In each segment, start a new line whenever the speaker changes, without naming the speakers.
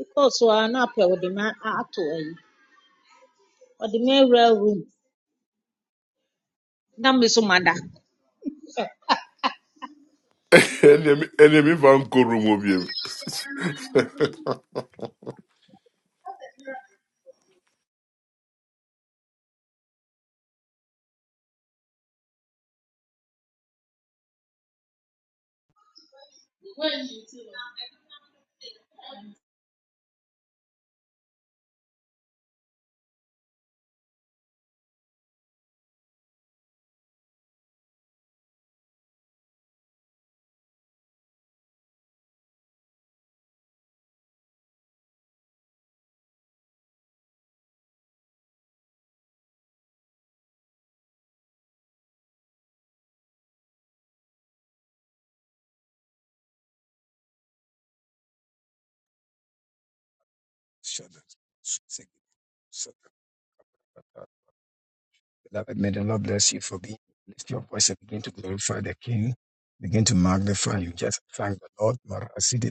Because wa na apɛ ɔde me a- ato ayi. Ɔde me awura room na me so mada.
Enemy, enemy van Kurumo
Beloved, may the Lord bless you for being. Lift your voice and begin to glorify the King. Begin to magnify you. Just thank the Lord. Marasidi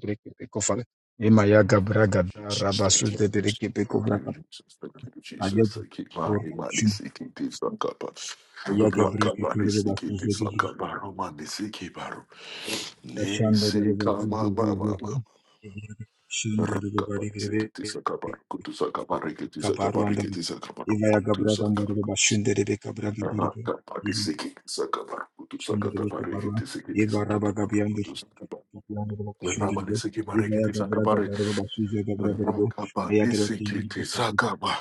breke beko
Jesus,
basu
thank you.
zede
Thank you, Jesus. Thank you, Jesus. Thank you, Mari, Mari, Siki, Tisakaba. Raka, Mari, Siki, Tisakaba, Romani, Siki, Baru.
Shanda
Nisi, Kama, Mama, Mama.
Shunda
Raka, Mari, Siki, Tisakaba, Kutusakaba, Riki, Tisakaba,
Kabarwanda
Riki, Tisakaba,
Ivaya Gabradanda
Kutusaka.
Shunda Rebecca Braga Biribe
Raka, Mari, Siki, Tisakaba,
Shunda
Kutusaka,
Rebecca
Tabariki,
Barwa
Tisiki,
Eva Rabba
Tisakaba,
Gabianda
Kutusaka.
Gabianda
Le
Shunda Rebe
Ramanisiki
Ivaya
Marikiti
Gabraga
Sakabari
Darba Suza Gabraga Rebo Ayadra
Rakabanisiki
Kingribe
Sakaba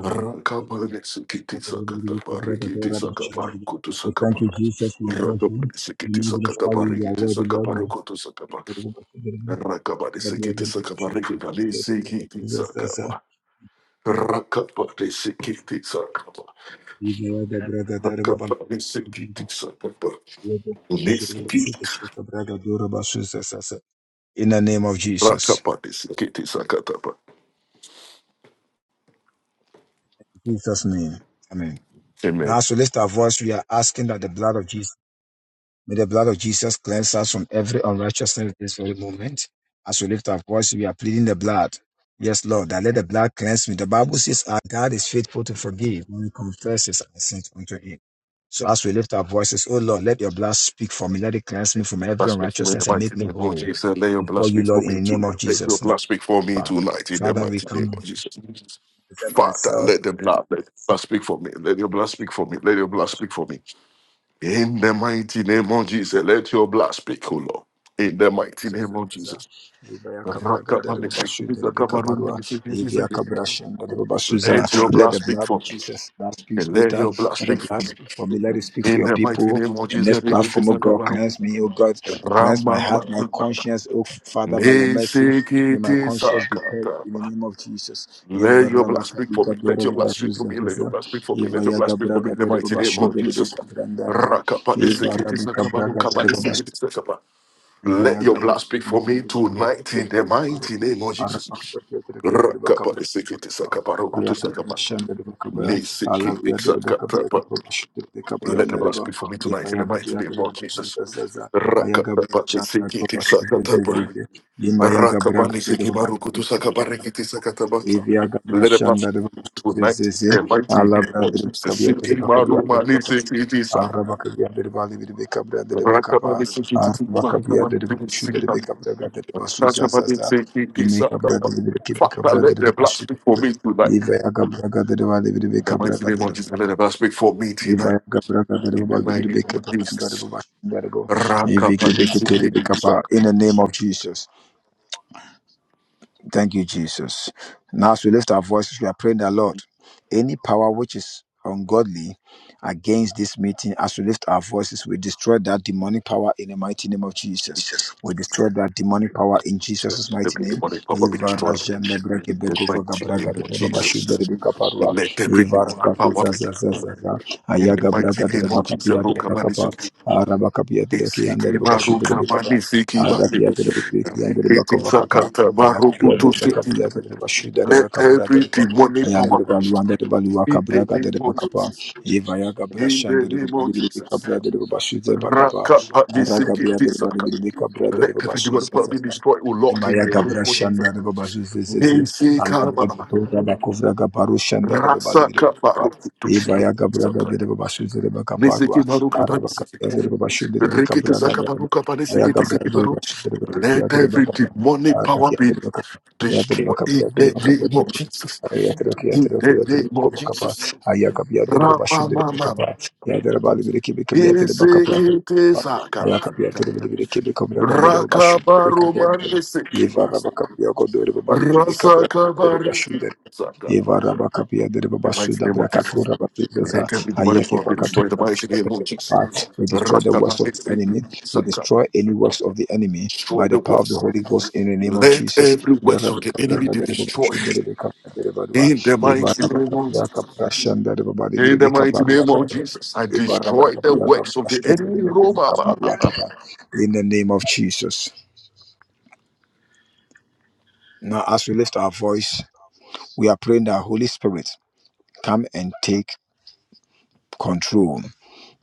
Rakabanisiki Sakatabarikiti Sakabari Kutu
We thank
Sakaba
you, Jesus, for your judgment.
Rakabanisiki
We magnify you, you are
Sakatabarikiti
worthy, Lord.
Sakabaru Kutu Sakaba
In the name
Rakabanisiki Sakabariki Balisiki Sakaba Rakabanisiki Sakaba Rakabanisiki Sakaba Lisiki
of Jesus,
Rakabanisiki Sakataba
In Jesus' name, Amen.
Amen
Now, so lift our voice. We are asking that the blood of Jesus. May the blood of Jesus cleanse us from every unrighteousness at this very moment. As we lift our voice, we are pleading the blood. Yes, Lord, that let the blood cleanse me. The Bible says our God is faithful to forgive when we confess his sins unto him. So as we lift our voices, oh Lord, let your blood speak for me. Let it cleanse me from
Blood
every
speak for me in the
unrighteousness and
mighty
make me
name of
whole
Jesus. Let your blood
before you,
speak
Lord,
for me
in the name
tonight.
of
Let your
Jesus.
blood
Now,
speak for me tonight in the
Father, we
mighty
come
name of
and
Jesus.
present
Father,
myself.
let the blood, let the blood speak for me. Let your blood speak for me. Let your blood speak for me. In the mighty name of Jesus, let your blood speak, O Lord. In the mighty name of
zazazaza
Jesus.
libaya kabraga deriba bashu deriba kabarua evia kabrashan deriba basuza
Let your
let
blood
the
speak
blood
for
of
me.
jesus that speaks
And let
better
your blood
let the
speak for
blood
me.
speak for me let it speak for
In
your
the mighty
people
name of
and this platform oh god cleanse me oh god cleanse my heart my
Jesus.
conscience oh father by your mercy May my
Nisikiti
conscience be purged in the
sakataba.
name of Jesus.
Let
Eva
your blood
rabaka
speak for
diga
me. Let your
deriba
blood
basu
speak for me. Let your
zazaza
blood speak for me.
eva
Let your blood
yaga
speak for me.
braga
In the
deriba
mighty name
bashu
of
deriba
Jesus.
kabranda
Rakapa
eva
nisikiti
rabaka
sakaba,
braga
nukaba
deriba
nisikiti sakaba. Let
Divaya
your
Gabriel
blood speak for me tonight in the
Baru
mighty name of Jesus.
Arabak Bakir
Rakapa
Bakabri
nisikiti sakaba, rukutu
Ayatu
sakaba.
Shandar Bakaba
Nisikiti
Alavia de Bakabia de
sakataba.
Babashir de Kapian
Let the blood
Dereba
speak for me tonight in
Divaya
the mighty
Gabia
name
de
of
Babashir
Jesus.
Zaza Ayagabri
Rakapa
Shandar
nisikiti
Babashir
sakataba.
Zizi Dimaya Gabra
Rakabani
Gabri
seki
Babari
barukutu
Kapra
sakabarekiti sakataba.
Divya Gabra
Let it blast.
Shandar Babashir
Tonight is
Zizi
the mighty name
Alavia
of
de
Jesus.
Bakabia de
Siki maru
Bakabia
mani seki di saka.
Araba kabia dere bali biri beka bra dere baka pa.
Rakabani seki di siki
Araba kabia
marukamani
dere baka
seki di
shu
siki
dere
tam.
beka bra ga dere basu za za
Rakabani
za.
seki di
Ime
saka.
kabra dere biri ki beka
Father,
bra
let
dere
the blood speak for me tonight.
bali biri
In
beka
the
bra
mighty
ga
name of
dere
Jesus,
baka.
let the blood speak for me tonight. In the
bali biri
mighty name
beka
of
bra ga dere
Jesus.
baka shu
Rakabani seki di saka.
In the name of Jesus. Thank you, Jesus. Now, as we lift our voices, we are praying that, Lord, any power which is ungodly against this meeting, as we lift our voices, we destroy that demonic power in the mighty name of Jesus.
Jesus.
We destroy that demonic power in Jesus' mighty
Okay, the
name.
money, Papa, be
Eva
destroyed.
rajanda brake
We
begova
proclaim In the
gabraga
name of
de baba
Jesus.
shude de kaparwa.
Let every
Eva
dark
rabaka
power be
zaza
done. In the
Ayaga
mighty
braga de
name
baba
of Jesus,
de baba kapa.
Rukabanisi,
de kianda de
Isiki
baba shude
Baruka
de kapa.
Manisiki Bani,
Arakia de baba kianda de
Rikiti
baba kapa.
Sakata
Ayakabia de
Barukutu City.
Bacapia de Bashida de
Let
Bacabra de
every
Riba,
demonic power be
Ayandreba Luanda
destroyed.
de Balua
in the
Cabraga de
name of
Bacapa,
Jesus.
Evaya
In
Gabrashan
the
de
name of
Babali de
Jesus.
Cabra de Bashu de Bacapa,
Rakapanisiki
Aragabia de Bali
Tisaka.
de Cabra de
Let every
Babasu
demonic power be
Zazaka.
destroyed, O Lord, in
Emaya
the name
Gabra
of Jesus.
Shanda de Babasu Zezeze, Alabra de
Nisika
Tora Bacovra Gabaru Shanda de
Rasa
Babali de Bacapa,
Kaparukutu
Evaya Gabraga
City.
de Babasu de
Nisiki
Bacaparua,
maru kabani siki.
Arabacapia de Babashu de
Rikiti
Bacabraga
saka
de
maru kabani siki
Ayagabra
tisiki
de
maru.
Bashu de Bacapia
Let
de
every
Bacapa.
demonic
Ayaka
power be destroyed in the name of Jesus. In the name of Jesus. Rama mama mama. Nisiki tisaka. Raka baru mani siki. Rasa kabari saka.
Eva
In
Rabakapia de
the mighty
Babasuda
name of Jesus.
Brakatura Bapigaza
Let every demonic
Ayake
power be destroyed in the
Bakatura
mighty name of Jesus.
Bashaka. We destroy the
Raka bani
works of the
siki.
enemy. We
Saka.
destroy any works of the enemy by
Destroy
the
the
power of the
works.
Holy Ghost in the name of
Let
Jesus.
every
Eva
works of the enemy be
Rabakapia de
destroyed
Babasuda de Bakapia de
in
Badua.
the
Eva
mighty name of
Rabakapia
Jesus.
Kaprashanda de
In
Babadi
the
de
mighty name of
Bakaparua.
Jesus, I
Eva
destroy the
Rabakapia
works of the
Kaprashanda de
enemy. Roma, ba, ba,
Bakumaparua.
ba.
In the name of Jesus. Now, as we lift our voice, we are praying that Holy Spirit come and take control.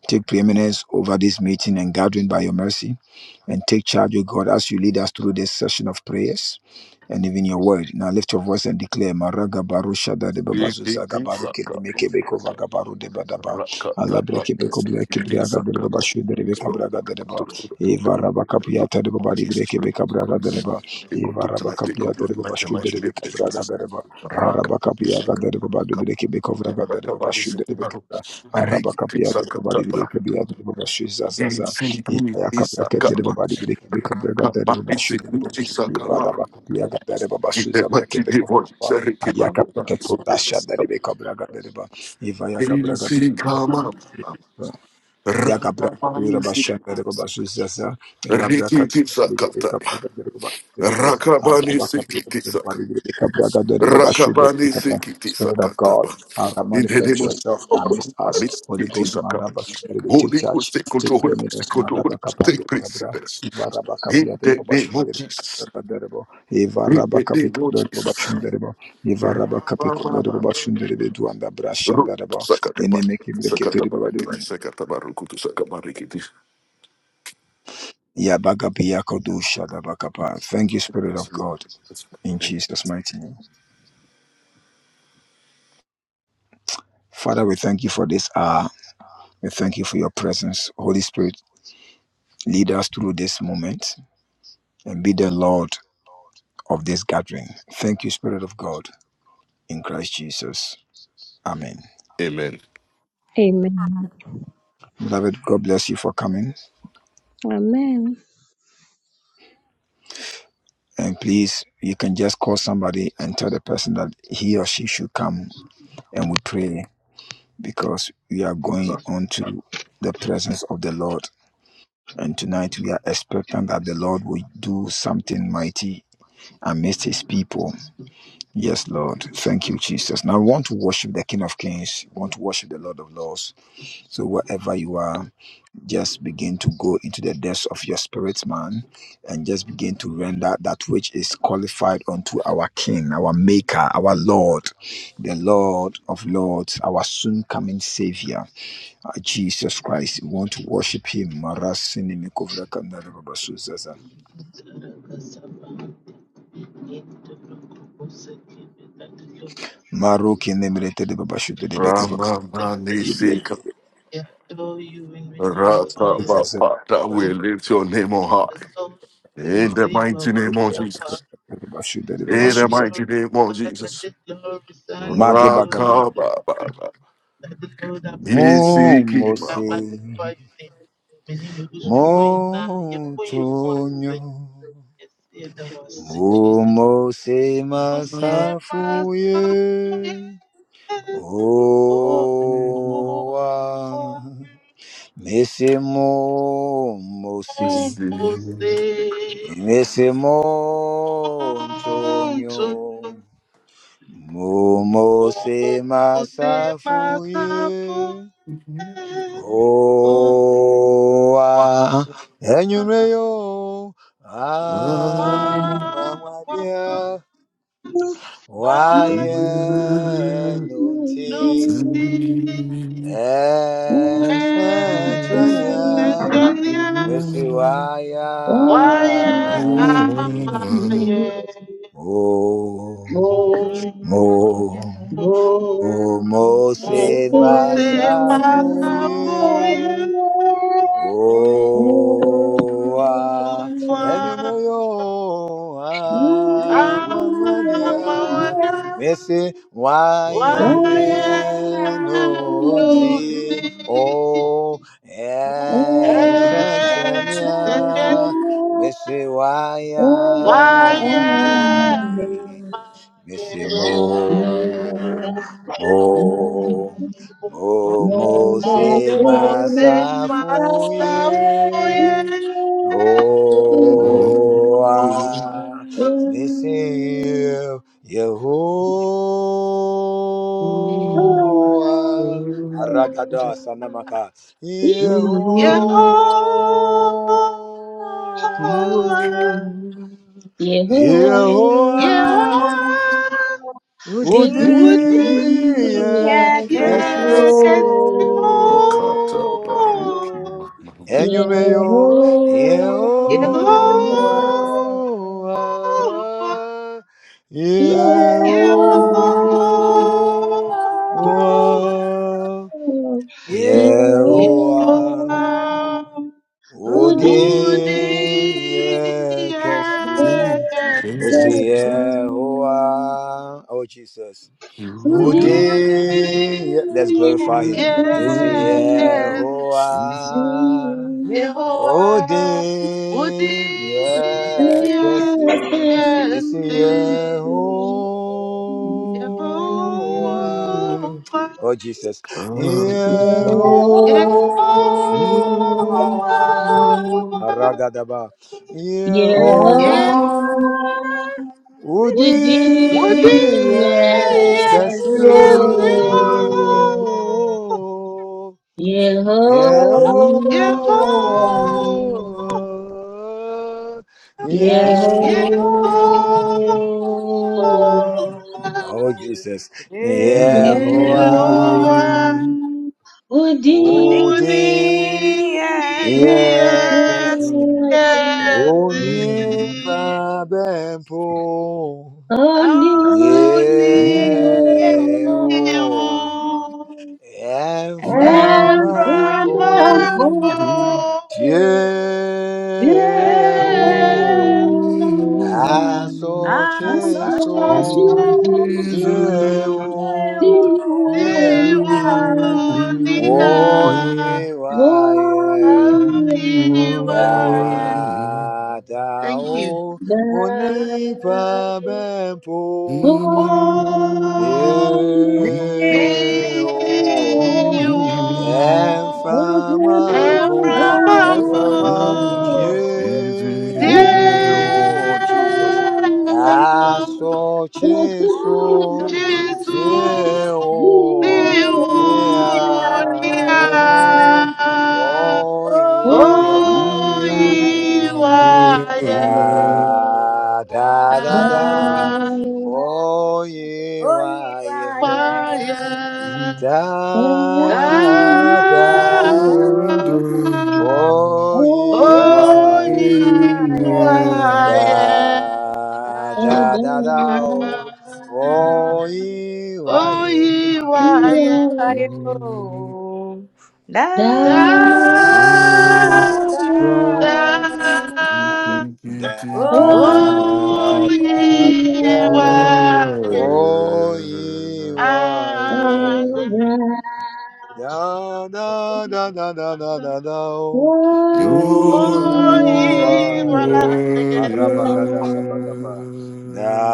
Take preeminence over this meeting and gathering by your mercy. And take charge, O God, as you lead us through this session of prayers and even your word. Now lift your voice and declare, Maraga barusha de
Iki,
babazuza
ti,
gabaru kele
saka, ba.
meke de badaba. Allah
Rakata, ba,
breke beko
iki, ti,
de
saka, ba.
babashu de rebeka braga de reba. Eva raba de
Oh,
babari
Jesus,
breke
take
beka braga
control
de reba.
Take
Eva
control
raba
tonight, take control
de
tonight, in the
babashu de
mighty name of
rebeka braga
Jesus.
de reba.
Raka,
Araba
siki,
de babadu
raka,
de rebeka braga de
raka, ba,
babashu de
siki, ba,
rebeka
ro.
araba
Riki, ti,
kapıya da
saka,
baba
ta,
di
ba.
bire kapıya da baba şu za za
Iki,
za ya
ti,
kapıya
saka,
ketleri
ba.
baba di bire kapıya kapıya kapıya baba
Rakabani
şu dedi bu
sikiti saka.
iva araba
Rakabani
kapıya kapıya baba şu za bire kapıya kafa Yakabra Dura Bashanda Bashisasa, Elabra Kakabari de Bakibo, Arabaka Kapraka de Babashi de Kapa,
sikiti
Spirit
saka
of God,
taba.
Ara
In the
manifest
name of
yourself amidst us.
Rakabani
Holy
sikiti
Ghost
saka.
Maraba Shudere, take
Holy
charge,
Ghost, take
take
control. Holy Ghost, take
preeminence,
control. Holy
Maraba
Ghost, take
Kapalu
place in
Kabra,
this.
Ivaraba
In
Kapia de
the
Babashi
name of
de
Jesus.
Kapaderebo,
In
Ivaraba
the name
Kapika
of
de Babashunderebo, Ivaraba Kapiko de
Jesus.
Babashunderebo, Duanda
Ru-
Brashandarebo,
Sakataba.
Inimiki
Sakataba Sakataba rukutu sakaba
Yabagabiyakodushadabakapa. Thank you, Spirit of God, in Jesus' mighty name. Father, we thank you for this hour. We thank you for your presence. Holy Spirit, lead us through this moment and be the Lord of this gathering. Thank you, Spirit of God, in Christ Jesus. Amen.
Amen.
Amen.
Beloved, God bless you for coming.
Amen.
And please, you can just call somebody and tell the person that he or she should come and we pray because we are going on to the presence of the Lord And tonight we are expecting that the Lord will do something mighty amidst his people. Yes, Lord. Thank you, Jesus. Now we want to worship the King of Kings. We want to worship the Lord of Lords. So wherever you are, just begin to go into the depths of your spirit, man, and just begin to render that which is qualified unto our King, our Maker, our Lord, the Lord of Lords, our soon coming Savior. Ah, Jesus Christ, we want to worship Him. Marasini mikovra kandara babasu zaza.
We
Maro kene mrete de babashu de de bekova ka-
Rama mani
Yebye
sika.
adore you and we glorify
Rata
your holy
zaza zaza
Lord.
we lift your name on
We
high.
exalt
de
you,
de
we
In
ba.
the
say you are
mighty name of
worthy
Yebye
of our
akabra
Jesus.
praise.
de de babashu de de
In
Take
the
babasu zaza.
glory,
mighty name of
Father,
Jesus.
take glory, Son,
Mage
take glory,
bagabra.
Raka
Holy
ba ba
Spirit.
ba.
That the Lord I bless your holy
Mo
name and I
mose,
magnify your name. Many mo dúpẹ́ fún iná, yẹ
mo
kó yẹ fún
tonyo,
àṣẹ, yẹ sí ẹ̀dá wa sí
mo
Jesus.
mose
will save myself
masafuye,
for you. Oh, oh, oh,
owa. Mesemo
oh,
mose,
oh, say
mesemo ntonyo,
unto
mumose
oh, oh, save
masafuye,
myself for you. Oh,
owa enyumeyo,
why, why,
amwamwabia,
why,
waye
Ah.
nunti,
no, see, yes,
ensachrania,
engineer,
Mesiwaya
why am
mami
I
mo
here?
mo
Oh,
mo mo se
Como se pasa
masafuye
fuyegwa
Oh, ah, and you may oh, ah, run run down,
amawada
but she
Oh,
won't
Oh,
waye
know
nunti
until it's too
ensejeni
late. But she won't
waye
know until it's too late. Ese
amaye.
mo, mo, mo, mo se
Ọmọ ṣe wá ṣàfùyẹ.
masafuye. Oh,
Ọmọ
I miss you, Yehovah. Aragada sanamaka.
Yehova,
Yehovah.
Mm-hmm.
Yehovah,
Yehova,
Yehovah.
would
Wudi,
you
Udia
let us
Casio
Udin
Yekesio.
Enumeyo
Oh,
Yehovah,
Eo
Yehova,
Yehovah,
Yehovah,
Eo
Yehova.
Eo
Yehovah,
Yehoah,
Yehovah. Would
Udi,
Udi
Udia kesi,
Yehovah,
Mister
Yekesi,
Yehoah. Oh, Jesus. Oh,
Udi
dang. Yeah, Let's glorify him. Yes,
Yekesi,
Yehovah. Oh,
Yehoah, Udi
dang. Yeah, Kessie. Yes,
Yekesi,
Yehovah.
Yehoah,
Oh, Jesus. Yehovah.
Yehovah.
Aragadaba.
you
Yehovah,
Yehoah,
Yehovah.
you
Would be
Yehovah,
Udia
yes,
Cassio.
you,
Yeah.
Yehovah,
Yeah.
Yehovah,
Oh, Jesus. Yehoah.
Yehovah. Would be
Udia
yes,
Cassio. Oni
you,
Pabempo. Yeah, oh,
only you.
and from
And
And
from
remember you
Ampo,
above,
yeah,
Yeo,
eh,
oh, I saw
ah,
I
such
until
search
is
Mm-hmm.
Cheso,
all.
Jesus
yeah,
to
see
oh,
Yeo,
yeah,
see
you
yeah.
what the
oh,
in
eye
yeah, why,
Oh,
yeah,
yeah,
I am.
da, da,
Thank
oh,
you.
Oni pa
that
bempo. Yeah.
Oh,
holy
Yeo,
me,
Oh
name.
and
oh,
from
Oh,
a
and
come up
pool
from
and from a
with.
above.
Yeo,
tear, oh Jesus, I saw
Jesu
Jesus,
ah, such is all.
tear,
ni
Oh,
oh,
yeah.
yeah,
unia
oh, oh, yeah,
Oh, you
oiwaye
yeah. da da
na
da
are.
da, oh, yeah,
Oh,
why, yeah
waye
da da
dada
oh, yi wa
Lift
oiwaye
ye da da da da oh, o yi wa
Oh, ye why, da, da.
da
Oh,
da da da
ye
oh,
why,
o yi wa
ah, da, da. Oh, ye why,
Oh,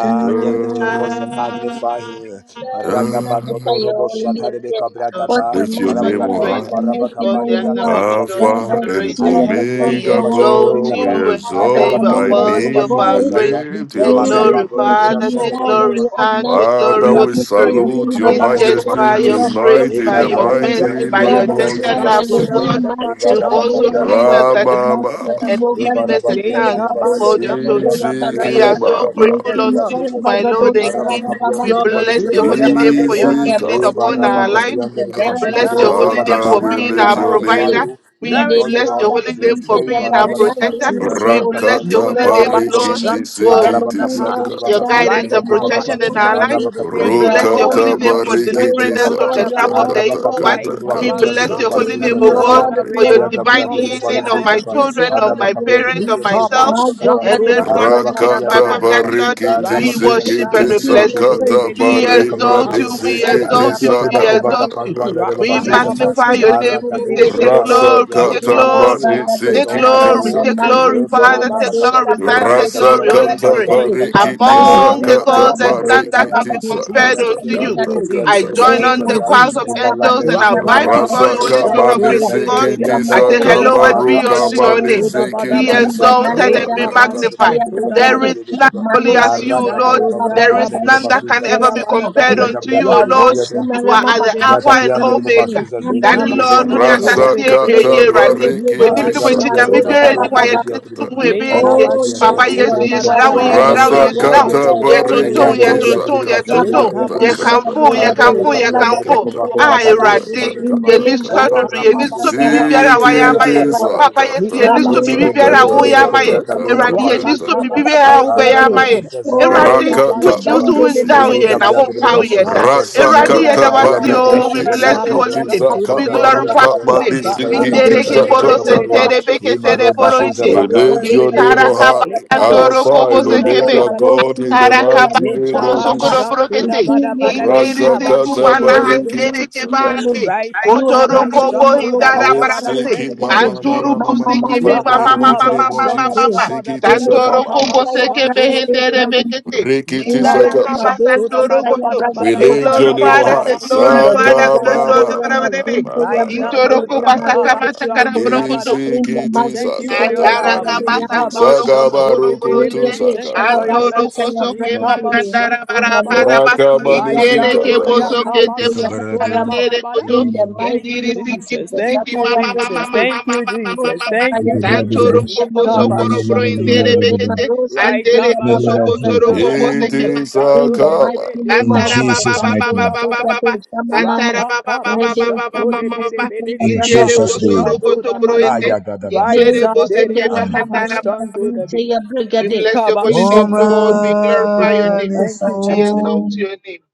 Father,
just lift your voice and magnify him.
ah.
we magnify
Ragabagodoro
your holy name.
Boshatarebe
Yes.
Lord,
What
Kabragata.
we
a
give
man
your
you
Father,
all
we
you
the
name
are,
on
adore
what
you,
praise,
high.
a
we give
Maraba
you
mighty
all
man
Kapado
the
you
honor,
are.
we
Yankarebe
give you all the
God
yeah.
Alpha
Bazuzaza.
that
and
she
adoration.
Lord,
Ayatabia
listen
de
We
you
to
Omega,
are
you,
Bashu
worthy
de
to
O
exalt
God,
Lord,
Rebekapa.
you
we
and we
at the
say
die.
Araba
you
exalt
are
thy
command
Kapia
of
de
your
worthy of
name,
our
we
voice.
praise.
Bazuzaza.
The
lift
There
Take
sea
your
is
name.
glory,
Emagabago de
listen to
Father,
you,
Brasha
no
de
take
God.
Father,
There
glory,
is
Rebekapa.
we
Son,
acknowledge,
take
we
glory,
Father,
Aleya
we
Holy
kubre
magnify
ke
Spirit.
your
be
no
holy
salute
kovra
your
name,
It's
we
combat.
de bo
just
adore
basu
majesty
by
you,
your
Kuda
zeze.
we
bada
take
grace,
tonight
E
in
you,
bada.
by
King
the
of
bara
your
ba
Kings,
mercy,
mighty
de
Right
by
ba
key
your
Lord
name
by
of
of
de
tender
bo
shot.
Lord,
basu
love, of
Jesus.
Kuda
zeze.
God,
Elohim,
bada
E
bas,
Matso,
bara
you've
kuda
ba
also
Kadeya,
bada shot.
seen
Mama.
de
us
bo
that the
basu
Lord
Rama
zeze
Masuki,
Mama,
and
E
Boga,
given
bara
us
ba
a
Zikita,
the
de bo
chance to be
basu
Yabadolo,
zeze
called your
Shita,
children.
E
We
Yabadale.
baya
are
Isiki
so
kabra
Mama,
de
grateful
bo
Making
unto
basu
you,
glory.
zeze.
my Lord
Karabagadosh
Kings
and
Ara
of
ba
King.
kings,
Rababa
de
We
bo
Lord of
basu
bless
zeze
your
lords,
holy
Sindelegede
among
name
the
for your
in
gods,
the
Isika
healing
E
mighty
his
upon
bara
life
ba
name
our
of
unto
lives.
thee,
de
Jesus,
bo
We
among
Mama.
basu
the
zeze
bless your
Zarabadosh
gods, who
holy
there
name
Father,
for
we
shall
being
We
be
Rabakitaya
lift
our
your
magnify
compared.
Maragade,
provider.
name.
you. We
We
in
There
the
adore
is
you,
bless
none
Lord.
your
like
Miraga
holy
We
you,
name for
enjoy you,
Jehovah.
being our
Sintayaba,
Maraba
we are
Thank
glad
you,
Kappa.
protector.
you,
Jesus.
We
Rabba
Lord,
Kapia,
bless your
Rakata
Dibba
holy
glorify
name,
your holy
Lord,
barikiti
name,
Kappa.
for
Araba
Elohim
kapya
El
Likabashatodabadaha.
dili ba
sikiti
your
kapya
Shaddai,
dili
we
guidance
ba
and
honor
kova
you,
kapa.
protection
we
in
honor
our lives.
Araba
you,
kapya
We
you
dili ba
are
bless your
Raikabashatodebedebede.
kapya
worthy
holy
Rokata
dili
to
name
baba shu
for
be
dili
delivering
praised,
kova
barikiti
us
O
from
kapa.
Lord,
the
you
trap
sakata
are
Likabashatodabadabada.
of the
worthy,
Araba
kata
evil
worthy
kapya
one.
to
kata
dili
be
ba
We
praised.
kata
kovya
bless
dili
your
ba
kata
We
holy
give
name,
zuza
O
kata
you
God,
zaza.
all
Raikabashatodabadabada.
the
bari.
for your
glory,
Aya
Retire,
we
gabra
divine
give
call
you
dili
you,
all
baba
the
say
healing
dili
on
dili
honor,
my
thank
kapa.
we
you,
give you
Jesus.
children,
all
on
Araba
the
my
kapya dili
parents,
adoration.
on
kiya dili kiya
myself,
dili ba kapa.
and
Likabashanto da ba
everyone
da
who
Araba
is
Mazogadoshababa.
ba da
seeking
kapya
ba
my
dili
Rakata
da
ba
family.
ha.
That
kapa.
Lord,
barikiti
Araba
we
Right,
kapya dili
worship
baba
and
sikiti
we
shu
Receive
dili
your
bless
kiya
you.
kiya
praise,
Likabashantodabadabadabaha.
sakata
dili kiya
receive
We
dili
your
ba
bari
Raikibashantodebedebedebe.
kapya
praise.
exalt
dili
mandi
ba
you,
kapa.
we
sikiti
exalt
Arrakia
you,
dili ba
we
kova
exalt
Kabashantodabadabadaba.
sakata.
kapa
you.
Ikatalabasotayamtedele.
ruanda dili baba
We
zuza zaza.
magnify your name. We
Aragado
say,
Rapakabashantodebedebede.
take
shatawa.
Rasa
Randosotoyebobodedededede.
glory,
Yebo
take
di
kata
glory.
bombraniyo.
mandi
Zatotayabagado.
Take
Eso
sikiti
In
Likabashantodabadabada.
glory,
fatawo.
the
take
saka.
We
glory,
glorify you
Mazundele
Father, take glory,
Madosha
tabakapa.
Son,
Aya
Baba
take
Rasa
Gabia
glory,
Likabashantodebedebede.
de
Sitaya
Holy
kata
Bali
Spirit.
de
Thank
Brigade,
you,
Capa,
barikiti
Among
Araba
Maletin
the
Thank
Capia
you,
de
gods,
sakata
that
Jesus.
Pian
stand
de
Talabadosha
that can
Thank
Baba
be
Bacaba,
barikiti
you,
compared
Jesus.
Araba
sakata
Sikitaya
Kia
unto
de
you.
Thank
kata
you,
Brigade,
Bukovia
I
de
kata
Jesus.
join
Vero
kata
Thank
on the
you,
Basizaga,
choirs
Motin
of
Jesus.
Evala
angels and
Brego
I
Talabadosha
de
Rapa
bow
Baba
before
kaba
Rasa
your
Basizaga
holy throne
Sikitaya
Capa,
of
shato
kamani
de
grace,
Baba,
O
bede
God.
bede.
Nayambia
sikiti
I say,
Dora,
saka
Namadosha
Le
Hallowed
maru
kaba
be
Araba
unto
Basikitaya
Sude
your
de
kamani
shato
name.
da
Brigade,
Convacada
bada
de
Be
Ba,
sikiti
bada.
in the
saka
Aya
exalted
Le
and
Maleda
be
Gabria
taka
de
kaba
taka.
Bacabia
magnified.
Sutaya
de
shato da
Bacabia
There
bada
Brigade,
is
de
bada.
none
Capa,
holy
Maro
as you,
Rise
O
Araga
and
Lord.
de
Sutaya
gloria
There
Bacabia
is
kaba
de
Babaraba
none that can
shato
Sutaya
ever
da
be
Basizaga,
bada
Mama,
bada.
compared
Aya
unto
Gabria
you,
de
O
Rapa
Lord.
Yabado
Bacabia de
You
shato
are
de
Shimarama
at the
bede
Mama
bede.
Alpha and
Nyakapian dari babasu
Sutamakin,
Omega.
zazi
Le
Yana
ki
Daddy
kaba
atri
Yu,
ki
Lord, when
atri
Yana
you're
shato
Yu,
bakapa
de
Rasa
assassinating
bede
here,
ari
bede.
kata
here,
atri bakapa
Raddy,
Yosotoyo
when you
barikiti
Brigade,
do
arra
what you
kapia
saka
need,
atri
Emado
Kabashanto da
you're
bakapa
taka
ready,
bada
why
atri
you
bada,
Shababa
bisi
kata
atri
Suki.
bakapa
taka
Le
taka.
ari atri
Oh,
ki atri
yes,
Papa,
atri
kabashanto
atri
yes,
Lord,
da
you
bakapa
yes,
bada
are
now,
bada
yes,
arra
worthy,
bada,
now,
you
bakapa
Rasa
are
atri
yes,
atri
now
worthy, you
kata
atri
are
yɛ
worthy,
ari
you
tuntum,
are
andar
ye
barikiti
ki
Ikabashantodabadabada.
worthy.
atri
tuntum,
saka
yɛ
babasu atri
Rabba
tuntum,
kata
bakapa atri
yɛ
taka
bakapa
Lekabashantodabadabadabada.
Sutaya
taka
kamfo, ye
kata
arra
kamfo,
Brigade,
ye
bakapa
kata
Kalaba
atri
Lekabashantodebedebede.
kamfo.
kata
bakapa ko
Sutaya
Ah,
kata
bagadu
Baba,
Awurade,
sinne
taka
Lekabashantodebedebedebede.
yɛ
Indele
kata
nisɔ
bada
eva
Maro
Ye yɛ
takiti
rabasu
nisɔ
Sutaya
biribi
zaza
biara
mande
a
Rabasuki
ko
wayɛ ama
Taya
brado
yɛ.
sikiti
Baba.
rabasu
Papa
saka
zaza
Yesu, yɛ
kata
bada
nisɔ
Rando
ime
kata
bibi
ke
bada,
breke
biara a
Kesoye
kata
atri
woyɛ ama
bakapa
Brigade,
yɛ.
taka
brado
Chama
kata
Awurade,
Mama
yɛ
rababadu
taka.
atri
nisɔ
Kiteya
kapa
biribi
Baba
biara a
arra
wobɛyɛ ama
Brigade.
basu
yɛ.
zaza ka
Rapakabashantodebedebede.
Oh,
breke
Awurade,
yes,
atri
Lord.
Rakatapa
wunni
bakapa
so
Dandele
wundaw
ime
Mado,
ka
yɛ
Lekabashantodebedebede.
na
brado
Sakadaya
wompaw
babasu
yɛ
Mama.
da.
zaza
Rasa
zaza
Awurade,
Nera
yɛda
kata
wo ase
Ayada
pari
Lekabashantodabadabadabada.
oo.
Basinteya
we
brasha
kiti
de
si
bless your
baka
Brigado,
holy
kiti
brada
Chama
de
name.
sa
We
basuza da
Lekabashantodebede
kamaru
glorify
brada
Masiteya
de
to to
your name.
kamari si
Evaya da
in the
kiti
Mindere
brada
sa
de
heboro
Merike
baka
de
kata.
parua
Yakabashatudebedebe.
sentere
Shabatu
Ema
Teya
beketere
roba
boro
shuza
inde.
We
Brakato,
baka.
Lema
lift your
Roka
name
Intara
on
Likabashatudebedebedebe.
Teya
kaba
high,
Brakande,
andoro
Alpha
kobo
and
In the
sekebe.
Omega,
Lema
Likabashatudabadabada.
God, in
Rosin
the mighty
Telebado
name of
Shabababa.
Karakabakoro
Jesus.
brokete.
Receive your
Likabashatudabadabada.
praise, O
Rasa
Indirisi
Lord, honor
kata
kumana
and
pari
glory
Likabashatudebe.
kiti
handere
belongs to
sa
you
kata.
alone.
kebande.
You
Kotoro
alone,
kobo
Lema Roka
hindara
Raipakabashatudabadabada.
Teya
barakate.
Resiki
Thank you,
Brakande,
mama
Jesus.
Anturu
mama mama
Mama
mama
kusiki
Malo
bi
Father, in
mama
the
mama
Fasin
mighty
mama
name
Teya
of
mama
Brakande,
Jesus.
mama.
Sikiti
Rapakabashatudabadabada.
Dele
sa
Santoro
kama
Bashi
kobo
mama.
Teya
seke
Brakande,
behendere
Likabashatudebedebede.
Mama.
bekete.
Rikiti
In
Indara
the
sa
Lema
kaba
Dosh
sandoro
Teya
koto.
We
They
Brakado
Likabashatudabadabadabada.
lift your name on
glorified
Shabababa.
us, they
high.
In the
glorified as
Saka
the they
ma
Mazagade
ma
Likabashatudabadabadabada.
ma
glorified
ma
us.
ma
Ramazunte
ma
Rise
ma ma
and
Intoro
ma
Yabragade
ma
Raizandoria
koba
ma
Maro
ma
sakamata
ma.
Kutuliboba.
karabrokoto.
kabashantorabara.
Nisi
In the
We
kiti
thank you
Jesus,
Mazukida
for your
sakata
Andara
love.
Yabragade
barikiti
Yamama
kabasandoro
Mama.
kosokoro
sakabaruku tu
Likabashantorebelebe.
bororite.
We
Brigade
thank you for
sakata
your
ba.
Antoro
Shababasita
mercy. the
kosoke
Yabragadele.
Rise and
mahandara
Likabashantorabara.
Maleo
barakadaba.
Raka
Chaka
manisi
Indere
Yabragado
ke
kata ba.
Raizandoria
Tamama
bosoke te
Sita Yababarama.
mahandere
kabashantorabara.
koto.
In the mighty
Thank you,
Indiri
name of
siki
Jesus.
Jesus,
Thank
pusiki
Tata
you,
mama mama
Jesus.
Yabragade.
mama
Thank you,
mama mama
Jesus.
Bocha
mama.
Thank
Taya
you,
Santoro
Bragado
Jesus.
koko
Shamama
sokoro
Mama.
bro
Likabashantu
indere
Dabada.
Ide
bekete.
Maro Sinte
Andere
in the name
kosoko
of
Raikabashantu
toro
Yababaragade
Jesus.
koko
Tamama
Dabada.
seke
Mama.
Iti
Rise
mama
and
mama.
In the
sakama
Likabashantorabara.
mighty
Raikabashantorabara.
ma
Raizandorebele.
name
In
of
ma
Antara
ma.
ba
ma.
Jesus,
ba
Jesus'
ba
mighty
ba ba
Akaya
name.
ba ba
Likabashantorabara.
ba
Breka Do
ba.
Shama
Antara
Mama,
Rapa
ba ba ba ba ba
Rede
kabasha
ba ba
to
Shama
ba
de be
ba
de
ba.
be
Masita
de
Ya
In
be
Braga
Indere
Do
Jesus'
Lema
kosoro
kabasha
name.
Do
to
koto
da
Shama
bada.
broende.
Mama,
Rise
Intere
Ayagadabasa.
up,
Meza
bose
Gade
deria
keba
Ya
Amen.
Baba
andara ba
kabasha
Raba
ba ba
to
ba
Zinte
ba
Rabakabashatodebedebedebekabashatodabada.
ba.
Ya
We
to
Brigade,
bless your holy
in the
name,
kabashatodebe.
Lord.
mighty
Likabashatodabada.
We
name of
glorify your
Jesus,
name.
Thank you,
We
Akaya
Jesus.
exalt
Mama.
Omanisum
your name.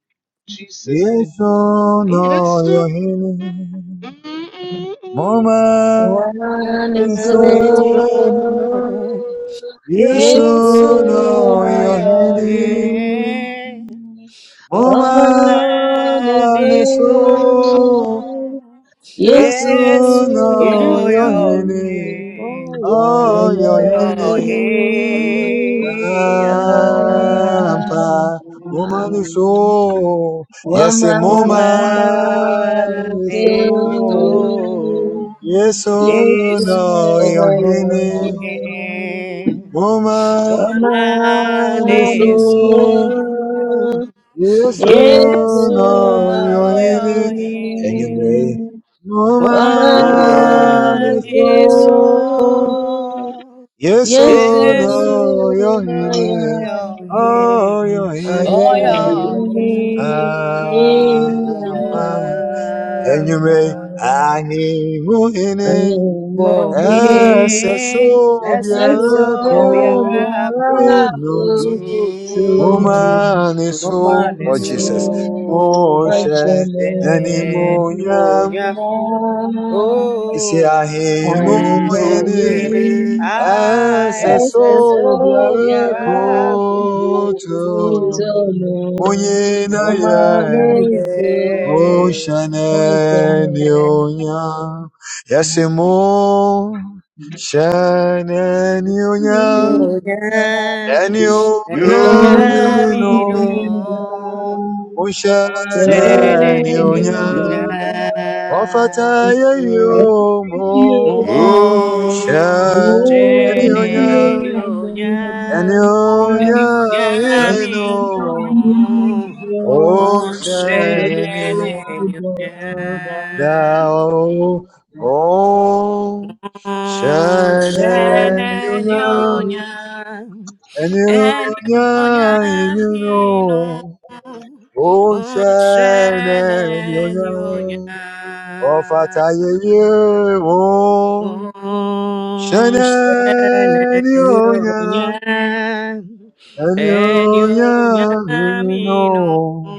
Jesus' name.
Yesu no
Yes.
Yohini.
One is
Yesu,
Omanisum
good, yes,
Yesu,
Yesu no
good, I
oyo,
Yohini.
am
eh. Woman
Woman is
Omanisum
good.
gone.
Yes,
Yesu
Yes,
no
oh,
இயேசு
your
Yohini.
hand,
Your
Oh,
oh,
your
name.
your
honey,
for your
hand.
ampa, woman is
name.
so. Yes, a woman
Thank
Woman
is
is
you.
so.
gone.
Yes, oh,
Yes,
no, your
oh, your
honey,
hand.
woman is
Womaneso
so. Yes, oh,
Yesu
no, your honey.
oyoye
Anyway,
A
Oh
man
woman
is
is
my.
Womaneso
so.
good. Yes, I
Yeso
Yesu
no yohine,
am.
oyoye
oh
I
yohine,
Oyoye
ampa,
napa
enyume, ani muhine, eseso
am.
Kohe Essa
biarako,
soube a
chunum,
Good to
mumanisu, oh
Momaneso,
Jesus,
know.
moshe,
momene,
neni munyam,
moña,
Yes,
isi
oh,
I
ahi
am
muhine,
amogene,
Amen.
only
ah,
In
Ese
of
ese
the
sobia
sobiaba,
Soviet
koto
coto,
Solo.
onye na ya
momina,
Amanecer,
ye,
oshane
hoy
ni
tenemos
onya yasimo shane ni onya
moña,
eni
en
onya
enioña,
the
yinino
mino,
oshane
Thank
osene,
ni
enioña,
mofata ye yo mo shane ni
Moshene nyunya,
Anyunya
nyunya mino.
inino ocean
Moshene
anyunya
nyunya,
dao o shan
moshene
anyunya
nyunya,
anyunya
nyunya
inino
mino.
ocean
Moshene
anyunya
nyunya.
ofataye ye o
Nyo
shan anyunya
enyo
anyunya
nyamino
inino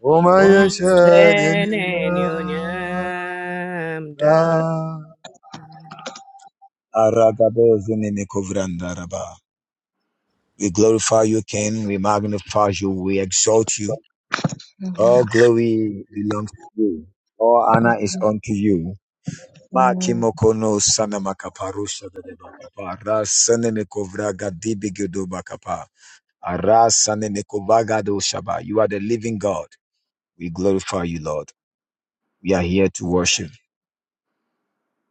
وما يشاء إلا
monsenenyo
الله.
nyamda.
Aragabozunemekovrandaraba. We glorify you, King. We magnify you. We exalt you. All glory belongs to you. All honor is unto you. Makimokono sanamakaparusha dadebakapa. Rasanemekovraga dibigidobakapa. Arasanemekovagado shaba. You are the living God. We glorify you, Lord. We are here to worship.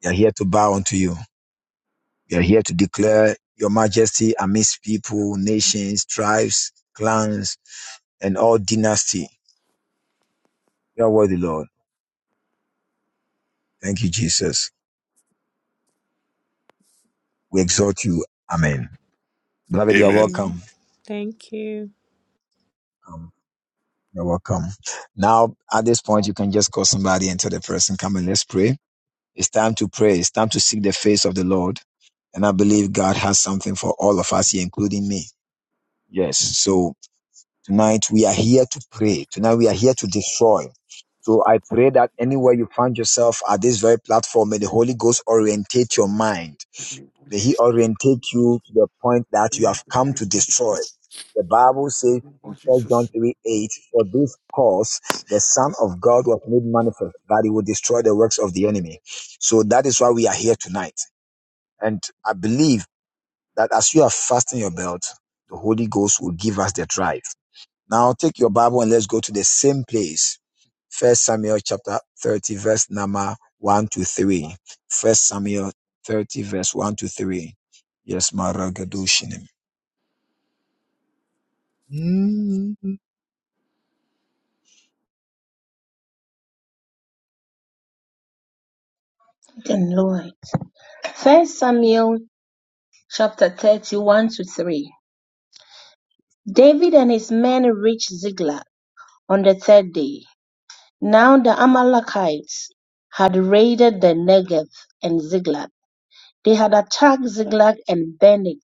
We are here to bow unto you. We are here to declare your majesty amidst people, nations, tribes, clans, and all dynasty. You are worthy, Lord. Thank you, Jesus. We exalt you. Amen. Beloved, you are
Amen.
welcome.
Thank you.
Um, you're welcome. Now, at this point, you can just call somebody and tell the person, come and let's pray. It's time to pray. It's time to seek the face of the Lord. And I believe God has something for all of us here, including me. Yes. So. Tonight we are here to pray. Tonight we are here to destroy. So I pray that anywhere you find yourself at this very platform, may the Holy Ghost orientate your mind.
name of
May He
Jesus.
orientate you to the point that
In
you
the
have come
name
to
of
destroy.
Jesus.
The Bible
In
says
the name
in
of
First John
Jesus.
3 8, for this cause the Son of God was made manifest, that he will destroy the works of the enemy. So that is why we are here tonight. And I believe that as you are fastening your belt, the Holy Ghost will give us the drive. Now take your Bible and let's go to the same place. First Samuel chapter 30, verse number 1 to 3. First Samuel 30, verse 1 to 3. Yes, Maragadushinim. Mm.
First Samuel chapter thirty one to three. David and his men reached Ziklag on the third day. Now the Amalekites had raided the Negev and Ziklag. They had attacked Ziklag and burned it,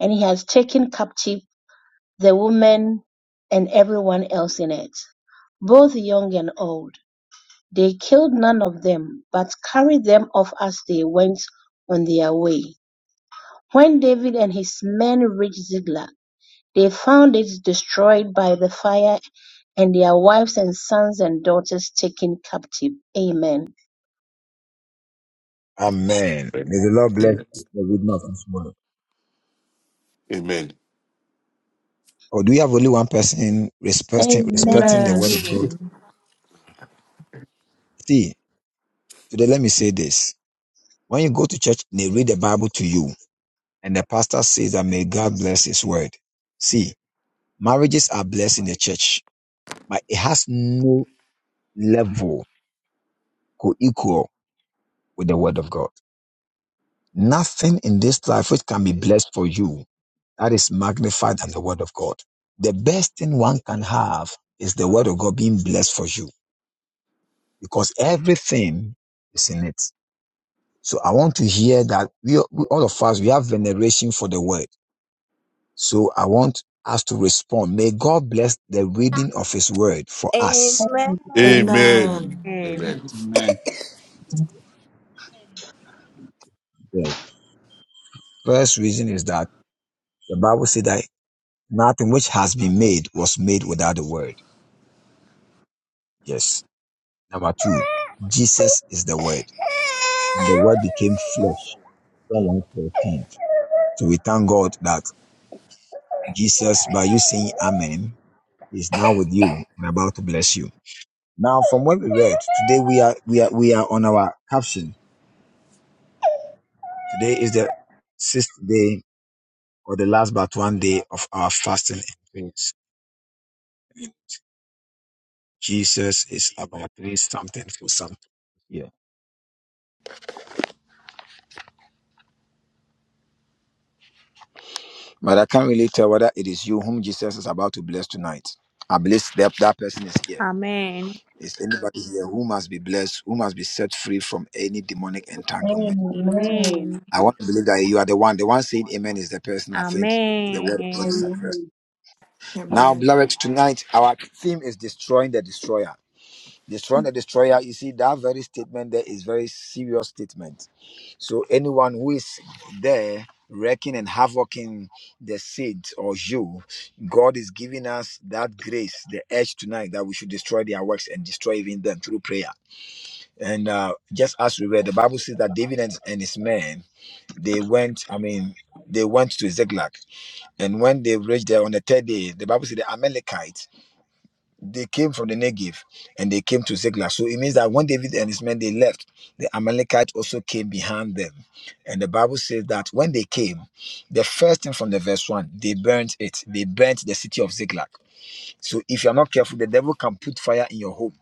and he has taken captive the women and everyone else in it, both young and old. They killed none of them, but carried them off as they went on their way. When David and his men reached Ziklag, They found it destroyed by the fire and their wives and sons and daughters taken captive. Amen.
Amen. May the Lord bless the reading of His word.
Amen.
Or do we have only one person respecting respecting the
Amen.
Amen.
word of God?
Amen.
Amen.
See, today let me say this. When you go to church, they read the Bible to you, and the pastor says that may God bless His word. See, marriages are blessed in the church but it has no level co-equal with the word of God. Nothing in this life which can be blessed for you that is magnified than the word of God. The best thing one can have is the word of God being blessed for you because everything is in it. So I want to hear that we, we all of us, we have veneration for the word. So I want us to respond. May God bless the reading of his word for us.
Amen.
Amen.
Amen. Amen.
Amen.
Amen.
The first reason is that the Bible said that Nothing which has been made was made without the word. Yes. Number two, Jesus is the word, and the word became flesh. John 1:14. So we thank God that Jesus, by you saying Amen, is now with you and about to bless you. Now, from what we read, today we are we are we are on our caption. Today is the sixth day or the last but one day of our fasting and prayers. Jesus is about to do something for something. Yeah.
But I can't relate to whether it is you whom Jesus is about to bless tonight. I believe that that person is here.
Amen.
Is anybody here who must be blessed, who must be set free from any demonic entanglement?
Amen.
I want to believe that you are the one. The one saying amen is the person I think the word of God is
Amen.
at first.
Amen.
Now,
Amen.
beloved, tonight our theme is destroying the destroyer. He's trying destroyer, You see, that very statement there is very serious statement. So anyone who is there wrecking and havocing the seed or you, God is giving us that grace, the edge tonight that we should destroy their works and destroy even them through prayer. And uh, just as we read, the Bible says that David and, and his men, they went, I mean, they went to Ziklag. And when they reached there on the third day, the Bible says the Amalekites they came from the Negev and they came to Ziklag. So it means that when David and his men they left, the Amalekites also came behind them. And the Bible says that when they came, the first thing from the verse one, they burnt it. They burnt the city of Ziklag. So if you are not careful, the devil can put fire in your home.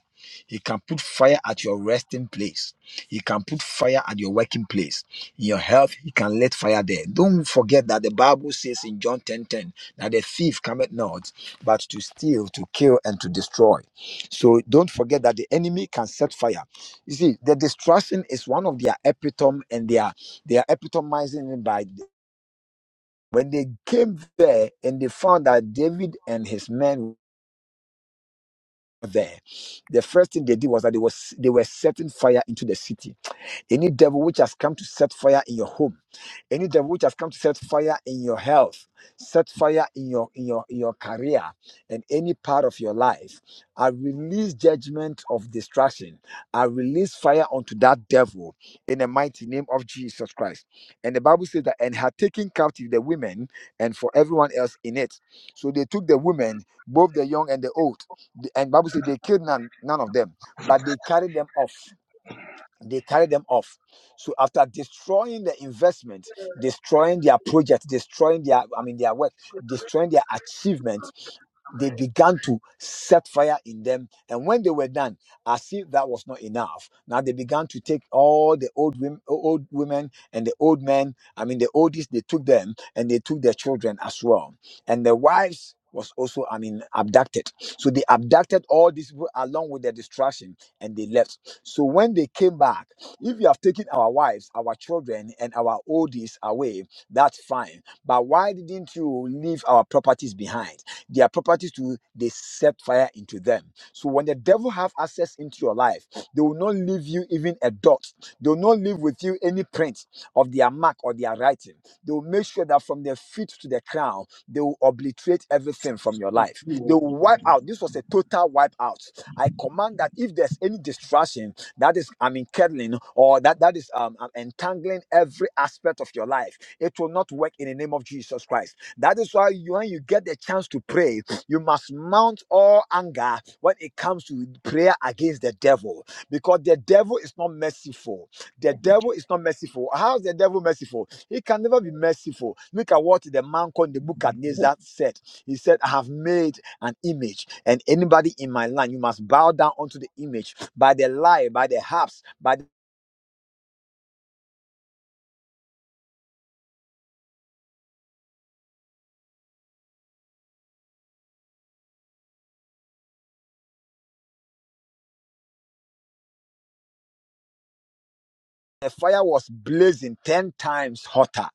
He can put fire at your resting place. He can put fire at your working place. In your health, he can let fire there. Don't forget that the Bible says in John 10 10 that the thief cometh not, but to steal, to kill, and to destroy. So don't forget that the enemy can set fire. You see, the destruction is one of their epitome, and they are they are epitomizing it by when they came there and they found that David and his men there, the first thing they did was that they was they were setting fire into the city. Any devil which has come to set fire in your home, any devil which has come to set fire in your health, set fire in your in your in your career and any part of your life, I release judgment of destruction. I release fire unto that devil in the mighty name of Jesus Christ. And the Bible says that and had taken captive the women and for everyone else in it. So they took the women, both the young and the old. The- And Bible says they killed none, none of them, but they carried them off they carry them off. So after destroying the investment, destroying their project, destroying their I mean their work, destroying their achievement, they began to set fire in them. And when they were done, as if that was not enough, now they began to take all the old women, old women and the old men. I mean the oldest, they took them and they took their children as well, and their wives. Was also, I mean, abducted. So they abducted all these people along with their destruction and they left. So when they came back, if you have taken our wives, our children, and our oldies away, that's fine. But why didn't you leave our properties behind? Their properties too, they set fire into them. So when the devil have access into your life, they will not leave you even a dot. They will not leave with you any print of their mark or their writing. They will make sure that from their feet to the crown, they will obliterate everything from your life. They will wipe out. This was a total wipe out. I command that if there's any distraction, that is i mean kettling or that that is um um, entangling every aspect of your life it will not work in the name of jesus christ that is why you, when you get the chance to pray you must mount all anger when it comes to prayer against the devil because the devil is not merciful the devil is not merciful how is the devil merciful he can never be merciful look at what the man called the book said he said i have made an image and anybody in my land you must bow down unto the image by the lie, by the harps, by the fire was blazing 10 times hotter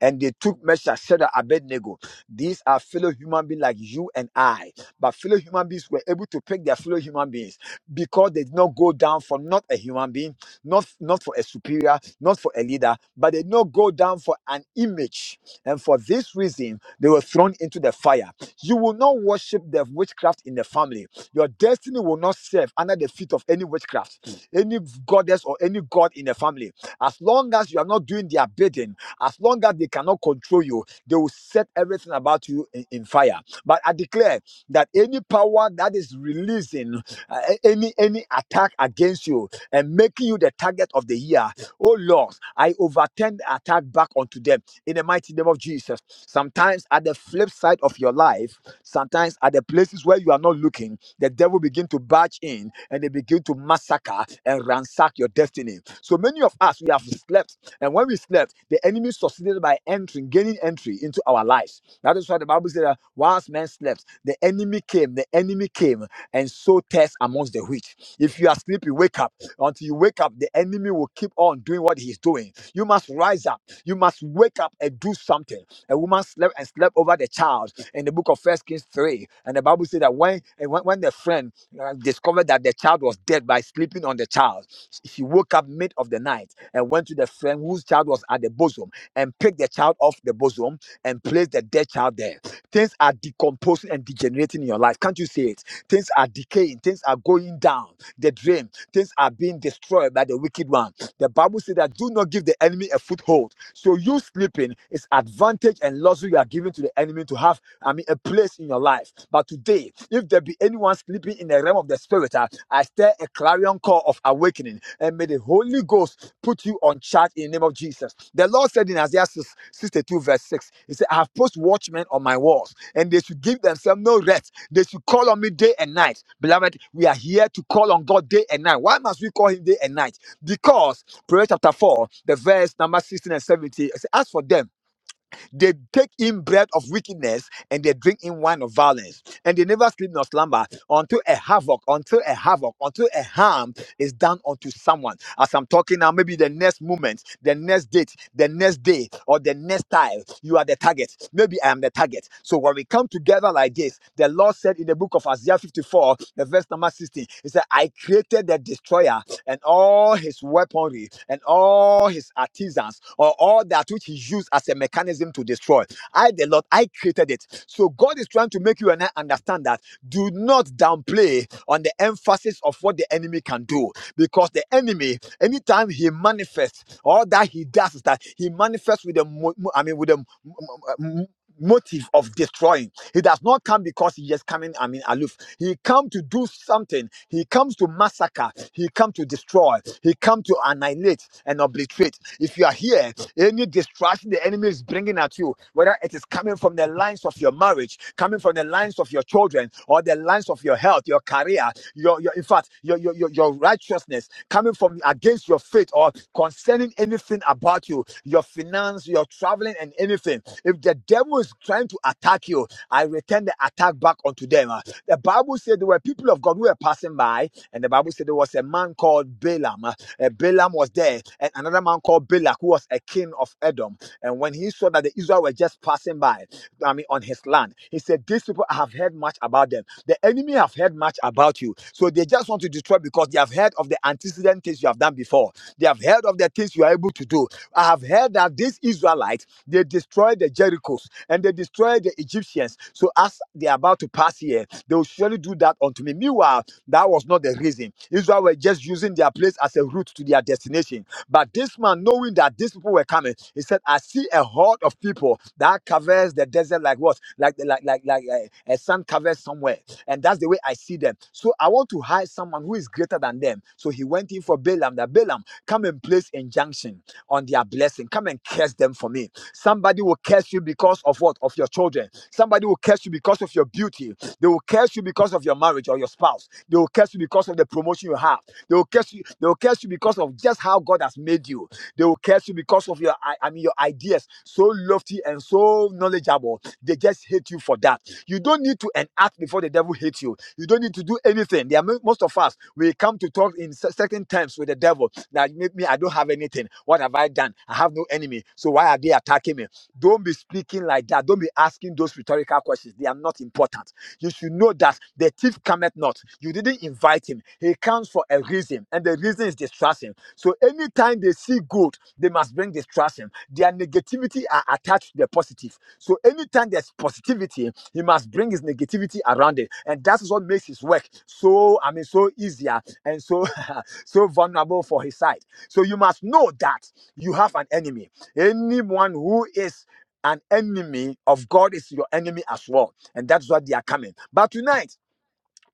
and they took measures Shadrach abednego these are fellow human beings like you and i but fellow human beings were able to pick their fellow human beings because they did not go down for not a human being not not for a superior not for a leader but they did not go down for an image and for this reason they were thrown into the fire you will not worship the witchcraft in the family your destiny will not serve under the feet of any witchcraft any goddess or any god in the family as long as you are not doing their bidding, as long as they cannot control you, they will set everything about you in, in fire. But I declare that any power that is releasing uh, any any attack against you and making you the target of the year, oh Lord, I overturn the attack back onto them in the mighty name of Jesus. Sometimes at the flip side of your life, sometimes at the places where you are not looking, the devil begin to barge in and they begin to massacre and ransack your destiny so many of us, we have slept. And when we slept, the enemy succeeded by entering, gaining entry into our lives. That is why the Bible said that whilst men slept, the enemy came, the enemy came, and so test amongst the wheat. If you are sleeping, wake up. Until you wake up, the enemy will keep on doing what he's doing. You must rise up. You must wake up and do something. A woman slept and slept over the child in the book of First Kings 3. And the Bible said that when, and when, when the friend uh, discovered that the child was dead by sleeping on the child, she woke up mid of the night and went to the friend whose child was at the bosom and picked the child off the bosom and placed the dead child there. Things are decomposing and degenerating in your life. Can't you see it? Things are decaying. Things are going down the drain. Things are being destroyed by the wicked one. The Bible says that do not give the enemy a foothold. So you sleeping is advantage and luxury you are giving to the enemy to have, I mean, a place in your life. But today, if there be anyone sleeping in the realm of the spirit, ah, I stir a clarion call of awakening and may the Holy Ghost put you on charge in the name of Jesus. The Lord said in Isaiah 6- 62 verse 6, he said, I have post watchmen on my walls and they should give themselves no rest. They should call on me day and night. Beloved, we are here to call on God day and night. Why must we call him day and night? Because Proverbs chapter 4, the verse number 16 and 17. It says, As for them, they take in bread of wickedness and they drink in wine of violence. And they never sleep nor slumber until a havoc, until a havoc, until a harm is done unto someone. As I'm talking now, maybe the next moment, the next date, the next day, or the next time, you are the target. Maybe I am the target. So when we come together like this, the Lord said in the book of Isaiah 54, the verse number 16, He said, I created the destroyer and all his weaponry and all his artisans or all that which he used as a mechanism to destroy. I, the Lord, I created it. So God is trying to make you and I understand that do not downplay on the emphasis of what the enemy can do because the enemy, anytime he manifests, all that he does is that he manifests with a, mo- mo- I mean, with a m- m- m- motive of destroying. He does not come because he is coming, I mean, aloof. He come to do something. He comes to massacre. He come to destroy. He come to annihilate and obliterate. If you are here, any distraction the enemy is bringing at you, whether it is coming from the lines of your marriage, coming from the lines of your children or the lines of your health, your career, your, your in fact, your, your, your, your righteousness, coming from against your faith or concerning anything about you, your finance, your traveling, and anything. If the devil is trying to attack you, I return the attack back unto them. Uh, The Bible said there were people of God who were passing by, and the Bible said there was a man called Balaam. Uh, uh, Balaam was there, and another man called Balak, who was a king of Edom. And when he saw that the Israel were just passing by, I mean, on his land. He said, These people have heard much about them. The enemy have heard much about you. So they just want to destroy because they have heard of the antecedent things you have done before. They have heard of the things you are able to do. I have heard that these Israelites, they destroyed the Jerichos and they destroyed the Egyptians. So as they are about to pass here, they will surely do that unto me. Meanwhile, that was not the reason. Israel were just using their place as a route to their destination. But this man, knowing that these people were coming, he said, "I see a horde of people that covers the desert like what, like like like like uh, a sun covers somewhere, and that's the way I see them. So I want to hire someone who is greater than them." So he went in for Balaam. That Balaam come and place injunction on their blessing. Come and curse them for me. Somebody will curse you because of what? Of your children. Somebody will curse you because of your beauty. They will curse you because of your marriage or your spouse. They will curse you because of the promotion you have. They will curse you. They will curse you because of just how God has made you. They will curse you because of your identity. I mean, your ideas so lofty and so knowledgeable. They just hate you for that. You don't need to enact before the devil hates you. You don't need to do anything. There are mo- most of us we come to talk in cer- certain terms with the devil. That make me I don't have anything. What have I done? I have no enemy. So why are they attacking me? Don't be speaking like that. Don't be asking those rhetorical questions. They are not important. You should know that the thief cometh not. You didn't invite him. He comes for a reason, and the reason is distraction. So anytime they see good, they must bring distraction. Their negativity are attached to the positive. So anytime there's positivity, he must bring his negativity around it. And that's what makes his work so, I mean, so easier and so so vulnerable for his side. So you must know that you have an enemy. Anyone who is an enemy of God is your enemy as well. And that's what they are coming. But tonight,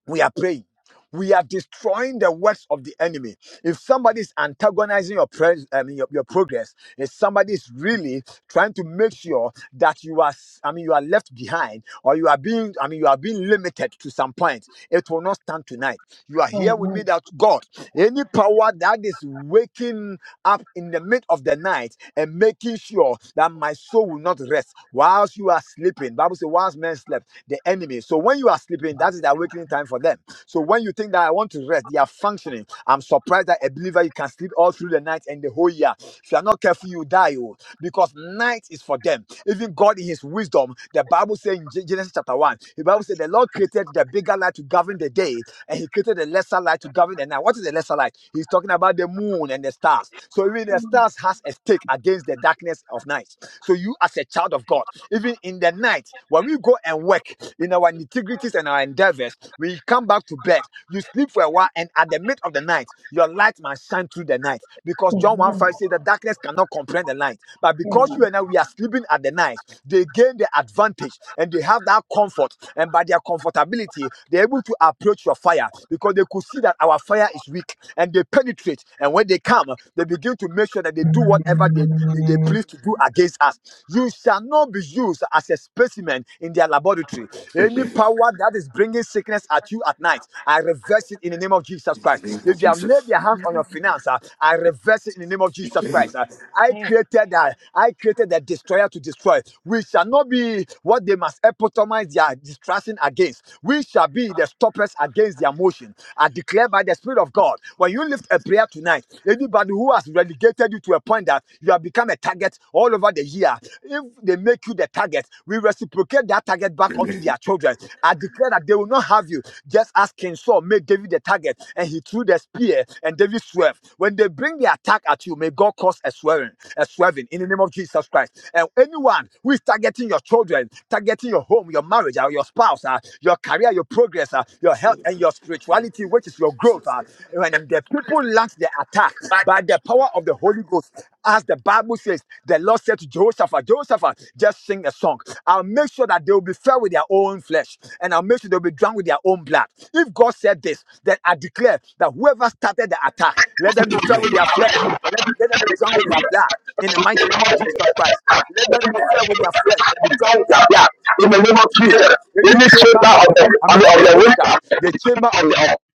we are praying. We are destroying the works of the enemy. If somebody is antagonizing your, pres- I mean, your, your progress, if somebody is really trying to make sure that you are, s- I mean, you are left behind, or you are being, I mean, you are being limited to some point, it will not stand tonight. You are here with
Amen.
me that God, any power that is waking up in the mid of the night and making sure that my soul will not rest whilst you are sleeping. Bible says, whilst men slept, the enemy. So when you are sleeping, that is the awakening time for them. So when you think that I want to rest, they are functioning. I'm surprised that a believer you can sleep all through the night and the whole year. If you are not careful, you die. Oh, because night is for them. Even God in his wisdom, the Bible says in Gen- Genesis chapter 1, the Bible says the Lord created the bigger light to govern the day and he created the lesser light to govern the night. What is the lesser light? He's talking about the moon and the stars. So even the stars has a stake against the darkness of night. So you as a child of God, even in the night, when we go and work in our integrities and our endeavors, we come back to bed. You sleep for a while, and at the mid of the night, your light must shine through the night. Because John 1 5 says the darkness cannot comprehend the light. But because you and I we are sleeping at the night, they gain the advantage and they have that comfort. And by their comfortability, they're able to approach your fire because they could see that our fire is weak and they penetrate. And when they come, they begin to make sure that they do whatever they, they, they please to do against us. You shall not be used as a specimen in their laboratory. Any power that is bringing sickness at you at night, I reverse it in the name of Jesus Christ. If they have laid their hands on your
Amen.
finance, uh, I reverse it in the name of Jesus Christ. uh. I
Amen.
created that. I created the destroyer to destroy. We shall not be what they must epitomize their distraction against. We shall be the stoppers against their motion. I declare by the Spirit of God, when you lift a prayer tonight, anybody who has relegated you to a point that you have become a target all over the year, if they make you the target, we reciprocate that target back onto their children children. I declare that they will not have you. Just as King Saul made David the target and he threw the spear and David swerved. When they bring the attack at you, may God cause a swerving, a swerving in the name of Jesus Christ. And anyone who is targeting your children, targeting your home, your marriage, or your spouse, uh, your career, your progress, uh, your health, and your spirituality, which is your growth, uh, when the people launch the attack by the power of the Holy Ghost, as the Bible says, the Lord said to Jehoshaphat, Jehoshaphat, just sing a song. I'll make sure that they will be fed with their own flesh, and I'll make sure they'll be drunk with their own blood. If God said this, then I declare that whoever started the attack, let them be fed with their flesh, and let, let them be drunk with their blood. In the mighty name of Jesus Christ, let them be fed with their flesh and be drunk with their
yeah,
blood.
yeah.
In
In
the
the
name
name of
of Jesus,
Jesus,
any
any
chamber
shoulder
of
of
the,
the,
I
I
mean, of
of
the
the winter,
witchcraft, the chamber of the occultic,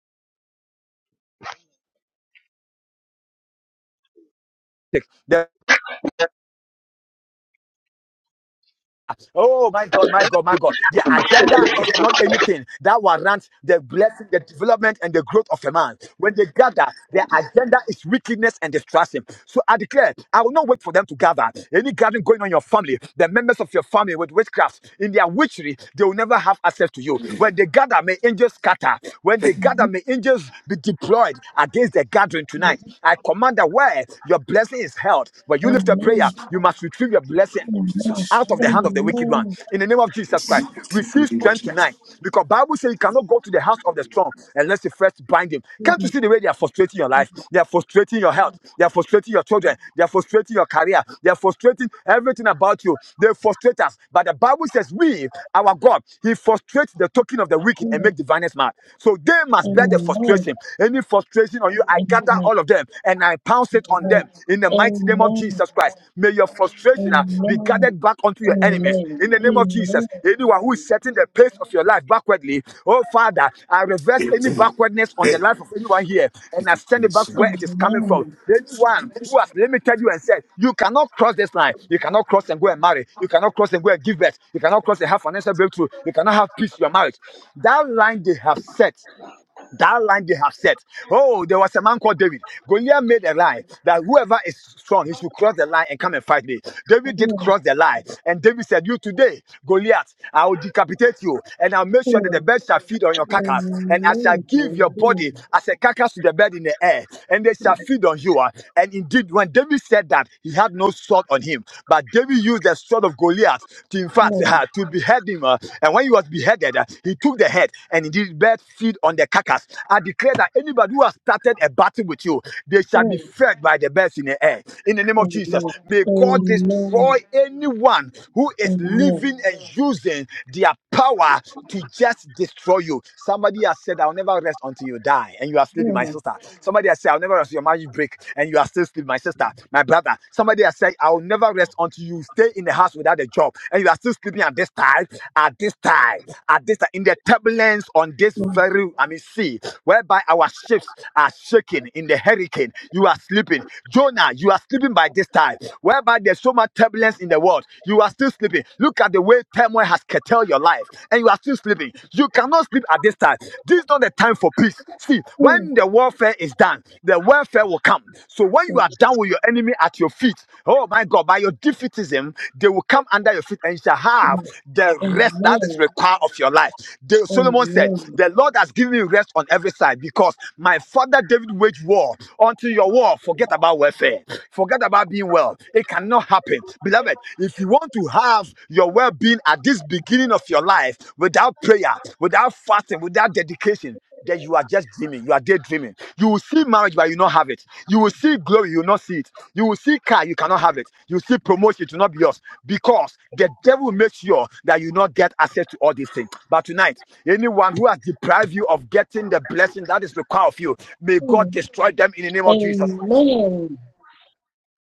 the Oh my God, my God, my God. Their agenda is not anything that warrants the blessing, the development, and the growth of a man. When they gather, their agenda is wickedness and destruction. So I declare, I will not wait for them to gather. Any gathering going on in your family, the members of your family with witchcraft, in their witchery, they will never have access to you. When they gather, may angels scatter. When they gather, may angels be deployed against the gathering tonight. I command that where your blessing is held, when you lift a prayer, you must retrieve your blessing out of the hand of the wicked one in the name of jesus christ receive strength tonight because bible says you cannot go to the house of the strong unless you first bind him can't you see the way they are frustrating your life they are frustrating your health they are frustrating your children they are frustrating your career they are frustrating everything about you they frustrate us but the bible says we our god he frustrates the token of the wicked and make diviners mad so they must bear the frustration any frustration on you i gather all of them and i pounce it on them in the mighty name of Jesus Christ. May your frustration uh, be gathered back onto your enemies in the name of Jesus.
Amen.
Anyone who is setting the pace of your life backwardly, oh Father, I reverse any backwardness on the
Amen.
life of anyone here and I send it back to where it is coming
Amen.
from. Anyone who has limited you and said, You cannot cross this line, you cannot cross and go and marry, you cannot cross and go and give birth, you cannot cross and have financial breakthrough, you cannot have peace in your marriage. That line they have set that line they have set. Oh, there was a man called David. Goliath made a line that whoever is strong, he should cross the line and come and fight me. David did
Amen.
cross the line, and David said, "You today, Goliath, I will decapitate you, and I'll make sure that the
Amen.
birds shall feed on your carcass, and I shall
Amen.
give your body
Hallelujah.
as a carcass to the bird in the air, and they shall
Yes.
feed on you." And indeed, when David said that, he had no sword on him, but David used the sword of Goliath. To, in fact, heart
Amen.
uh, to behead him. uh, and when he was beheaded, uh, he took the head and he did bed feed on the carcass. I declare that anybody who has started a battle with you, they shall be
Amen.
fed by the birds in the air. In the name of
Amen.
Jesus, may God destroy anyone who
Amen.
is
Amen.
living and using their power to just destroy you. Somebody has said, I'll never rest until you die, and you are sleeping, my
Amen.
sister. Somebody has said, I'll never rest until your marriage break, and you are still sleeping, active, my sister, my brother. Somebody has said, I will never rest until you stay in the house without a job. And you are still sleeping at this time, at this time, at this time, in the turbulence on this very, I mean, sea, whereby our ships are shaking in the hurricane. You are sleeping. Jonah, you are sleeping by this time, whereby there's so much turbulence in the world. You are still sleeping. Look at the way turmoil has curtailed your life, and you are still sleeping. You cannot sleep at this time. This is not the time for peace. See, when the warfare is done, the welfare will come. So when you are done with your enemy at your feet, oh my God, by your defeatism, they will come under your feet and you shall have the rest that is required of your life. The, Solomon said, The Lord has given me rest on every side because my father David waged war unto your war. Forget about welfare, forget about being well. It cannot happen. Beloved, if you want to have your well-being at this beginning of your life without prayer, without fasting, without dedication, that you are just dreaming, you are daydreaming. You will see marriage, but you not have it. You will see glory, you will not see it. You will see car, you cannot have it. You will see promotion, it will not be yours. Because the devil makes sure that you not get access to all these things. But tonight, anyone who has deprived you of getting the blessing that is required of you, may God destroy them in the name
Amen.
of Jesus
Amen.
Christ.
Amen.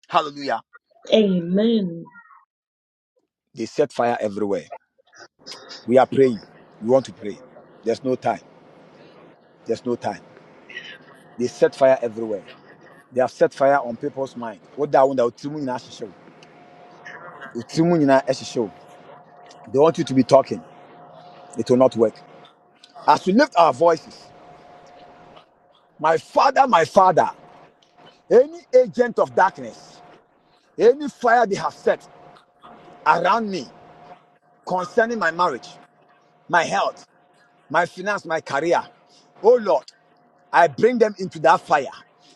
Hallelujah.
Amen.
They set fire everywhere. We are praying. We want to pray. There's no time. There's no time. They set fire everywhere. They have set fire on people's mind. What that one that otimu nyinaa hyehyɛ wo. Otimu nyinaa They want you to be talking. It will not work. As we lift our voices, my father, my father, any agent of darkness, any fire they have set around me concerning my marriage, my health, my finance, my career. Oh Lord. I bring them into that fire.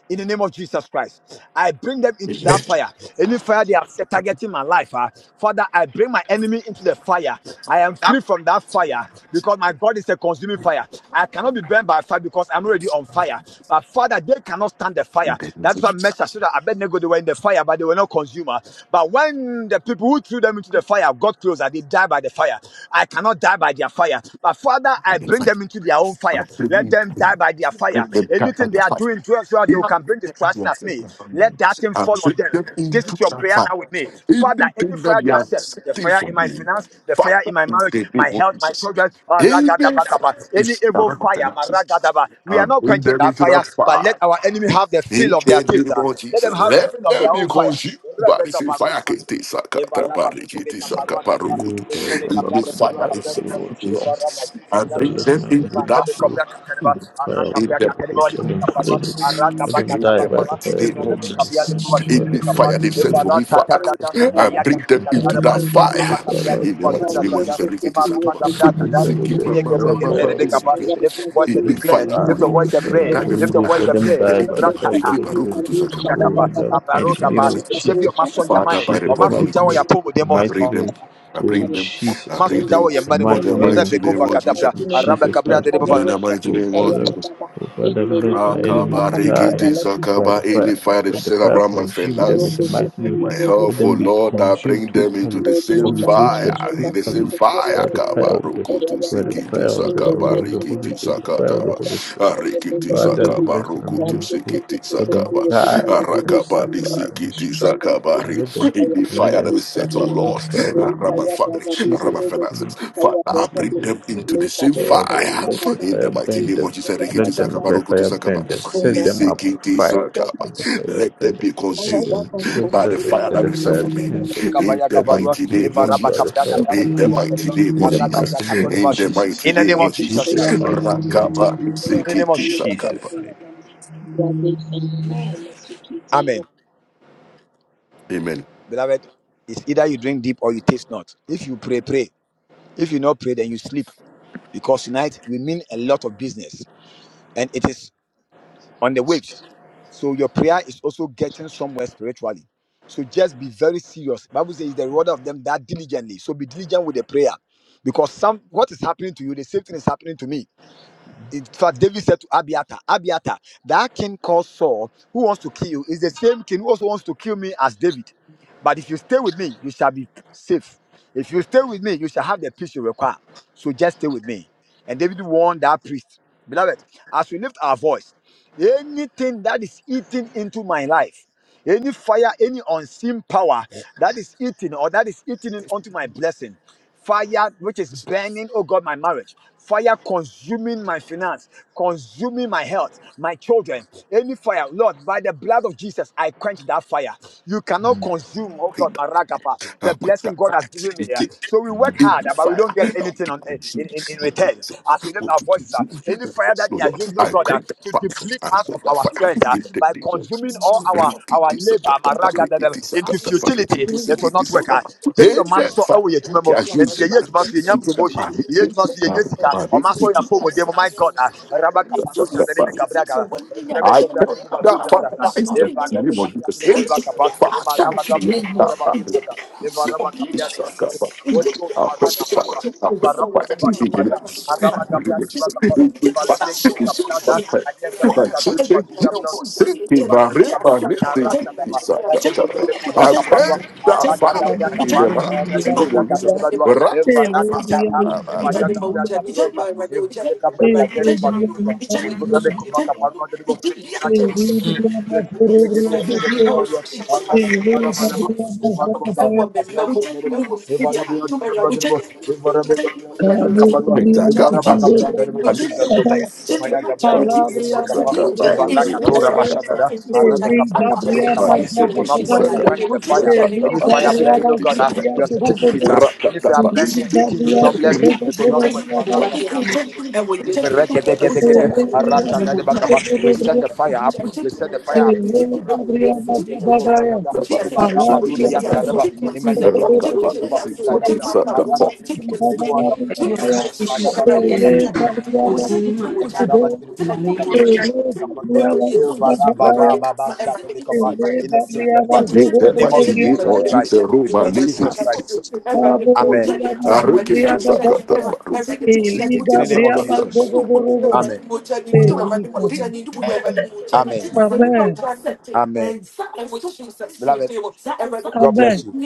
In the name of Jesus Christ, I bring them into
Amen.
that fire. Any fire they are targeting my life, ah, Father, I bring my enemy into the fire. I am free from that fire because my God is a consuming fire. I cannot be burned by fire because I'm already on fire. But Father, they cannot stand the
In
fire.
the
That's what
south,
Meshach said that Abednego they were in the fire, but they were not consumer. But when the people who threw them into the fire got closer, they died by the fire. I cannot die by their fire. But Father. Father,
I
I
can
bring
fight.
them into their own
I've
fire. Let
been
them die by their fire.
let them cut by
Anything they
the
are
fight.
doing to us, so that they
In the
can bring
south,
destruction at me. Let that thing
I'm
fall on them.
taken
This is
into
your
the
prayer
fight.
now with me. Father, any
Anything
fire
that
they
you
have
are
set, the
setting
fire
for
in my
me,
finance, the fire in
Father,
my
in
marriage,
the
my
name of
health, my
Jesus.
children, ah,
Amen.
ragadaba
Father,
kapa. any
If I
evil
of
fire, ma
finances,
ragadaba. we
I
are not
bring
quenching
them
that
into the
fire, but let
fire.
our enemy have the feel
In
of their
the
taste.
name
ah.
of
Let them
Jesus,
have a feel
let
of
them
their
be
own fire.
consumed. by the
Rebecca
same fire
Baruch,
can take
Eva
Sakata
raba tu tebe
Barikiti Saka
kaparua tareba.
Barukutu.
You, Father,
Evre be
In
Father,
gabra
the
de
in the
bedua
fire, the
mighty
kabra de ba.
name
fire
of
of the Lord.
Eva
Jesus,
raba tu za
I
za
Father,
za
bring
za.
let
them
my
into
Eva
enemies
that
rebe
feel
kabra
fire.
katereba.
the
Ara
fire of
In
the
kabra
the
Holy
katereba
Ghost.
wali
mighty
Let
name
bidu
them
of
kaparua.
feel it.
Jesus.
Ara
Amen.
Let
gaba
them
In
gata
die
ba
the
by
gaba.
the
mighty
fire of
name
Eva
the
of
rebe
Holy Ghost.
kabia de
Jesus.
In the mighty name of Jesus, in the mighty name of Jesus,
ba shi
In
de
the
be
Father, let
kapa.
fire they've
my
set
Eva
for
ra
me,
enemies,
ta ta
Father.
ta ta.
let them
I
be
Aya
bring them
gabra
happy.
into
Karaba,
that
Araba
fire.
suffer
Kabia,
by
the
the
In the
fire of
Lord,
the
mighty
Bazuza
name
Holy
of
Zaza,
Ghost.
Jesus. I read it is unto
Emaraba
If
us.
I'm
Me
Gabrakata,
miserable,
seek
death,
it, ma- ma-
by
ma-
the
ma-
fire
ma-
of the
this
Holy Ghost
people.
Lift your voice
In
and
the
them
declare.
fire, O
die by
Lift your
Lord.
voice and
the power of
pray.
the
That the
Holy
Lift your
Ghost,
voice
Let
fire.
and
them
pray.
The
die by the
Ekeba,
power
the
of the
Rakata,
Ekeba,
Holy Ghost.
Ruku to
Breketo
Sakaba.
Oh, in
Brakapa,
the
In the
mighty
fire they've
name
Abarotapa,
set
of
for them.
Jesus,
Jebio Maso
in
Father,
Yamae,
by the
Jesus'
power of the
Omasu
Holy
mighty
Jawa
name,
Ghost,
Yapomo
in the
Demo,
I
mighty
bring
name
them.
of
I
oh
bring them, I
Jesus
bring
Omasu
Christ,
Jawa
them
in the
Yamanimo,
in
mighty
the
name of
mighty name
Rebekova
of
Jesus,
Jesus.
Gatabra,
in
Araba
Jesus' mighty
de
we
name.
In
Baba.
the
worship
mighty
you,
Oh
name of
Father,
Father,
Jesus.
Baba,
oh
in
Father,
the
let
name
my
of
enemies
Jesus, Father,
die
Rakabarikiti
Baba,
by
Sakaba,
the
let
fire.
any fire that
Let the
set
me
fire
around my
consume
Lady Shanti
them in
in
the
finance,
mighty name of
my
the
Jesus. Let
health, oh
them be
Lord, I
consumed
bring them into
totally,
the same fire,
mighty
obliterated
in the same
totally
fire.
by the fire of the
Kabaruku to
by the
Sikiti
fire of the, of the,
Sakaba,
of the
name
Rikiti
Holy Ghost, the fire of the
Sakataba,
Holy Spirit.
Arikiti
Father,
Sakaba,
let them
Ruku
be
to
uncool.
Sikiti
Let them
Sakaba,
die. Let them
Arakabadi
of
suffer and be
Sikiti
strapped. And let them
Sakabari, in the
and let
fire
them
that is set, oh
suffer from the
Lord,
fire of the Holy
around my
Ghost. In
family, around my
Jesus' mighty
finances.
name.
Father,
In
I bring
Jesus,
Jesus'
them
name.
into the same
God,
fire.
let the
In the
fire
mighty
burn
name of
them.
Jesus, Rikiti
Let them
Sakaba,
the
Rokutu
fire
Sakaba,
burn them. Set them up on
Nisikiti
fire. Let
Thank
the
you.
Sakaba.
fire
Let
burn
them
them.
be
Let
consumed
them
Thank
let,
by the
let, let,
fire
let
that
the
is set for
fire
me.
burn them.
In the
Let them be
mighty name of
consumed by
Jesus.
the fire
In the
completely.
mighty name
In
of
the
Jesus.
mighty name of
In the
Jesus.
mighty
In the name
name
of
In
of
Jesus
Jesus.
Jesus'
Christ.
mighty name.
Rakaba,
In the name of
Nisikiti
Jesus Christ.
Sakaba.
Jesus' name.
Amen.
Amen.
Beloved, it's either you drink deep or you taste not. If you pray, pray. If you not pray, then you sleep. Because tonight we mean a lot of business and it is on the waves. So your prayer is also getting somewhere spiritually. So just be very serious. Bible says the reward of them that diligently. So be diligent with the prayer. Because some what is happening to you, the same thing is happening to me in fact, David said to Abiathar, Abiathar, that king called Saul, who wants to kill you, is the same king who also wants to kill me as David. But if you stay with me, you shall be safe. If you stay with me, you shall have the peace you require. So just stay with me. And David warned that priest. Beloved, as we lift our voice, anything that is eating into my life, any fire, any unseen power that is eating or that is eating in- onto my blessing. Fire which is
Jesus Christ.
burning, oh God, my marriage. Fire consuming my finance, consuming my health, my children. Any fire, Lord, by the blood of Jesus, I quench that fire. You cannot consume, oh God,
Quit that.
my ragapa, the
Ah, quit
blessing God has given me. eh.
that.
So we work
in
hard,
the
eh, but we
fire
don't get
that
anything
to
on eh,
consume
in, in, in
my
return. As we
presence,
lift
what
our
to
voices, ah,
consume
any
the
fire that
vessel,
they are
Lord.
using, oh
I
God, ah,
create the
to
fire,
deplete
I
us of
put the
Thank
our
fire
strength,
in
eh,
the
by by
demons.
consuming all our our
Rikiti
labor
sakatapa,
maragadada,
rikiti
into
sakatapa,
futility
rikiti
it will
sikiti
not work ah
sakapa.
jẹbi
In
ọma
the
sọ
fire
ẹwọ yẹ edwuma mu
they are
nti yẹ
using
yẹ edwuma so yẹ nya
to
promotion yẹ
sakapa,
yẹ edwuma
rikiti
so yẹ nya sika
sakapa,
ọma sọ yà
rikiti
pọ ọmọdé mu my god ah raba kaparo sandani mi
sakatapa,
kabra gaba rẹbẹ
I
gọbra
can't
dẹni mu ba so
not find
zazasa
ice cream.
eva
You
rẹbẹ
know, you
gabra
can
dẹni
say
mu
it.
ba kapa
Fuck
ema
that. fire,
raba gabra kato
nah,
raba
nah.
so zazasa eva
See,
raba kapia
it's a
dẹni mu ba so
cover.
holy ghost
I'll
mara
quit the fight.
kaparo
I'll quit the
Ibarama
fight.
Copa
Look
Caparua, Araba
at
Gabriel
what
de
you
Bacapa, Ivalebre que
said.
me caprada,
you.
Aya Gabriel
Like
Cador
Jesus,
I'm
Jesus,
Mazuda Brotuma,
save me,
Ivanemi
Maria,
Cabria
Maria,
Catara Satama,
a
Elebre que me cobra
I've
soldier.
Caparua,
heard the
We chat,
Arraga
fire
Dabra
Gabriel,
we
in
Capa,
the
Rebe
mighty name
talk,
Cobra
of Jesus.
Gader Badua,
everybody knows.
Evarata
Everybody chat,
Tata, Emaya
everybody
Gabra
knows. Everybody knows, everybody knows.
Gabroda,
Everybody knows,
Evrebe Cabria
everybody
Gader
knows.
Mazuda,
Everybody knows, everybody knows. Everybody knows, everybody
Rakababa.
knows. Everybody
Sakaba
knows,
rukuti
everybody
sakaba.
knows.
Ramadi
it will not
sikiti
work. We
sakaba.
quench the fire. Any
Rakaba
fire burning, oh
sikiti
God, uh,
sakaba.
your certificate, uh, any fire
Rakataba.
Yes,
burning
you
and
do.
making you
And
jobless, it will
Rikuti
not work. Mara
sakaba.
Gabriel
when
we
you
set the
destroyer.
take
fire up. We set the fire up.
Rakaba rukuti sikiti sakaba. Rakaba sikiti sakaba.
Your castrations of the enemy
it,
concerning
Everybody,
my life in the name of Jesus.
Amen.
In
In the
the
name of
mighty name
Jesus
of Jesus,
Christ. In
Romani
Jesus
sikiti
Christ.
sakaba.
Amen.
Arikiti sakaba. Rukuti
In
sikiti
the name of
sakaba.
Jesus. Amen. Amen. Amen. Beloved. God bless
Amen.
you.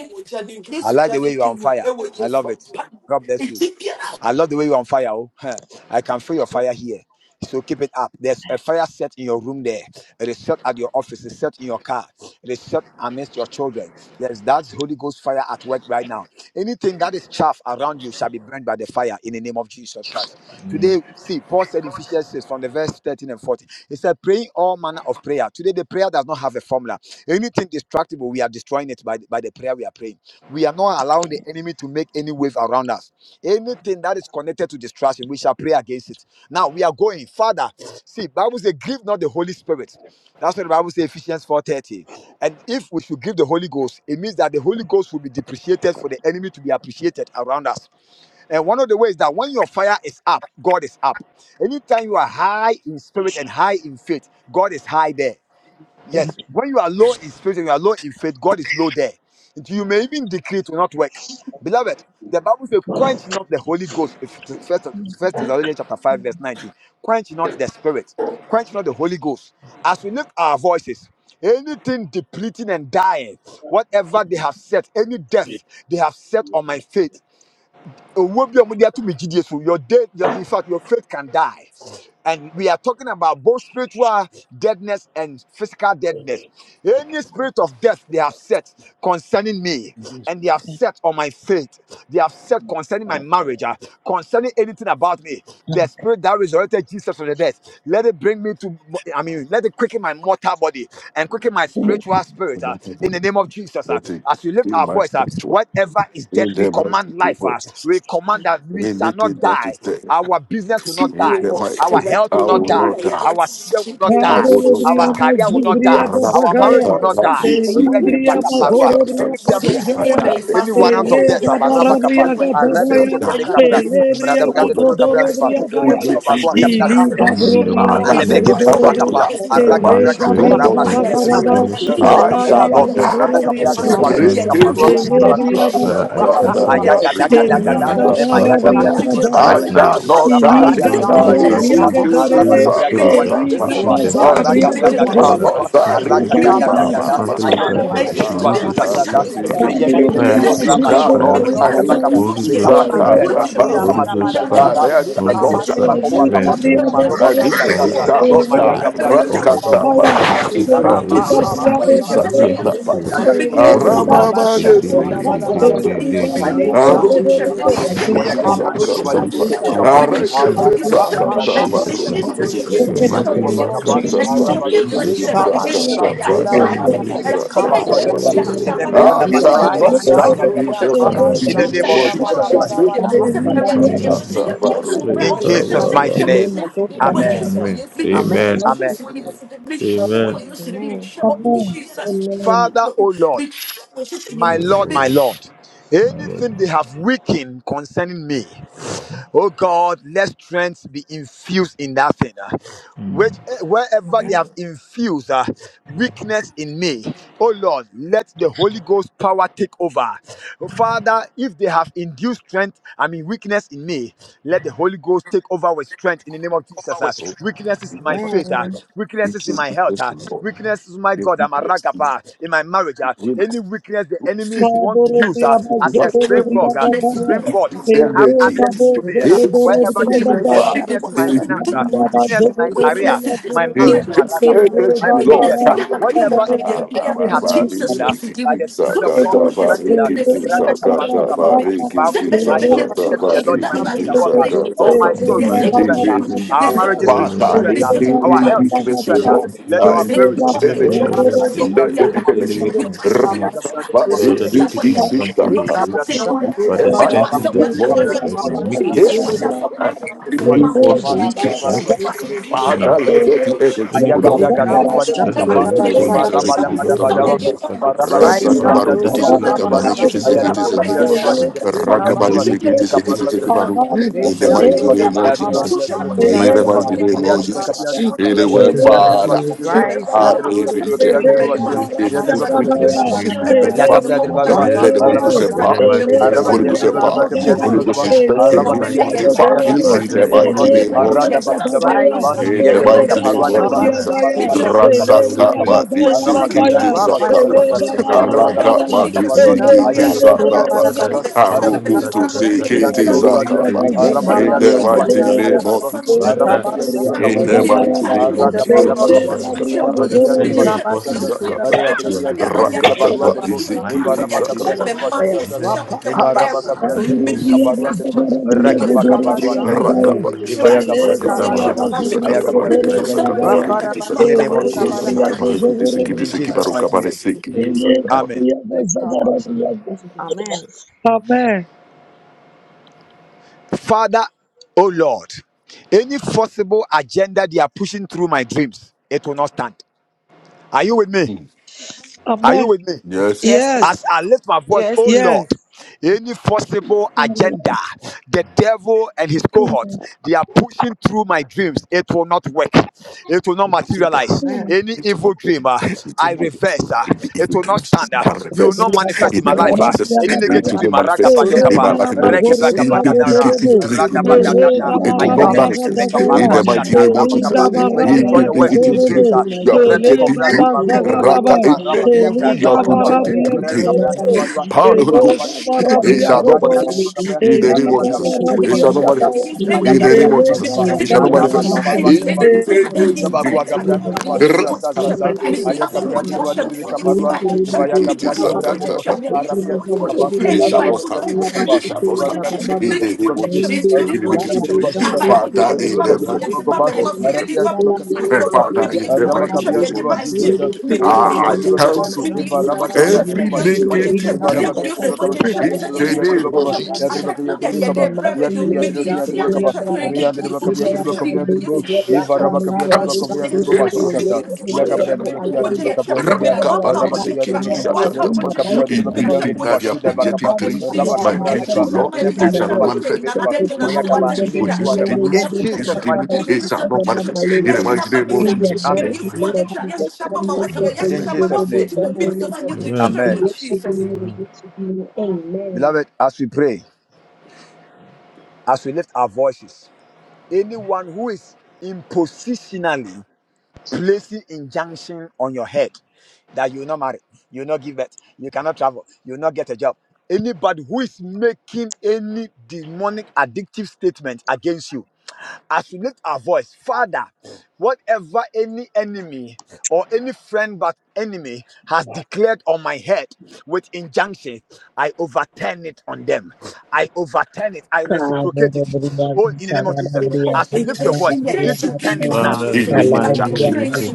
I like the way you are on fire. I love it. God bless you.
Ẹ̀wọ̀n
I love the way you're on fire. Oh. Huh. I can feel your fire here. So keep it up. There's a fire set in your room there. It is set at your office. It's set in your car. It is set amidst your children. There's that Holy Ghost fire at work right now. Anything that is chaff around you shall be burned by the fire in the name of Jesus Christ. Today, see, Paul said in Ephesians 6 from the verse 13 and 14, he said, praying all manner of prayer. Today, the prayer does not have a formula. Anything destructible, we are destroying it by, by the prayer we are praying. We are not allowing the enemy to make any wave around us. Anything that is connected to distraction, we shall pray against it. Now we are going. Father, see, Bible says, give not the Holy Spirit. That's what the Bible says, Ephesians 4:30. And if we should give the Holy Ghost, it means that the Holy Ghost will be depreciated for the enemy to be appreciated around us. And one of the ways that when your fire is up, God is up. Anytime you are high in spirit and high in faith, God is high there. Yes, when you are low in spirit and you are low in faith, God is low there. And you may even decree it will not work. Beloved, the Bible says, quench not the Holy Ghost. If it is First, First Thessalonians chapter 5, verse 19. Quench not the spirit, quench not the Holy Ghost. As we lift our voices, anything depleting and dying, whatever they have set, any death they have set on my faith. Owó bí ọmọ di ato mi jíde so, Your dead, your, in fact, your faith can die. And we are talking about both spiritual deadness and physical deadness. Any spirit of death they have set concerning me, and they have set on my faith, they have set concerning my marriage, ah, concerning anything about me. The spirit that resurrected Jesus from the death, let it bring me to, I mean, let it quicken my mortal body and quicken my spiritual spirit
In my
ah, in the
body,
name of Jesus. ah.
let it
As we lift
be
our
my
voice, uh,
spiritual.
whatever is dead,
In
we
the
command
mighty name
life.
of
uh, we
Jesus.
command that we shall not
Anything that
die.
is there.
Our business
Yes,
will not
In
die.
the mighty,
Our
name,
health
I
will not
will
die.
not die.
Our children will not
I
die.
will not
Our
die.
Raborobriama
career will not
Zubria
die. Our marriage
Gatakaya.
will
Rakata,
not die.
rakisi,
Elibria
kisi,
Rekepakaparua.
sakata,
Makorobria
Any
pa.
camp they have set,
Gatikaya.
uh,
Rakata, I
any
will
warrant
you.
of
Ele
death, uh,
Holy
barabakapa,
Gabarabria
Spirit,
uh,
Holy
not
Gatakaya.
Spirit, for the
die.
rebesotebekapra,
love of our
Jesus,
Elebria
I will
Father,
not
and the
die.
love
emradabradabrudokabradriba,
of
Makodorobria
In
our
Gaya.
the
Father.
that
We
kingdom,
Ili
are
evrebekobakwa,
thankful
In
to
the
Gabrobria
ah,
you
that
mighty
for
let
name
the
it
of
come
Jesus.
back
gift
to
Gazugodorobo.
that
Alebrekebekovakapa,
life.
all of
In
us
the
have
mighty
Any
Ele
been. We
Arakabrakato,
spirit
name
are
Gabria
of
I've
of
grateful
been
death
for the
Rabasute,
set, that
Jesus,
prayer
I've
or
Bekebe,
been
Gatakaraba.
we
any
have for the
spirit
broken,
I
gift
that
shall
I've
of our
Rebekabrakapa,
Alabria
not
that is
die.
Father.
Godorobria
Arabakabra,
that
the
is
Give
Baba,
us
Gataya.
the
assigning
strength
death
been
that
Kaparua,
we
to
Rikiki,
lack
me,
to
assigned.
Elebria
sakata,
do
Ivarabakabra,
Father,
that
It
the
I
we
will
Baba,
always
sakata,
Mazugodorobo.
cancel it
did.
Ayaga,
pa.
Daga,
In
and
Daga,
the
then
Eli
Da,
I
Thank
mighty name of
Emayaga,
dismantle
Gabarabria
it
Jesus,
Brakato, the
in the
I
Balua,
right
the
Gatakaya.
Baba,
mighty
shall
now.
name of
not
I
die.
Jesus,
Arabakapia,
Iliga
He
the
my
dismantle
shall
Balua,
name
bara
it
the
is
be
right
Esther,
Bokova,
seen
briaga
now.
and I
to
am
do
dorebe,
Any
thankful
so.
Arabakabra,
that
the
spirit
you
God,
Baba,
that
help
the
so,
is
us.
uh,
iliga
wishing
Kebekova,
baza
death
Lord,
never
I
uh,
on
work in
me,
Araga,
thank
the
Jesus
abriaga
you
name
Braga,
for
of
the
your
togoro,
Baba,
shall
Father,
gift
Jesus
not
I
Kapa,
of the
die.
Christ.
gift
cancel
He
of
it
Araga,
akara
ki-
Daga, Daga,
another.
Da,
ba,
and
ga
briaga
ba,
da,
ta,
ba,
I
dismantle
am
it
ba,
Ayeke,
right now. It
grateful.
Brakato, the
should
ba,
Baba,
lose
You
ba,
its
Susa,
ba,
will
hold
be
Sasa,
right
suffer
seen
now.
by your
to do.
Emayege,
kaburo
Any
Fire
Brakato,
briaga
sacrifice.
it
plot
should
He
of
zugo
death,
catch
shall
doro
fire
any
Rabatuata,
not
right
plot
die.
now.
briaga
of
Thank
He
ta,
ki-
Arabakapa.
sickness,
Holy
We
ki-
come
so,
Ghost
against
God,
fire.
death,
so,
iliga
uh, we
uh,
come
Holy
briaga
against
he
Ghost
death,
fire.
briaga
Mara,
shall
ta,
Holy
not
Ghost
Yedebreke
die.
fire should
Pakova
iliga
burn
Kapa,
it right
briaga
now.
Emaroba
I mean,
Zuza
dorebe,
Father,
she
Zaza,
I
shall not
cast away
die.
Emayaga
iliga
Brother,
all
briaga
the
ta
demons.
Rakatapa.
ya,
They
Kovran
should
Nerva,
stay
She
far
can
Arama
away
do
iliga
from me.
Mama,
something.
briaga zugo
Emarama
Ramsey and
Libri.
his
Rapa
doro,
Sakatapa.
crew was
Yakatura
iliga
Matusa
whatever
bara
they
ta
they
you.
Kabashato
Aramamanesi.
Gebekova,
they
da ba
they
da ba
ya,
they
da
Rabel
Jesus.
ba.
they they,
Sakatapa.
they, they
Kapranda
briaga
target me
Lejando de
with,
zugo
be
Bazinama,
de be
it
de.
Aromanesi.
should
Emia
go
Gabranda
back to
Bali
them.
Kabashato da
Sakatapa.
ba
Go
da
Kebekapa,
ba.
back to sender
Arakete.
Aranda
in
Rapa
Badanda,
Sakatapa.
Jesus' mighty
kabashato
name.
de
Rukutu.
be
She
de.
Your
In the
mighty name
name
will
Yagabrekova
of
be
Kapa,
there.
Jesus Christ.
Sakatapa.
In
Araba Lubre
Le
Jesus'
Rekiti.
Kabra
mighty name.
Sandareba,
In the
kabashato
Sakatapa.
Eva
da
mighty
ba da
name
Rama
of
ba da.
Rekiti.
Lubre
Jesus.
Le
Sakatapa.
kabashato de be
in
de
the
Oh
be de.
Menuna
I
God.
shall
Manuanema,
not
Father,
die.
you.
Aya
Lord.
Raizando
In
ya
the
Father,
mighty
In
Lord,
the
in
In
name
name
the
kabashato
of
da
of
ba da
Jesus
Jesus'
ba
name.
Christ.
Jesus.
da ba da.
In
ha.
the mighty
mighty
name of
In the name
Jesus.
of
Sakatapa.
Jesus.
Pray,
In Jesus'
Father,
mighty
Father.
name.
name of
Amen.
God.
Amen.
Amen.
Amen.
Amen.
Rukutu.
Amen.
Amen.
Thank
Amen. Amen.
Father, O Lord,
Oh,
my
my
Lord, my
Lord.
Lord,
my Lord.
anything they have weakened concerning me, Oh God, let strength be infused in that thing. uh,
Mm.
Which eh, wherever they
Amen.
have infused uh, weakness in me, oh Lord, let the Holy Ghost power take over. Father, if they have induced strength, I mean weakness in me, let the Holy Ghost take over with strength in the name of Jesus. uh, Weaknesses in my faith, uh,
Amen.
We
weaknesses in
give you
my health,
weakness
uh,
to Lord.
weaknesses, my
We give
God, I'm a
weakness to
ragapa in my marriage. uh,
Him.
Any weakness the enemies want to use uh, as a
What?
springboard. uh,
Jesus
Stream
Christ,
God
You
and have
energy.
access into
Le
me. eh,
Eh?
kabashato
Wherever there's
Remember,
da
weakness,
ba da
weakness in
they
my
ba da.
need
Le
finance,
to
ah,
do this.
weakness in my
kabashato da
career, my marriage, my
Inject
rakapa,
energy,
my
ba
progress, ah,
da
Lord.
ba da.
whatever eh, the
Father,
enemy has
in
weakened ah,
you.
by the Spirit of
Thank
God
social
which
workers,
strengthened us.
witness the loss of the enemy.
The Bible
Send
says,
them a
I shall
billion
strengthen them in
to
the Lord, in my
that
name
Jesus.
are
is shall walk. ah.
name.
happening to
Oh,
us.
my
In the
soul,
Yes, they
receive
mighty
Rekaba
don't
name
strength.
of
ah.
give up.
Jesus.
They
Our
say, "Oh,
marriages
my
Wherever
God."
I
receive
want
strength.
They
to
ah.
say, "Oh,
have
my
Our
any
God."
health
confused.
They
receive
weakness,
say,
we
strength. ah.
"Oh,
love,
my
confused.
God."
Let
uh,
They
our
say,
in
glory
"Oh, my
receive
which
If I
God."
energy,
Your first
want
sick,
let
to,
there be
yeah.
there's any
energy.
weakness in
you.
me,
Father,
rather
strength.
they've taken
Thank
advantage of the weakness.
shantu da
Rather
da da,
strengthen that weakness right now.
rekaba
Make it
shantu
strong.
da da da,
Reinforce the
rekaba
weakness to make it
shantu da
strong.
da da,
now.
let there be energy,
Any
Aya
good
part
Lord.
gabra
of me
gadere
Likaba
baba libre
that is a
kapa
shantura
Christ's
weak
name
e
on
link
this
barabara
marra
already
that's
bada
uh,
do not
bada
shantura
using
bada
abaru.
ba
this
berebe.
into
e
targeting.
marra bada
Rai
Rasa
libre
Father,
kapya
kabaru
that,
libre
kutu
baba
shanturia
that
şu
weak
sakata
kaba
link,
zabana
barekete
aya
shantura
strengthen
sekete
it
libre
and
kapya
make it
sekeba.
libre baba
barabara.
strong.
libre aya
Likaba
Make
libre
the
Rakabani
baba şu
weak
libre
sekete
link
shantura
a
kapa
very
sekete
berebe.
libre
strong
sekebaru.
link.
libre
Dei
In
Let
libre
the
the
libre
weak
mighty
kapa
shantura
name
and let
of
aya libre
the
bakaba
bigger
Jesus.
kapya
children in
In
the
shantura
libre kapya libre
the
mighty
kapa
name
mighty
of
barabara.
name
aya
Jesus.
of
libre
Jesus.
Likaba
Jesus.
kapya libre kapa
shantura
Anywhere,
If
berebe.
yan
I
libre baba
Father,
şu
pray
libre kapa
Rai
aya
heart
libre
you.
is
shantura
kapya libre
berebe
kapya
reject.
Ele
berebe.
in Jesus'
It's
yan
name.
Likaba
Gabriel
libre
put
baba
the
şu
shantura
Mighty
weakness.
name of
Let
barabara.
Jesus.
Father,
Yakabla
In
Dirbagaba,
Rapa
Jesus'
let the Holy
name.
kaba
Araba
Ghost
Godorobo,
In
empower.
the
Dirbaka,
shantura
mighty
ele
berebe
name
Araba
Holy
of
berebe.
Ghost
gabria
Jesus.
Dirbakaba,
Likaba
empower.
In
Kabia
gadaya,
Holy
Jesus'
shantura
Ghost
Dirbakaba,
name.
barabara.
In
ele
instructed
the
Araba
me.
mighty
Kabia
gabria
name of
Fortify
Jesus.
Dirbakabia
me
Likaba
Dirba
godorobo,
in the
Father,
shantura
any
Sudribikaba,
mighty
ele
weak
berebe.
name
link.
of
Arada
gabria
Jesus.
Badu Dabadu
gadaya,
Rise
Daba,
and
In
any
do
the
the
Yagabra
ele
any
mighty
bit.
Kaparwa
name
aspect of
of
Dirba,
my
gabarabia
life
Kabashan
gadaya,
Jesus,
to the
that
Evaraba
is
bada.
seen
ele
as
Dirbakabia
a
Rasaka
weak
bria
link,
Dirbakaba,
Mati
gadaya
that is
Araba
seen
Kabran
gadaya,
Sikiti
as a,
Dirba
Sakapa,
ele
Rapashan
Zuzaza,
as,
to the
as a
Araba
weakness
bit.
Kabia
Araka
gabarabaraba,
that they
Mati
Jesus,
Dirbakaparwa,
can
ele
use to
Aya
Sikiti
Likabashan
Mr.
briaba
target me.
to
Sana,
the
Dirbakabia
Sakapa,
Mr.
bada
Father,
Sana,
godorobo,
Dirbakaba,
bada.
Mr.
Araba
Sana,
strengthen
Aruku
Mr.
that,
to
Kabia
Likabashan
that,
Sana,
that
to
Dirbakabia
the
weak
Sikiti
Dirbo
link.
ele
bit.
Make
bria
the
Sakapa,
weak link a
gadaya
very
in
Yadra,
the
in
bria
strong
Likabashan to
link
mighty
the
right now.
name
bada
godorobo,
bada.
of Jesus,
ele
Father,
gabria
Likabashan
take
to
in
the
away
the
bit.
that weak
mighty
gadaya,
link
name
In
and
of
the
make it
name
a
Jesus,
of
ele
stronger
Jesus
link.
Christ.
gabria
Sakapa,
Father, send
godorobo.
Sikiti
Likabashan
reinforcements to
to
it
the
Sakapa,
bada bada.
so that they cannot get
Rakata
closer to
Mati
me. In the
Likabashan to
mighty
the
Sikiti
name of Jesus.
bada
Sakapa,
In
bada.
Jesus' mighty name. In the
Rapakabashan to
mighty
the bit.
name
Aburubria
of Jesus. In
Gazagarabria
Jesus' mighty name. Really,
Rakapa
Lekabashantudeberebe.
really.
sikiti sakata
Recover,
parikiti
Baba.
sakata
Lekabashantudeberebe.
Mighty
parikiti sakata
name.
parikiti
the
sakata
name of
parikutu
Jesus
Jesus
sakata
Rapadabashantudabarabara.
Christ,
mighty
parikiti
name.
sikiti
in
siki
Jesus'
baruka
mighty
pare
name,
Jesus.
Kabashantude.
sikiti
Jesus
sakata.
Amen.
mighty
Lekabas- Amen.
Amen.
Father, oh Lord, any forcible agenda they are pushing through my dreams, it will not stand. Are you with me? Are
Amen.
you with me?
Yes.
Yes,
Yes.
please.
as I lift my voice,
Yes,
oh
please.
Yes.
Lord, any forcible agenda, the devil and his cohorts,
Amen.
they are pushing through my dreams. It will not work. It will not
Oh my God.
materialize.
Amen.
Any
It will
evil
not get.
dream, uh,
It will
I
not get.
reverse. uh,
In the
it
evil
will not
dreams
stand. uh,
are
you
Ele
will not
reversed.
manifest
In
in my
the name
life.
of
uh,
Jesus,
any
it
negative
will
dream,
not
uh,
manifest in
ragabayokapa,
my life. In the
Lekabashantudabarabara.
name of Jesus, in the
regebagabagadara,
negative dreams,
Lekabashantudeberebe.
Madosha
radabadadada,
it will
Bavara
not manifest.
Vasunti
In
ayekebrekebekaparua
the mighty
Yamamama.
shata,
name
Lekabashantudabarabara.
of Jesus,
Anything
rabakapa.
who
we
has
in
destroy
done
the
your
that we
works
are
in the
negative dream,
pushing
dreams. uh.
through
Lekabashantudeberebe.
more
you are
thing
Rebe
that
projecting
kovrata
keeping
through.
through more
paruata.
area
Raka
of
Ema
in
our
the
life.
rabaduata
evil, you
It
are
will
rabakapa.
never
projecting
work.
through
It
Embrel
will
kabra
dreams.
never work. It
derbalua.
In the
will
Power of
name
the
of
Holy
never
Eva
work.
Jesus.
rabali
Ghost,
It
kaba.
will
it
never
shall not
work.
Ragia
I will
manifest.
be
dermakapa.
sick
In
for
the name of
Araba
children
Lekabasantudabadabada.
like
Jesus,
kabia
a
Mediation, what
it
baby
shall
you
not
trip,
mama.
derbasuzasa.
manifest.
mediation,
Ema
In
ya
the
what
In
you
the
most
gabra
name
trip,
of Jesus,
derbakapa.
beautiful of
it shall
the
not
Ladies
Araba
manifest.
baby mama
kaparua
In
mama.
terba.
the
In the
negative
Yabagua
mighty
gabra
name of Jesus.
dreams.
derbasuzasa
I
It
will
sasa.
break
Aya gabra
the
derbali
Name
kaparua.
Selena
Eva ya
Bull,
gabra
Chapa
gabra
Baba,
derba. Arabia
Exceleva,
derbakapa.
shall
Araba
not
Exceleva,
kabia
stand.
Taraba,
It
derbakapa.
shall not
Sikila,
stand.
Varia derba
Baba,
In
kabia
the name
derba
of
kabia.
Jesus,
Rende,
in
Araba
the
kabia
Braga,
negative dream,
Dosha, Baba,
derbasuzasa.
Father,
Arabia
in
derba
the
Sikila,
kabia
Baba,
mighty
derba
name
kaba.
of
Shamama,
Jesus, Eh,
Yele,
Father, in
Madrisha,
the
Araba
Baba,
mighty
driba
name
Baba,
of
dirba
Jesus,
susaza.
Rita,
I,
Kaya,
Aya
Braga,
kapıya
I
dirba
Dosha,
kaba.
cancel
Mama,
Eva
Mama,
raba
and
kapıya
yet
dirba
every
to be
başı dirba.
In my
negative
Eva raba
dream
Papa,
kapıya
mediation,
dirba
what
kaba.
you
Sikila,
Ya
in
trip,
Baba,
dirba
the
yesu
kapıya
wo
Baba,
dirba
name of
kaba.
Sikila,
twetwe
Ya
Jesus.
Mama,
dirba
pata
kapıya
na
dirba
ye
in the
kaba.
de bra
mighty
me
Ya dirba
name
ya
me
of
di
dirba ya
yesu
Jesus,
wo
dirba
Kila,
kaba.
twetwe
and
Baba,
me
Riya
di yesu
dirba
wo
kapıya dirba
Yahweh,
twetwe me
the
gentlemen,
kapıya
di
Lord, the
dirba.
Lord is
yesu
Eva
wo
raba
coming,
kapıya
Lord
driba
is
Cancel.
twetwe
kapıya
me di
coming,
dirba
yesu
that
wo
başı
twetwe
will
me
yet
di
susaza.
to
yesu wo
Ya
do
twetwe
kapıya dirba
me
every
di
kapıya
wo
agenda
dirba kapıya
twetwe sa me
dirba.
de
whatever
wa
they
pa
Raba
wo
plans, it
kapıya
twetwe
will
dirba kaba.
never
wa
work
ta
Ya
in
wo
Rakapadisikitisakatapa.
dirba
the mighty
twetwe
kapıya dirba
me
name of
kapıya
twetwe
Anything
wo
dirba
Jesus,
that they are
yesu
başı dirba
because
wo
projecting
a
kaba.
that
pe si
dream,
leads
si
to
Raba
my
ye
nothing
kapıya
greater
dreams
ye
dirba.
will
than
sa
that
Lord,
ma
is
di
İne
in
bira
it
yesu
the
dirba
shall
sa
not
ma
world.
başı dirba
twetwe na
manifest.
So
na
to
kaba.
de na
Reduce
na
Ya
portfolio
it,
wo
will
kaba.
the
İne
twetwe na
reduce
in
the
me
mekuanda
di
ba.
Amen.
the
demon,
In
yesu
Mother
wo
reduce
Jesus
the
twetwe
mighty
me
Shababa
name.
di
it shall
Sita
yesu wo
not
twetwe
manifest. In the
yesu
Legadi
sa
mighty
ma
name
me
of
in
sa
the
Jesus.
me di
Amen.
mighty
yesu wo
name of
twetwe
Jesus.
yesu sa ma
And
ma
the
wo twetwe yesu
In
portfolio
Amen.
sa ma
will
wo
go
Jesus
to
name.
twetwe me
Sunday Baba.
name.
di yesu
Amen.
We
Amen.
wo
yet to
twetwe
do, we
Amen.
yet to do. Amen.
Beloved, as we pray, as we lift our voices, anyone who is impositionally placing injunction on your head that you will not marry, you will not give birth, you cannot travel, you will not get a job. Anybody who is making any demonic addictive statement against you, as we lift our voice, Father, whatever any enemy or any friend but enemy has declared on my head with injunctions, I overturn it on them. I overturn it. I reciprocate it. Oh, in the name of Jesus. As you lift your voice, begin to turn it now.
Father, in
In
the
the
mighty name of
injection
Jesus,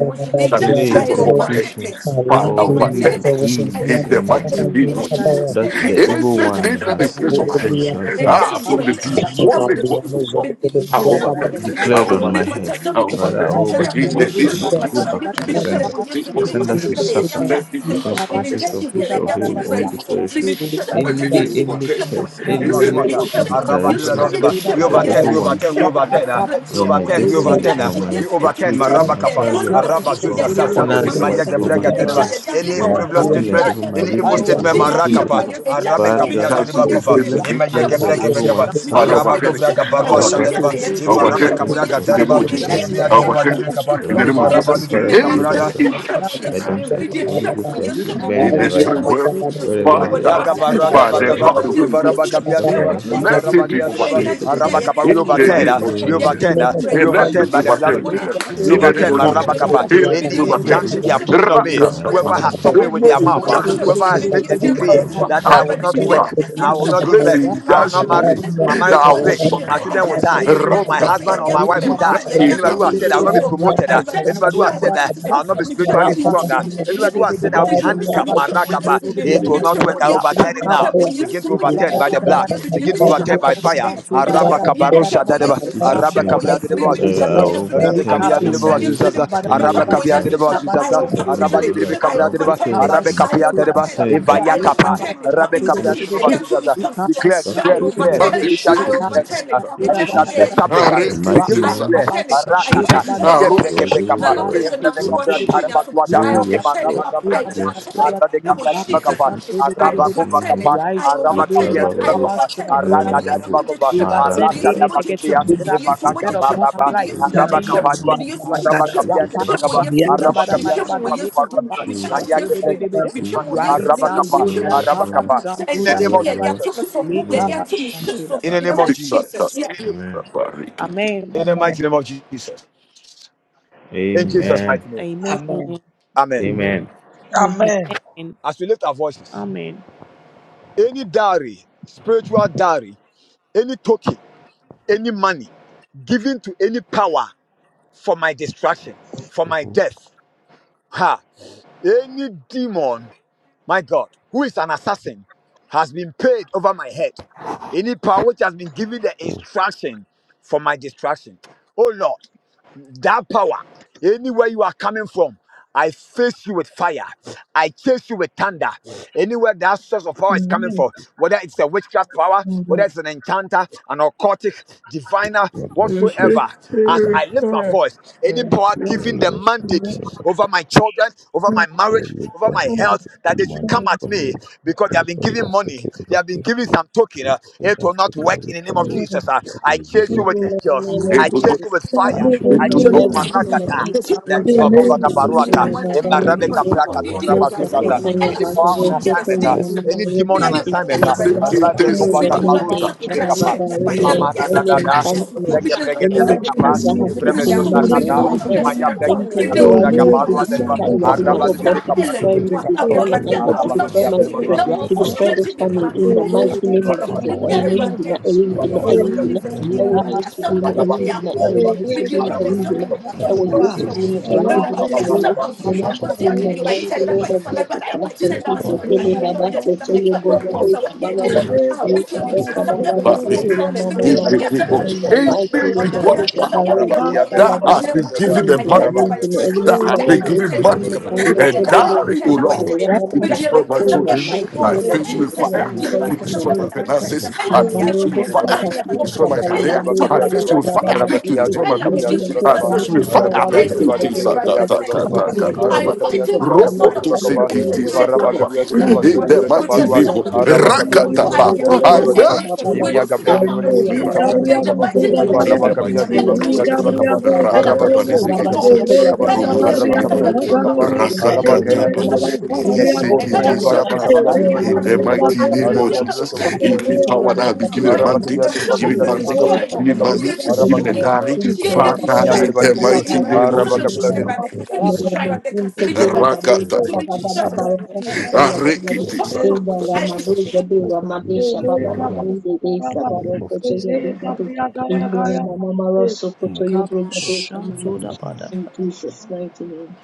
that they
any
place upon my head,
incantation
Father,
or any
overturn it.
decrees
In the
and
mighty
Every
name
uh,
of
record it
Jesus.
that
is placed
the
on
evil
my head,
Anything
one
that they
has
place
seeing
on my
out
head,
of
has
my
has has
rebuke,
ah, from the
cover,
has
struck through
demonic
the
world, Lord, I
Treated them by
overturn
the
it.
blood
I
of
declared on my
overturn
Jesus
head.
it. I
Christ. You
Father, I
overturn it.
cover,
In
struck
overturn
the name
it
the
and
of
bada
it
Jesus.
will go
bada
back to
bada,
the
you
sender.
cover,
The
Let
the
sender should
bada bada.
suffer
Yes,
it
the
You
be
cover,
overtaken
consequences of
struck
his
the
or
bada
in
her
the
bada
own
name
bada,
of
struck
declaration.
Jesus.
with the bada
Let
bada
it
Any
be
bada.
any
overtaken
You
curse,
come
in
About
the
the
any
what?
name
bada,
uh,
of
you
Jesus.
cover,
And
Arabaluya
declarations
Deniba.
after that,
We
of the
bada
overturn,
bada.
evil
we
one
overturn, we
Rapa
overturn, uh,
cover,
we
over my
overturn, we
destiny,
overturn, uh,
over my
we overturn,
fertility,
Maraba
my
Kappa,
you
childhood,
come and
Araba
shine
over
Zuza
my
through
I
the
Sasa,
got
light.
to read
You
the
make
mic
finances,
Imayaga
in
over
the
my
name
Braga
of
negativity that
Deniba.
I
marriage,
Jesus.
Any
over
share
my
frivolous
In the
upon
name of
my
happiness,
statement,
life.
Jesus.
over my
any
I
evil
riches,
overcome
over
statement,
my project.
them
Marakapa,
by the blood
Arabe
of
Kapia
Father,
Jesus
Chelsea,
Teniba
Christ.
they
Kofa,
played the
let,
Ya
beat.
let
Imayaga
the
come
Braga
and
evil
Bekaba,
one
shine
Yes,
through
Father,
the
suffer,
Araba
overturn it.
light.
Kofraga
I
Barua
Then
suffer
overturn it.
Shadeba,
shine through
I
the
the
Ivaraba
light.
overturn it.
You
consequences
Kabraga
of
In the
Come
his
name
Deniba,
or
and
of
her
shine
Jesus.
own
through
Ibia
I
the light.
Deniba
incantation.
overturn
Libri
it.
Kappa,
In
Ya
the name
Ramsey
of
ta
and co.
Ivaraba
Jesus.
Father,
Libri
through
should
the
let them
Kaprada,
Amen.
light.
suffer.
You Come and
Injunction.
Let them
shine through
suffer.
the
Holy
light.
Ghost, Father,
You
should
come and shine through the
burn
in
them
the
right
spirit
now.
world.
Wherever
Father,
light.
they
Ya ta
are, they
come
should
Yagabara
and
by
daba
suffer
the
shine
right
through
daba,
power of the
now.
the
Holy
light.
Ivaraba
Ghost,
They should
Gabia
Let
suffer
deba,
come
right now.
and
let
shine
it
Ivaraba
through
be
In
deba,
the
overturned
light.
Jesus'
Let
Araba
name.
come and
we
shine
in
In the
the
overturn,
name
uh,
mighty
through
of
the
we
light.
name of Jesus.
Jesus.
overturn, uh, we
And
In
let
overturn
it be
by the
Jesus'
blood
Rapa
of
name.
overturned
Jesus.
In the
We
in the
mighty
name
overturn,
of
name
marabakapa.
of
Jesus.
Jesus.
And let
Yes,
it
any
be
In
overturned.
Jesus'
injunction they
name.
are putting on
In
me,
the mighty
whoever
Rakata.
name
has
of
In
stopped
Jesus.
me with
the
their mouth, uh, whoever
injustice,
Jesus'
has
name.
made a
In the
decree
mighty
whoever
that
name of
I
Jesus.
will
has
not
his
work,
mouth
I will
to
not give
place an
birth, I will not
injunction on
marry,
me
my
that
marriage
I
will
will
break, my children
suffer.
will die, oh, my husband or my
Rakata.
wife will
That
die.
is
Anybody
how
who has said
it
I
is.
will not be promoted, uh, anybody who has said that I will not be spiritually stronger, anybody who has said I will be handicapped, my rakapa, it will not work. I overturn it now. Begin to overturn by the blood the blood. Begin to overturn
I
by
overturn
fire.
Likabasha
it.
to
I
the
Araba
bada
overturn it.
bada bada.
kabarusha
bada
dadeba.
Jesus
Araba
name,
Likabasha to
kabriadreba
the
that
bidi
I
bidi.
wazuzaza. Araba
overturn
kabriadreba
Likabasha
any
to the
wazuzaza.
bada
any
bada.
Araba
evil
bada
kabriadreba
plans of
Likabasha
wazuzaza.
the
to
devil
the
on
Araba
my
bidi
libribe
bidi.
life. I
I
kabriadreba.
overturn
overturn
it.
it
Araba
and,
Likabasha to the
and
kabriadreba.
bada
send it
bada. bada
back
Evaya
I
to
overturn
the
it.
kapa.
sender. I
Araba
In
send it
just
kabriadreba
there,
Likabashantudabadabadabada, likabashantudibidibidi, bada
there
straight.
to me
wazuzaza. Declare,
That's the
I
declare,
reason
declare.
that
That
in
overturn
likabashantudibidibidi,
it.
You
is
shall
it.
I
It
Jesus'
decree a
name,
is.
overturn
sinner
it.
That.
in
In
and it
just
shall
there,
be
there
Jesus'
likabashantudabadabadabada,
name,
to
the
great.
established.
likabashantudibidibidi,
So
mighty
Begin to
I
name
declare.
overturn it.
of
I in
likabashantudibidibidi,
Arakata.
Jesus, in Jesus'
just
bada
name,
there,
Ye
there
bada.
Karo
to
oh
peke
great.
you
peka
Now
pa.
I'm going
seke
Lord,
likabashantudibidibidi,
Evre
to
me
you
kitsa
oh
what
kovra
ta,
you
will
junior.
Jesus,
taraba tuata.
I
oh
overturn
yes
Ema
overturn it.
raba
Lord,
gabra
I
de lima.
yes
overturn
Lord,
it.
Arra de
It
in
will
kabra de lima
Jesus'
Jesus
kapa.
name,
name.
the
I
Araba
mighty
kova
name
overturn
of
it.
Jesus,
kapa.
I
we
Araba
overturn
kapia
cover
it.
de lima
I
we
kapa.
overturn it.
Arra
never
gada
Medius
we
raba
moja
kova.
trip.
Arra
attend
Medius
sada
any
Maragada,
moja trip.
bagudia.
in
negativity that has
Eva
Medius
Jesus'
been
raga
set
moja
ba
name,
trip.
upon
ba
our
ba.
life in
in
Medius
the
moja
Araba
name
Jesus'
trip.
of
name,
kapadua.
Jesus
Medius
Christ.
moja
Araba
trip.
kapia
Jesus,
de lima
thank
Michemo
kapa.
yesudim.
Araba kapia de
Jesus
Michemo
lima
Christ.
kapa. Rua
yesudim.
de lima.
Michemo
Jesus
Aya
Christ.
gebre
yesudim.
gebra
Yapashatudabadabadabadalekabashatudibidibidi.
de lima.
Michemo
Jesus Christ.
Rise
yesudim.
Araba
and
Oh,
kapa.
do the
Michemo
Lord.
Araba
Oh,
kapa.
yesudim. And
In the
just
name of
yeah, they
akabashantudabadabada.
are
Lord.
to
Jesus.
the
In
so
the
yeah, they
name
are
of
to the
Jesus.
so.
In the
Lekabashantudaba.
It
name of
was
kitsa ta,
Jesus.
Jesus. Yeah.
ta,
Amen.
ta, riki.
Amen.
In the mighty name of Jesus. In Jesus'
Amen.
Amen.
mighty name.
Amen.
Amen.
Amen.
Amen.
Amen.
Amen.
As we lift our voices.
Amen.
any dowry, spiritual dowry, any token, any money given to any power for my destruction, for my
Mm-hmm.
death. Ha! Any demon, my God, who is an assassin, has been paid over my head. Any power which has been given the
Oh,
instruction for my destruction. Oh Lord, that power. Anywhere you are coming from, I face you with fire. I chase you with thunder. Anywhere that source of power is coming
Amen.
from, whether it's a witchcraft power, whether
Amen.
it's an enchanter, an occultic, diviner,
Lord Jesus,
Mm.
whatsoever,
thank you,
as
Father.
I
Thank you,
lift my
Father.
voice, any
Oh,
power
Thank you,
giving
Holy
the
Ghost. Thank you,
mandate
Holy Ghost.
over
Thank
my children, over
you,
my
Father.
marriage, over my
Anybody who
Amen.
has
health, that they
taken
should
money
come at
from
me
me,
because they have been
anybody who
giving
has
money,
taken
they
any
have been
gift,
giving
and
some token. uh,
anything
it
that
will
has
not
taken
work
away
in the name
from
of
me,
Amen.
Jesus. uh.
that they
I
are
chase
using
you
it
with
against
angels,
me,
Amen.
Amen.
I
Eto
Amen.
do,
whoever
chase you with
fire
fire.
should
In
I
eto
the
face
do,
choose
your
mighty
Holy Ghost
name of
fire.
Marakata.
I
Jesus, in
want you
the
to
Whoever
name of
who
sou
is
Jesus,
que
in
Bradibagovagabaruata,
the
trying to
name
do evil
of
Emarabeka
to
Jesus,
me
Prakato
what
Right,
I'm
make
doing
a
good to
Rabazuzaza,
fire,
good,
the
your
any
person
Tapas,
mother,
power on
your
Mm.
elas
sister,
assignment,
your
good, good,
uh,
good,
and
good,
mama,
mesmo,
any
your
demon
mas
on
and
eu
sister,
até
assignment,
essa
your
evil
baba.
Yes,
to
seke
pessoa.
that
Lord.
tesa
No
person,
Because
Yes,
what
therefore,
is
ta.
Lord.
remedy,
Rabekovagabarushi
up
de
Yes,
crash
Baba,
Bekapa,
Because
Lord.
don't
any
what
let the
is
any
up
person even
Emamananada,
crash Because
Yes,
enchantment,
see.
what
Rege
Lord.
Brege
any
de
is
or
up crash The
see
witchcraft
Bekapa,
that
me
has
source
and
of
my
taken
family
money on
Evrebezuzaza,
Mm.
anywhere.
my head.
the
Emaya
spirit
Father,
Brege
Any
With
people
Brega
grant
do
them
Try
who
when
Braga
they
the
believes to
Parua,
be
warriors
see me,
sicker,
let them
to
be
do
Iradina,
what
Who's
you
panicked.
want
Arabalu
that
to
to
make it
Let
Ellen?
destroy
work.
them
me,
start
I
destroy
Bekaparua,
put
my
talking
the
about
husband, to
I
house
Jesus
Arabalu
of
destroy
don't
my
want to be a
straightening
children,
Diaberbadua,
because
matter
Now we're
let
to
for
your
destroy this
Jesus
I don't want to
straightening
be a
to
family.
Ellen
In
start
the
sexy.
mighty
attacking
name
them
of
one
To
by
Jesus,
me
one
I
that
in this.
ring,
is
I ring,
And they
Maybe
I
exposing
have
yes,
the
with
ring,
strength to
the
Jesus, we
fight
choose
ɛwɔ
every
against
back.
Thank
yesu
Yes,
the
din
some
mu
that may
enemies.
ɛyɛ
total
be at
nnyina
They
war
have
ɛwɔ
the
with it.
strength
yesu
to
Make
din
it
mu
rather
ɛyɛ
some
nnyina
that may be
motherfucking
fight
ɛwɔ
at war.
against
yesu
Arabaki
one
din
one.
mu
citizen.
Let
ɛyɛ
it
And
nnyina
rock
be
ɛwɔ
is some
yesu
of the
din mu
truth.
pressure from
But the
our
in the
enemy by
mighty
tender
name
enemy
Jesus.
by
of
over
fire. But
jesus
the enemy by
to
after
tender by
people
destroy
fire.
good,
And
kele
our
good,
the enemy
baba
by tender
soto
by
yo
good,
fire. But
our
bobo
the
enemy.
enemy by
Baba,
tender by
Or
baba
fire.
good,
let
I will
we can
tell
at
you
least
besa
right,
some
fight
yeah,
of
baba ba
your
But
some
to
sito
of
he-
your me
mama
he-
mama
tell
he-
you
he
some
cover the
of your
Holy
wants
in the
Ghost
any
fight
walk
mighty
through on
that
name
that
of jesus
demonic
is
your some
power
of
baro
your
and
walk
the
dosha
that
baba
me
has
ba
tell
been
you
Rebasuza,
given
ɛyɛ
some
the
like
nnyina ɛyɛ
ten
money,
Arabaki,
by
nnyina
five
ɛyɛ
Arabaki,
so
that
so
nnyina
has
destroy
ten
been
by
them.
ɛwɔ yesu
my
given
Let them
din
be
God.
mu
Arabaki,
money,
Uh,
what
kando
ten
and
sho
Arabaki,
bobo bo
dying, oh
by
sito
victim of
ten
ya
Lord,
good, good,
mama
to
me
mama
tell
the
destroy
you
my
enemy.
in
good,
some of
the
children.
good,
your
mighty
And
I
walk
not
Jesus.
name of
some
face
Kabasha to the bada basha to the
my-
of
you
jesus
with
your
ɛyɛ
some
This
fire.
of your
is
To
turn
nothing.
destroy
nnyina ɛyɛ
my
nnyina
ten
finances.
around.
This
I
is
face
nothing.
you
by
Ambarobo
with
some of
Arabaki,
fire.
saka
your
To
siki
walk
destroy my
saka
Kapiyatirba
and let
career.
me
kiriba
lebado
tell
I
you
sana
you.
face
kapiyatirba
some
you with
baba
of your
fire.
baba
araba
walk
To
siki.
destroy my
and
kiyatirba
let
We
me
are
ministry.
give
doing
you
kapiyatirba
good
I
some
for
of
kapa
me
face you
to
with
your
be
araba
walk
fire.
our
I
bada
say
bada,
kiyatirba
strength. We are
lire
doing
kebe
everybody
good for
kaba kapa
fighting
say
against
I
the
araba
fight
soldiers,
with
kapiyatirba
oh
the sword
Lord,
of
kapiyatirba
the
fighting
Eli
spirit.
kapa
against my
I fight
varaba
soldiers.
Rokotosikikisakaba.
kapiyatirba
When We
In
will
the
vasutirba
yes
it
to
with
do,
the
mighty
kaparwa
we
name
are
sword
of
of
doing
araba
yes
the
to do,
spirit.
the
kapiyatirba
I fight
Rakataba.
private, we
kapiyatirba
would
I
you
do
nibadiba
angry
search with
Sababa.
with the
eviya
sword
fire.
When
of
kapiyatirba
the
lire
we are doing good
kebe
for baba baba. Wendy Abaraga
spirit. In
kapiyatirba
Rakataba.
the
Sin
Gabriada
kapa
mighty name of
Telegiri
In
Jesus,
Zagabaya,
varaba
the
Katin
mighty name
and
kapiyatirba
Tele
of
of
Eli
Jesus.
the
Majin
kapiyatirba kapa
disease,
Gabriado
Tele
and of
araba
Baba
the
Rakataba
Zogorobo,
soul, and
kapiyatirba
Baba
of
nisikitisa.
Sita
Ele
kapiyatirba kapa
Yabaga
Roma
the
araba
Dirka
that's
Gabarabriaga
a
Mama
nisikibaru.
good
kapiyatirba
Sin
kapa
about
Zagaraba,
Tele
And
araba
Baba
I'm
Ele
dealing
Rasakataba.
with
kayandirba
Mama
Gaba
something
lire kebe
about
in the
you.
Zagariaga
kapiyatirba
And
mighty
I'm
Baya,
name of
dealing
varaba
with
Jesus.
Nisikitisakaba.
Ele
something
kapiyatirba
In
Ambiru
about
lire
the
kebe
you.
Gabriaba
kapa
Mumu
mighty
I
Goya,
name
feel
araba
of
the
yatirba
other
Jesus.
that
In
Ele
the
rejects so
Ramakuteya
power
and
that
kapa
has been
Gabriaba
given
destroy
a
it.
Bhagavata
Arabakabia
Baya,
And
Talk
mandate,
someone
given
something,
Bakabia
Matsintele
is
mandate,
Ele
Bakabia
destroying
Bhagavata
them.
given
Bakaba
Mama
money,
You're
Gabarabriaga
you
in
know,
given
the
a
Arabakabia
them.
much
Zagorobo,
carry.
Yeah,
Matsintele
you're
Ele
Father,
you
in
destroying
Gaba
them.
Bhagavata
the
May
Yatribalibi
mighty
your
Bhagavata
Thank
body
name
you
of
for the
something
Matsintele
Arabakabia
Jesus.
blessing
good
that
and
you
Mama
rather
blessed
and
Zagaraba.
me
Mira
destroy
with.
Matsinte
May
We are
your
Kiri
body
grateful,
something
Lord
Babisha
good to
Rakataba.
Jesus.
me
Baba
Thank
Baba
you how- for your breath.
Barakasiteya
I
Bhagavi
Arikiti
Blessing
destroy
us.
in the
you.
sakata
Thank
I
you
Ramadu
for
destroy you.
Gabi
protecting us, Father. We
Ramadesha
receive
Baba
long life.
Bahinde
In
Desa
the name
Bhagavata
of Jesus.
Bhagavi
Thank you,
in
Father. Thank
the
you, Lord.
Ramama
Gabriel,
Rosso
In my
Kotoyo
prayer.
Bhagavesha Mama
Amen.
in
We
Jesus'
come
mighty name.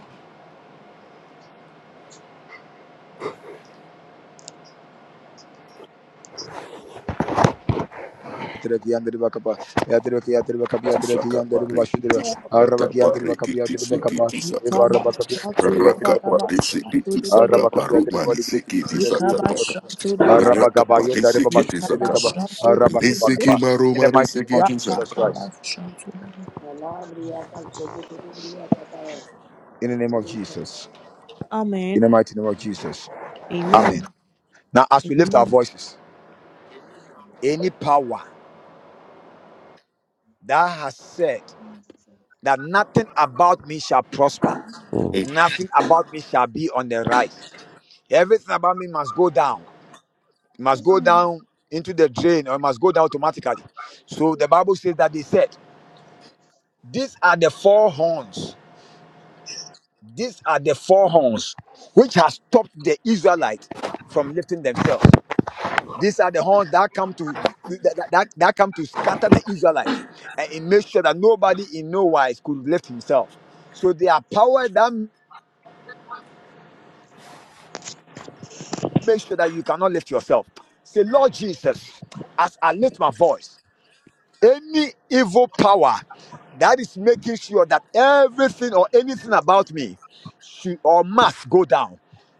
Tereki and the Bakapa Yatreki Yatribakabia
kiti
Tereki and the
sakapa rikiti
Bashidra
sakata
Arabaki and the Bakabia
parikiti
Bakapa
sikiti sakapa
Evarabakabia
Kabasha
Bakabia Bakabia
rakapati
to
sikiti
the bada
sakapa
Arabakabia
bada.
rumani sikiti
Tereki
sakata
Bakapa
Likabashantudabarabara.
Arabakabayo
rakapati sikiti
Tarabashu
sakapa
Rebekaba
Likabashantudibidibidi.
nisiki
Arabakabakaba. In the
marumani
mighty name of
sikiti
Jesus
sakapa.
Christ.
Rapakabashantudaba.
before you,
In the
this once
name of Jesus. In the
Amen.
mighty name of Jesus. Amen.
Amen.
Now, as we lift our
Amen.
voices, any power That has said that nothing about me shall prosper,
Hey,
Oh,
nothing about me shall be on the rise. Everything about me must go down, It must go down into the drain, or it must go down automatically. So the Bible says that they said, These are the four horns, these are the four horns which has stopped the Israelites from lifting themselves. These are the horns that come to that, that, that come to scatter the Israelites and it made sure that nobody in no wise could lift himself. So there are power that Make sure that you cannot lift yourself. Say, Lord Jesus, as I lift my voice, any evil power that is making sure that everything or anything about me should or must go down.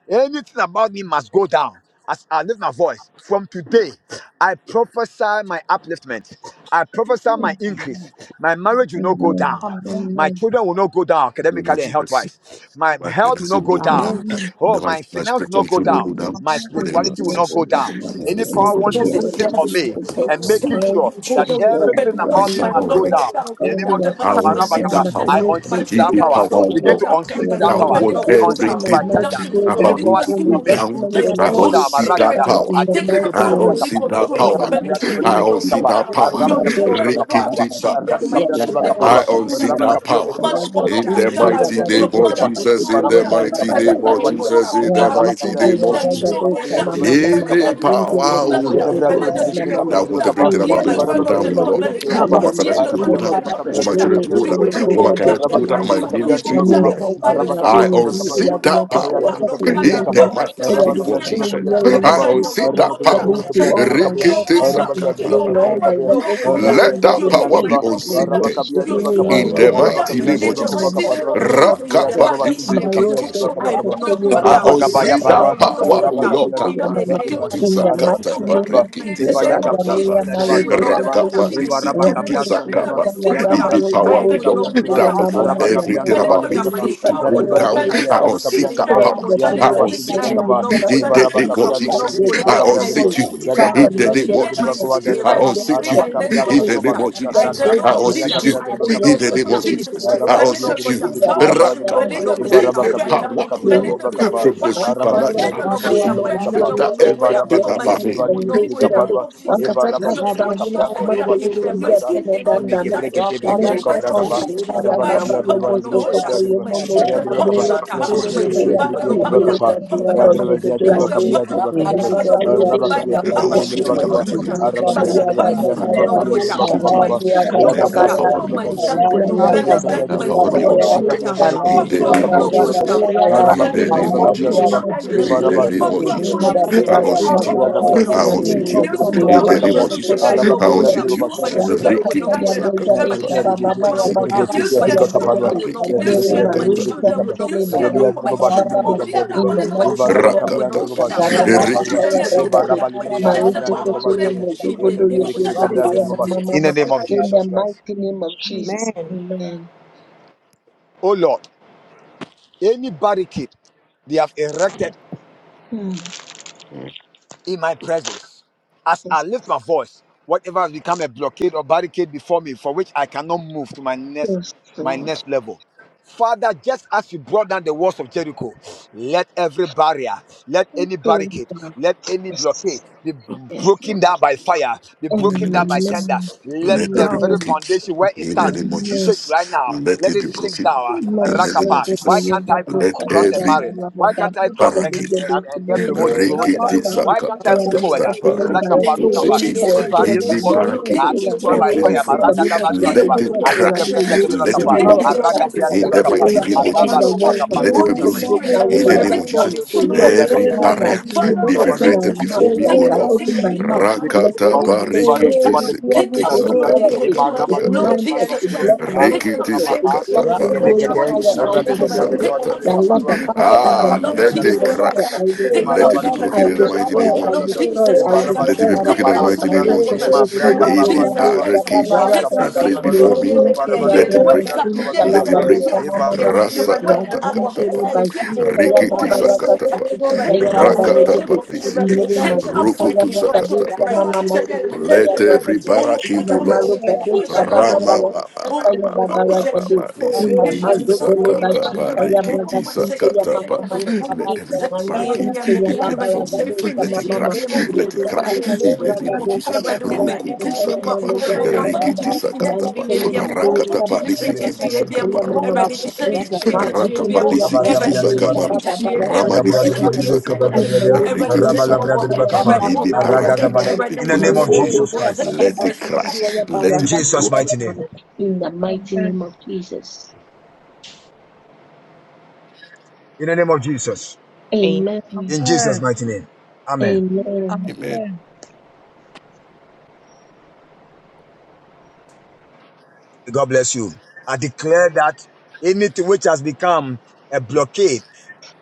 Anything about me must go down. As I lift my voice from today, I prophesy my upliftment. I prophesy my increase. My marriage will
Amen.
not go down. My
Amen.
children will not go down academically and
emoji
health
that's
wise. My
but the
health will not
name
go
no good
down.
am.
Amen.
Amen.
Oh,
The right
my
my
finance will not
spiritual
go
to no
Jesus,
down.
good am.
My
thank
The
thank
you,
name
spirituality
of
will
Father.
you,
not
Jesus.
go
Lord, I will
down.
It
Any
makes
Every
me
power
not
from.
Holy
wanting
be
dream
to
of
able to
sit
love
on
Spirit,
me,
you with
every
all
and
demonic
making
all
sure
the
that
share
everything
of
It
about
loving
me
shall
of the
must go
not right.
down. In the
all
name
the
of Jesus,
I
my
want to
things,
Rabba
see
and
Kappa,
that
I
power.
nothing to
thing that
unseat
If
be
that
the power
power.
was
Begin
praying.
not,
to unseat that
Loving
I
of
will
power.
God for
want
We unseat
This
everything
you
is
of
by
everything
bring
might
thunder.
the
nothing
to go
right now.
Any
down
about
the
me
power
to
sitting
go
on
drain,
me,
down.
investment
making
and
me
I
all
go
want to
down.
this.
My
see
That's it.
that
Ragada,
Father,
power.
in
Oh,
and
the
take
Yebre
mighty
I
name
want
of
to
absolutely
see
Jesus,
that
control.
in
power.
Embrabe
the
kabra
Believe
mighty
you will
I
name
de
of
want
kebe
to
not
see
go
Jesus.
kapa.
that
down.
Araba
power.
Your
kabia gre
children
ba
will not go down. Your children
Babosha,
will
breath
not
Rikiti
Tata,
go down.
Saka.
Arabe
yes.
kabia
Yela,
gre
That's
ba kapa
all.
I
in
rua.
Babosha,
want to see
Araba
Mama,
that
kabio
Your
gre
power.
ba
money
masu
Raga,
will not go
sasa.
In the
down.
Sinte,
Your
We get
Imaya
mighty
bia gre
it.
name
Rabagedi,
ba
of
Sabati,
Jesus, in
money
Ibaraba
the
libi de
mighty
kabra
name
gre ba
of
Yeba,
bali.
Hmm.
will not
Jesus,
go
in the
down. Believe
Ibaraba
that
mighty
you will not go down.
Wazikite
Believe
name
ya
of
that he
Gaza
Jesus.
no
Tudabashantudabara.
go
dosha
down.
mama
By
In
my
mama
the
enemies no
masindele
That's
power,
go
O
it.
Rabba
down.
marego
Oh,
By
Lord.
my enemies
mama
no
mama.
yeah.
I
go
want
down.
everything
In the
Hear
about me
the
to
word
go
Yeah,
mighty
of
down,
the
name
oh
of
Lord,
Lord.
Jesus,
I
Melinda.
in
want
the
my
Likabashantudabarabash-
Hear
finances
the
to
mighty
word
go
name
of
down,
the
of
I
Lord,
Jesus,
yeah.
want my
Melinda.
children
Goro
to go
You
down,
will
Solo
I
not
want my
Boga
go
Likabashantudibidibidi.
career
down.
to
dosha
go down,
mama
You
my
mama.
will not go
ministry, oh
Yanu
down.
Lord.
mpaka
By my
ewadi
I
Lord, you
ndi
unseat
will
ewadi
that
not go
nakoko
power
down. No
wakati
in
go down. By
niwo
the
the
nini
power of the
mighty
Holy
name
ewadi
of
Spirit,
chuli
Jesus.
nyewe
I
nini
Melinda, you will
unseat
not
jesi.
that
go
For
down.
me
power.
to all
Melinda, you
my
will
work
not
Rekete
to
go
Jesus. my
be
down.
santa.
in
God.
Your
vain, all my
word will not
investment to
go
go
down.
Let that
Your
in
school
power
vain.
be
will not go down.
unseated.
Yes, you do
Your
Big Jesus,
me
soul
in
will
In
the
the
not go
yes,
down.
you
mighty
do
Bible.
name
me
of
In the
in the
mighty
Jesus.
name
mighty
of
name
In
of
the
Jesus.
Jesus, by
mighty
Rakabashantudibidibidi.
name
the power of the Holy
Maroso
Ghost. I will
Rakapatisakata.
will not
Kokotoyo
go
I
down.
Begedita
My
unsee that
Likabashantudabarabash-
Baba
children will
Baba
not
power,
go
O
Araba
down.
Lord.
kabia
Rasekete
In
diriba
the
Yamama.
kabia
name
the
diriba.
of
Holy
In
Ghost.
the
Jesus,
Araba
Likabashantudibidibidi.
mighty
Kapatisakata,
kabia
in
name of
diriba.
the mighty
Jesus,
Eva
Likabashantudabarabash-
ya
name of
gabra
Barikisakata,
Bagaboya
shanda
Jesus, I
diriba
will
duan
Maroso
not
diriba.
go down.
Kotoyo
I
Eva
will
raba
not go
Rande
gabra
down.
shanda
I
diriba.
will
Rakapatisakata.
Sikita
not
Ya
go
In
Yababa
down.
gabra
the
shanda
power,
I
O
diriba
Robobo
will
Lord,
gabra
not
Sinte
go
that
diriba.
I
down.
Yamama
want
Araba
My
kapia
Yamama
everything
children will not
diriba
about
go
Koko
libi
me
down. My
kapa.
Librika
to
Ya
children will
go
not
diriba libi
go
down.
Sayari
down.
kapia
I
diriba
unsee
kapia
In
that
the
diriba.
Rather
name
power.
of
than
Ya
I
being
diriba
around
bashi
Jesus,
unsee
diriba
I
you.
children,
will
you
kapa.
not
leave
go
us
In
Eva
down.
the
raba
bring
name
I
of
this
kapia
will
back
diriba
not
Jesus,
here
libi
go
kibi
I
close
down.
to
kabra
I will
diriba.
you.
unseat
not
you.
go
Ya
down.
Father,
gabra
In
Likabashantudibidibidi.
the
diriba
let
In
name
libi
there
ya
of
the
diriba
be a
mighty
kowa
Jesus,
Thank
day,
name
I
diriba.
let
of
there
Jesus,
unseat
be a
you.
Araba
I will not
kapia
In
go
the
diriba
transformation,
name
down.
of
bashi
I
let
will
Jesus,
not go
sasa.
there
I
be a
Aya
unseat you.
down.
Gabriel
change,
de
I
let
will
there
not
In
Bacapia
go
be
the
de
a
down.
name
Kia,
of
change.
My
Jesus,
Lord,
finances
I
Araba
will
Kasiki,
Capia
unseat
de
not
you.
Ricky
go
Baba,
down
Baba,
my children But
Cabra de Bob,
will
Baba, Baba,
let them
Rakapa.
Baba,
not go
Eva
receive
Rabba
down.
Any
My
Capia
strength.
power,
Baba.
de
marriage
oh
will But
Bacapia
not
Rain
let
de
go
to
them
your
down.
Lord,
Bacapa,
mother,
receive
from the
power.
my
My
Araba
cry
finances
Capia
unto
will
supernatural.
de
you,
not go
O
Bashi
down. My
Lord,
de
strength
you
Capa,
children will
That
alone,
not
and
in
you
go the
Eva
can
down. name
Rabba
everything
of My
Capia
rescue
about
de
me
school
Vali
him.
will
from
not
this
de
go
to
evil
down. name
day.
Caparua,
of In Jesus. the
Eva
mighty
Wakataka
Rabba
Your name school of
de
will not Jesus.
sahuna
go
Capran
down.
de
In the Your
kumade
mighty
Babazu
school
wote
will name of not
ndiye
Zaza,
pele
Eme
danda
go down.
loko.
Jesus.
Gebreke
In In the
Tebreke
the
Yamu
name
de
of mighty
I
Cobra
mfoko
name
Capa,
Jesus.
unseat
of
kata
Jesus.
ya
My
Araba
By the
baba
children
Capia de
power
you.
will
robo
Vali
of the not go
de
down.
sekoto
Capra
Jesus,
de
I
My The
unseat you
Aya de
children
in
will
the
not go
Bacapa,
name
Lele
down.
of
Yatriki
My
Jesus.
katika
Yatriki
children
ya
will
Yatriki
not go
baba
Yatriki
power down. of
desha
the In the
Bacapa, Araba
mama
covenant.
mama
mighty name By of the Jesus. power
rasika
of the My
kala
children
baba
will
lo
not go down.
desha
By the My
I
baba
power of children
unseat
the
you
basika
in
will
the
ya
not go
mighty name
mama
down.
of
By My the
Jesus.
my power of the
rasani
school
kala
will not
Rakapa,
go
the
bado
down.
shaba
security.
My
Lord.
school
sikita
will not
ya
Your go
Let
baba
school
that
down.
baba
power
will not
be
My
baba
go school will
unseated.
not not
rande
go
ya
Let
down.
that
My
power
basikita
be
food
ya
will not
you.
baba
go
unseated
lo
down.
in
My
the
food
basikele
will
name of
not
mado
go
Jesus.
down.
shaba baba
Gloria
baba
My
In
food will
the
in the
Kabasha
not
name
go
of
mighty
Jesus.
name of
down.
Jesus
In
in
Everyone,
the
the
yes,
name
my
of
mighty
food
name
will not go
of
Jesus.
down.
Jesus
I
My food
unseat
Yamu
you.
will
mkoko
I
yamu
unseat you.
not
mkoko
go
In
down.
the
My
marobo
name of
sokoto
Jesus.
children
yo
will
I
not go down.
unseat
brigade
you.
My children will
rasakata
not
Rikiti
go
ya
down.
in
sakata
brigade
My
the
pa
shaba
children will
baba
rikiti
not go down.
sikiti
rabasikita
My
ya
sakata pa
children
brigade
will not go
rikiti
down. My
sakata
Neremarusan
children will not go down. My children will not go down. My children will not go down.
telemadosha
My children will not
bababa
go down.
in the
My
mighty name of
children will
rakata
Jesus
pa
Kagaraba Kisaya
rikiti siki.
Bragade Maruso
not
Koto
go down. In the
Yomodogodo
name
Yebrigade
of
Mama Mama
name
Jesus.
of
in the
Jesus Christ.
mighty name of Jesus.
Amen.
Amen.
Oh Lord, any barricade they have erected
Mm,
in my presence, as I
Yes,
lift my voice, whatever has become a blockade or barricade before me, for which I cannot move to my next
yes,
my
Lord.
next level. Father, just as you brought down the walls of Jericho, Let every barrier, let any
Praise
barricade,
God.
let any blockade
Yes,
be b-
yes,
broken
Lord.
down by fire, be
In the
broken
name of
down by
Jesus.
thunder.
Amen.
Let
Let
the
every
very
Amen.
blockage.
foundation where it
In the
stands
name of
Amen.
shake
Jesus.
right now.
Let
Let
it
it
be
sink
broken.
down.
In the
Mercy,
name of
Rakapa.
good day,
Why
Jesus.
can't
your
I
good
Let
cross and
father,
every
marry?
Baba,
Why
Baba,
can't I cross and,
the
and,
Parakit,
Gedish,
and
the
get promotion,
Gedish,
Holy
promoted? uh?
Rikiti
Baba,
Spirit,
Why can't
Sakata,
I
where
move
the
forward?
Tata,
uh?
Yakopoli
Rakapa,
barricade,
Rukapa.
any
Parutusiki,
Any
barricade
barrier
in
is
the
before me.
mounted,
Parakit.
the
I destroy
They
Iranian
by
place
fire.
before you.
Community could
Rakara
Maragadabadubadaba.
Let it
work, the Radi
crash.
will use to
Let
be
it be
Ayegebregadebakapa.
let
broken
it catch
in
fire.
the
Aragabriadebakapa.
The
mighty name of
Radi the
Jesus.
walls of
Let it be
Jericho
Arabagovakapa.
broken
broke down when
in
they
the
I
were
Emaya
name of
read
kapra kapra
Jesus.
strong. So, Lord,
absolutely
kapra kapra
control.
Every
kapra
Father,
kapra.
barrier
as we
Father,
Evara
they've
Lord
bali
open our
erected
Jesus,
kapra
mouth,
before
take
me,
kapra
O
as I
Lord.
open my
absolutely
kapra. Evara
mouth,
bali
control.
let
Amen.
Rakata
kapra kapra.
any
Holy
Evara
blockade,
Spirit,
parikiti
bali
any
take
kapra
sekiti
blockade, any
kapra.
absolutely
sakata
barricade
control.
kata
Emara
is
bali
kata
Lord
kapra
mounted
Jesus
to
Christ,
block my
take
Rikiti
sickness.
absolutely
We
papa
sakata
Thank
control.
block me
yekete
going
kete.
parukutu
Holy
higher higher
Spirit,
to
Rabbe
sikiti
the
dobra
mountain.
take
sakata
kapra
pa.
Now, Lord,
kapra.
the
absolutely control.
Father, in
Evara
the
Ah,
bali
No,
kapra
mighty
let
name
it
of
Jesus
kapra
Christ,
Jesus,
I'm
kapra.
crash.
I
take
Emara
Let
up
destroy,
it be
bali
children.
broken
I
in the
kapra
mighty
destroy,
name of
I
No,
kapra kapra.
Jesus.
destroy,
Jesus
I
Evara
Christ, I'm
bali
Let
take
it
up
destroy.
be broken
kapra
in the mighty
kapra.
name of
Ibaroko
Jesus.
children.
soto
Emabra
No,
yogo
Any
kapra
Jesus
kapra.
gadesha
Christ, I'm take
barricade
Evara
babaraga
up
kapra
be
kapra
placed
kapra.
before
children.
me,
nesinte
Evara
ya
bali
Your
let it
braga
break.
words
kapra kapra
are
sinte
yes
la
Let it
kapra.
break.
and
gadesha
yes.
Evara.
mama mama
Your
Rasa
words
kata
are
razinte
kata
yes
pa.
re
and
bashuta
yes.
ya
Rikiti
Holy
babaraka
Spirit,
sakata pa.
sutukita
take
ya
up some of
Rakata pa
babaregede
children.
disiki.
nere
Take up
mazuta
some
ya
Rukutu
braga
sakata pa.
desha mama masuta ya
Let
you.
braga
every baraki
Inda
do
of
Lord.
Amen.
marugade
children.
Rama
shabababara
Push
ba ba
Everybody,
ba
sikitaya ya
ba
woman,
ba
mobile,
ba ba
babaragade.
ba
Everybody,
disi
Inda
kiti
mazogele
sakata
bashita
bari
ya
kiti
bagasinte ya
sakata
mama
ba.
mama.
Let
Inda
every barricade
maruginte
they
ya
claim for me.
babaragade
Let
sama
it
mama.
crash. Let it
Reta
crash.
kata ya
In the name of
bragado
Jesus.
shababara
Rukutu
sikita ya
sakaba.
malegade la mama.
Rikiti sakata ba.
Rantele mado
Rakata ba disi
Libri
shabababara
kiti
Kappa,
sikita ya
sakaba.
mama mama.
Rukutu sikiti.
Inda
Rakapa
mazukule ya
disi
Rabba
kiti
Kapia
bragado
Deniba.
sakamaru.
shabababara
In
Rama
sikita
disi
the
ya
kiti
mama.
sakaba.
Inda le
Rikiti
marita
sakata ba.
kata ya mama
Be
sikitaya
baraki,
mama mama.
be placed
woman,
name of
Lele
before me.
mobile,
Jesus
deka
and
Christ.
was
baba
Let it
basu
crash.
Jesus.
kitaya
Let
In
it
baraka
be
Jesus'
broken.
kitaya
mighty name.
mama. In the mighty
Amen.
name of Jesus.
In the name of Jesus.
Amen.
Amen.
In Jesus' mighty name. Amen.
Amen.
Amen.
God bless you. I declare that anything which has become a blockade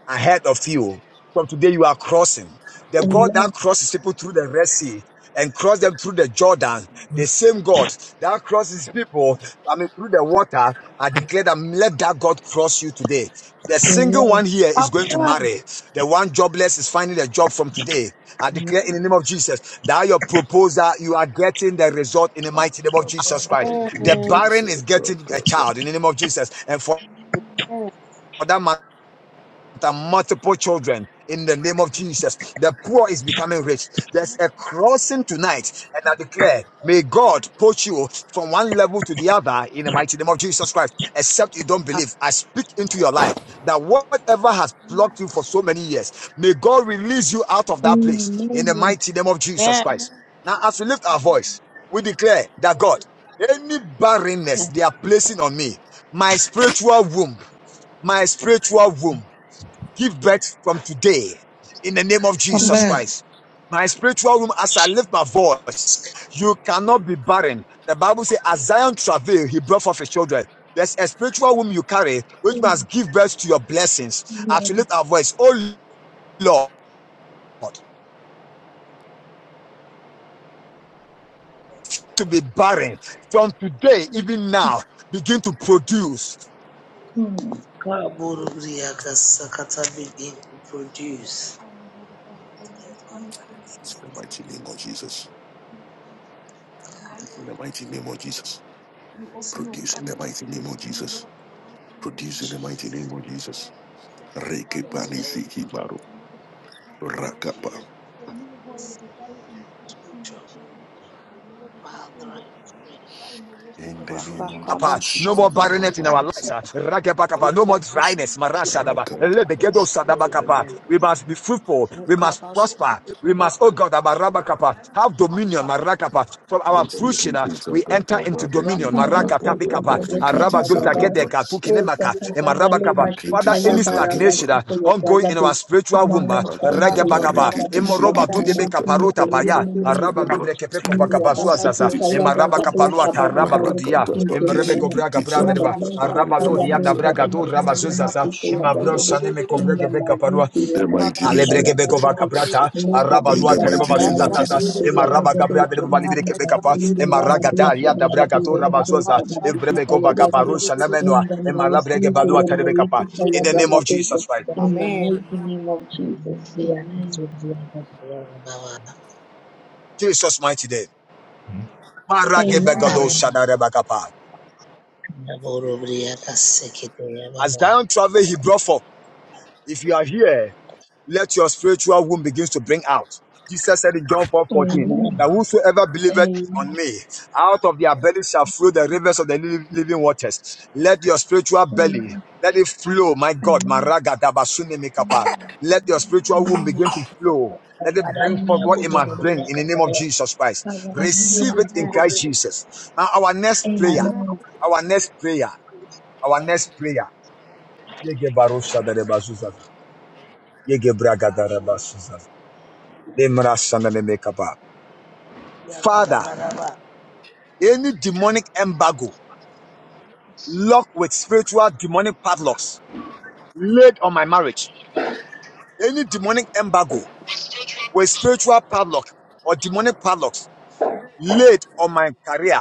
ahead of you. From today, you are crossing. The God that
Amen.
crosses people through the Red Sea and cross them through the Jordan, the same God that crosses people, I mean, through the water, I declare that let that God cross you today. The single
Amen.
one here is going to marry. The one jobless is finding a job from today. I
Amen.
declare in the name of Jesus that your proposal, you are getting the result in the
Ah,
mighty name of
ah, ah,
Jesus Christ.
thank
The
you,
barren
Jesus.
is
God,
getting a
God, God.
child in the name of Jesus. And for
Amen.
that matter, and multiple children in the name of Jesus. The poor is becoming rich. There's a crossing tonight, and I declare, may God put you from one level to the other in the mighty name of Jesus Christ. Except you don't believe, I speak into your life that whatever has blocked you for so many years, may God release you out of that place in the
Amen.
mighty name of Jesus Christ. Now, as we lift our voice, we declare that God, any barrenness they are placing on me, my spiritual womb, my spiritual womb give birth from today in the name of Jesus
Amen.
Christ. My spiritual womb, as I lift my voice, you cannot be barren. The Bible says, as Zion travailed, he brought forth his children. There's a spiritual womb you carry, which must give birth to your blessings. As you lift our voice, oh Lord, to be barren from today, even now, begin to produce.
Amen.
In the mighty name of
again, Lord.
Jesus.
We ask,
In
oh
the mighty
Father,
name of Jesus.
We open your
Produce in
Father
the
our
mighty name
social
of
room,
Jesus.
Lord, in the mighty name of
Produce in
Jesus.
the mighty name
As
of
the
Jesus.
word said, your
Reke
Father,
bani
Lord Jesus,
siki maru.
Mary has carrying, Lord
Rakapa.
Jesus. For no one will be buried in the mighty name of Jesus. We'll never be buried, Lord. We'll never be buried by what's to
In
be
the
for.
name of Jesus,
No
Rakabashan
siki
more
to the
maru
biddy
barrenness in
biddy,
our
bani
lives.
siki.
ah.
Oh,
No
we
more
open
dryness.
the gates
Marashadaba.
of Jesus.
Rakapa.
Lebegedo
We open
sadabakapa.
the Lord
We
in the
must be
mighty name of
fruitful.
Jesus.
We must
We
Rakabashan
open
prosper.
the
We
Lord.
must, oh
Father,
God, abarabakapa.
Father,
have
Father,
dominion. From our
Father,
Siki
fruition, ah, we
tisaka
enter into
kapa.
Father,
dominion.
Reke
In the master
tisaka
fire
kapa.
brother, do some mama
Father, Father,
Rabakaba.
Rikiti
Father,
sister
Father,
ya
any stagnation
sakataba.
uh, ongoing
brother
in our spiritual womb,
Amen.
uh,
Ratataba
Regabakaba,
rikiti
Imoroba
sikiti
Dudebe Kaparota
sakataba.
Paya, Araba Dubre Kepeko
Amen.
Rakiti
Vagabazuazasa,
Amen.
Imaraba
sakataba.
Kapalua Taraba Dudia,
Rakataba
Imrebe Govraga
kisikiti
Brandereba,
sakataba
Araba Dudia
rikiti
Nabraga Du
sakataba.
Rabazuzasa,
to the
Imabrosa
do. In
Nemekovrege
the
Bekaparua,
mazuki
In
ya
the mighty name
mafuta
Alebre
of
ya
que beko
Jesus.
brother do.
biddy biddy,
Luga do
In the
tereba
mighty
shababa
Amen.
name
bashuza
raga
of
sasa,
Jesus.
sister
ema
ya brother do
gabra tereba
some mama
balibre que bekapa, ema ragata ya da namenoa, ema balua terebe In the name of Jesus Christ, Jesus mighty name. Marage begado
Amen.
As Zion travel, he brought forth. If you are here. let your spiritual womb begins to bring out. Jesus said in John 4 14 that whosoever believeth on me, out of their belly shall flow the rivers of the living waters. Let your spiritual belly, let it flow, my God, Maraga Dabasune Mikapa. Let your spiritual womb begin to flow. Let it bring forth what it must bring in the name of Jesus Christ. Receive it in
Amen.
Christ Jesus. Now, our next
I
prayer, our next prayer, our next prayer. Father, any demonic embargo locked with spiritual demonic padlocks laid on my marriage, any demonic embargo with spiritual padlock or demonic padlocks late on my career,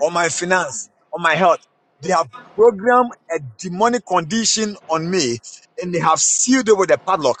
on my finance, on my health. They have programmed a demonic condition on me and they have sealed it with a padlock.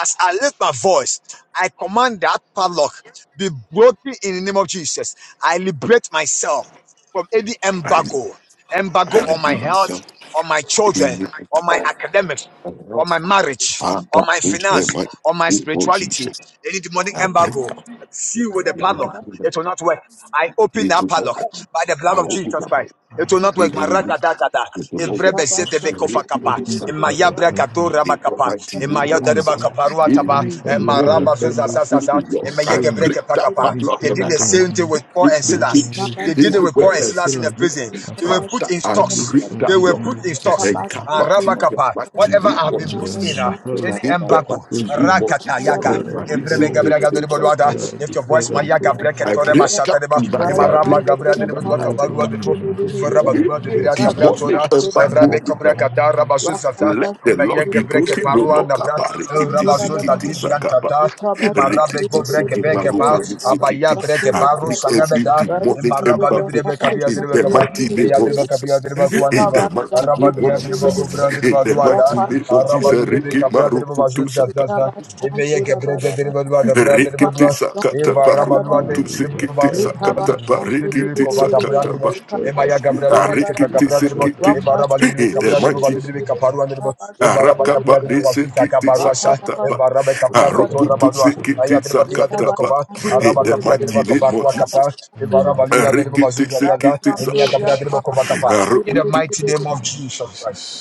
As I lift my voice, I command that padlock be broken in the name of Jesus. I liberate myself from any
I
embargo, embargo
I
on my
repeat
health,
myself.
on my children,
Amen.
on my academics, on my marriage,
Father,
on my
in the
finance,
mighty
on my
name of
spirituality,
Jesus.
any demonic
I
In the
break
embargo,
mighty
up.
receive.
seal with the
It will be
padlock.
name
good.
It will not work I
of
open
It
that
will not
padlock
work.
Jesus,
by the
I
blood of
open
Jesus Christ.
of
It
Jesus.
will not work.
up.
Maragadagada.
It will not
Evrebe
work.
Amen.
Jesus.
zedebe kofakapa.
Repeat
Open the
something.
power
Emaya
of
bragato
heaven.
In the
rabakapa.
mighty
and
name
Emaya
of
Open the
dereba
Jesus.
power.
kaparuataba.
Any
Amen.
padlock that has
Demonic
Emaraba
been
embargo,
used
O
zuzazazaza.
is
Lord.
Emaya
I
seal me.
break
gebreke
that
pakapa.
Any
padlock
They
and
did
I
padlock
the
that
come
has
same
out.
thing
been,
with Paul
In
and
the
has been
Silas.
case,
used
They did it with Paul
as
anywhere
and
a
I've
Silas in
tried,
the
sealant.
prison. They
As
were
a,
put
Father,
in
I
and lives
break
stocks.
and,
They
that
and,
were
lock
put
and
in
lives inside
stocks.
my
and come
Kabashan
Ah,
to
out
calculations.
in
The Kabashantura
the
Rabakapa.
And,
mighty
Whatever
name
Bada
I have
of
been put
Bada
and, then
in,
Jesus.
uh,
and the padlock
Bada
any
In
Bada
the
to
embargo.
mighty
close me
name
up.
of
Right
Rakata
down
Jesus.
the
yaga.
river,
Father,
Roman,
Papa
I should
it's a
Evrebe
Shantu,
not
the
work.
thing.
river,
gebrega
Santa Papa.
Father,
Lift your
declare
voice,
that I
Mayaga
should not
breke
I
work.
toreba
break up
I'm
tonight.
the
I
right
Emaraba
now.
break up
Gabra de
You
tonight.
Bedua
know
I
what for
break
Cabarua de
up
me
tonight.
Bo,
and I'm completing my
In
Ivarabadua de
the
the
Bria
finances right
Papa
now.
Tabratora,
demonic
Shantu, the
You
embargo,
know
Rabe
what
Papa,
O
Cabra
Lord.
for
Gadara
me.
Bazuzata,
Rakadaba
Let the laws
Embaye
Shantu, the
be
Gebreke
river,
broken, no
the
no
Paruanda Bra,
Papa
kappa rikiti
Shantu, the
Rabazulta
sikiti
Papa,
sakapa.
the
Didiantata,
Papa
Emarabe
Shantu, the
Rikiti
Gobreke
river,
sikiti
the
Bekepa,
maruma ni
Papa
Abaya
sikiti.
Shantu,
Breke
the
I
Baru
break
Papa,
every
Sanabeda,
Right
demonic
down the
Emaraba
river,
embargo
Librebe
Papa
Cabia de
in the
Shantu, the
Becaba,
mighty
river,
name of
Yadriba Cabia de
Jesus.
the
In
Bacuandriba,
Papa
the mighty
Shantu,
Araba
name
the
of
Gia
river,
de
Jesus.
the
Bacufra de
In the
Baduanda,
Papa
mighty name of
Shantu,
Araba
Jesus.
the
Librebe
Rikiti
river,
Cabra de
marukutu sakapa.
Bazuzata, Embaye Gebreke de Badua, the Brother de
Rikiti
Badua,
sakata
Eva Rabalua
barukutu sikiti
de
sakata barikiti
Kova Gabra
should
sakata
be
ba.
Derbo,
destroyed right
Emaya Gabra
now.
de Ribe,
Be
Arikiti
Gabra de
destroyed right
sikiti.
now.
Evara Bali
In the
Capra de Ribo,
mighty
Jesus.
Caparu and Ribo, Evara Bacapia
Arakaba
de
de
Bazuza
sikiti
Caparuasha,
sakataba.
Evara Bacapia Cotora
Arukutu
Alcoholism,
Badua,
sikiti
Ayadriba Kia
sakataba. In
Araba
the
mighty
Capia de
mighty
name of
name of
Jesus.
Jesus.
Capa,
In
Evara Balia de
Arikiti
Bazuza Gaza,
sikiti
Emia Gabra
sakata.
de
Jesus. Jesus,
Capa. In the
Arukutu.
mighty name of Jesus Christ.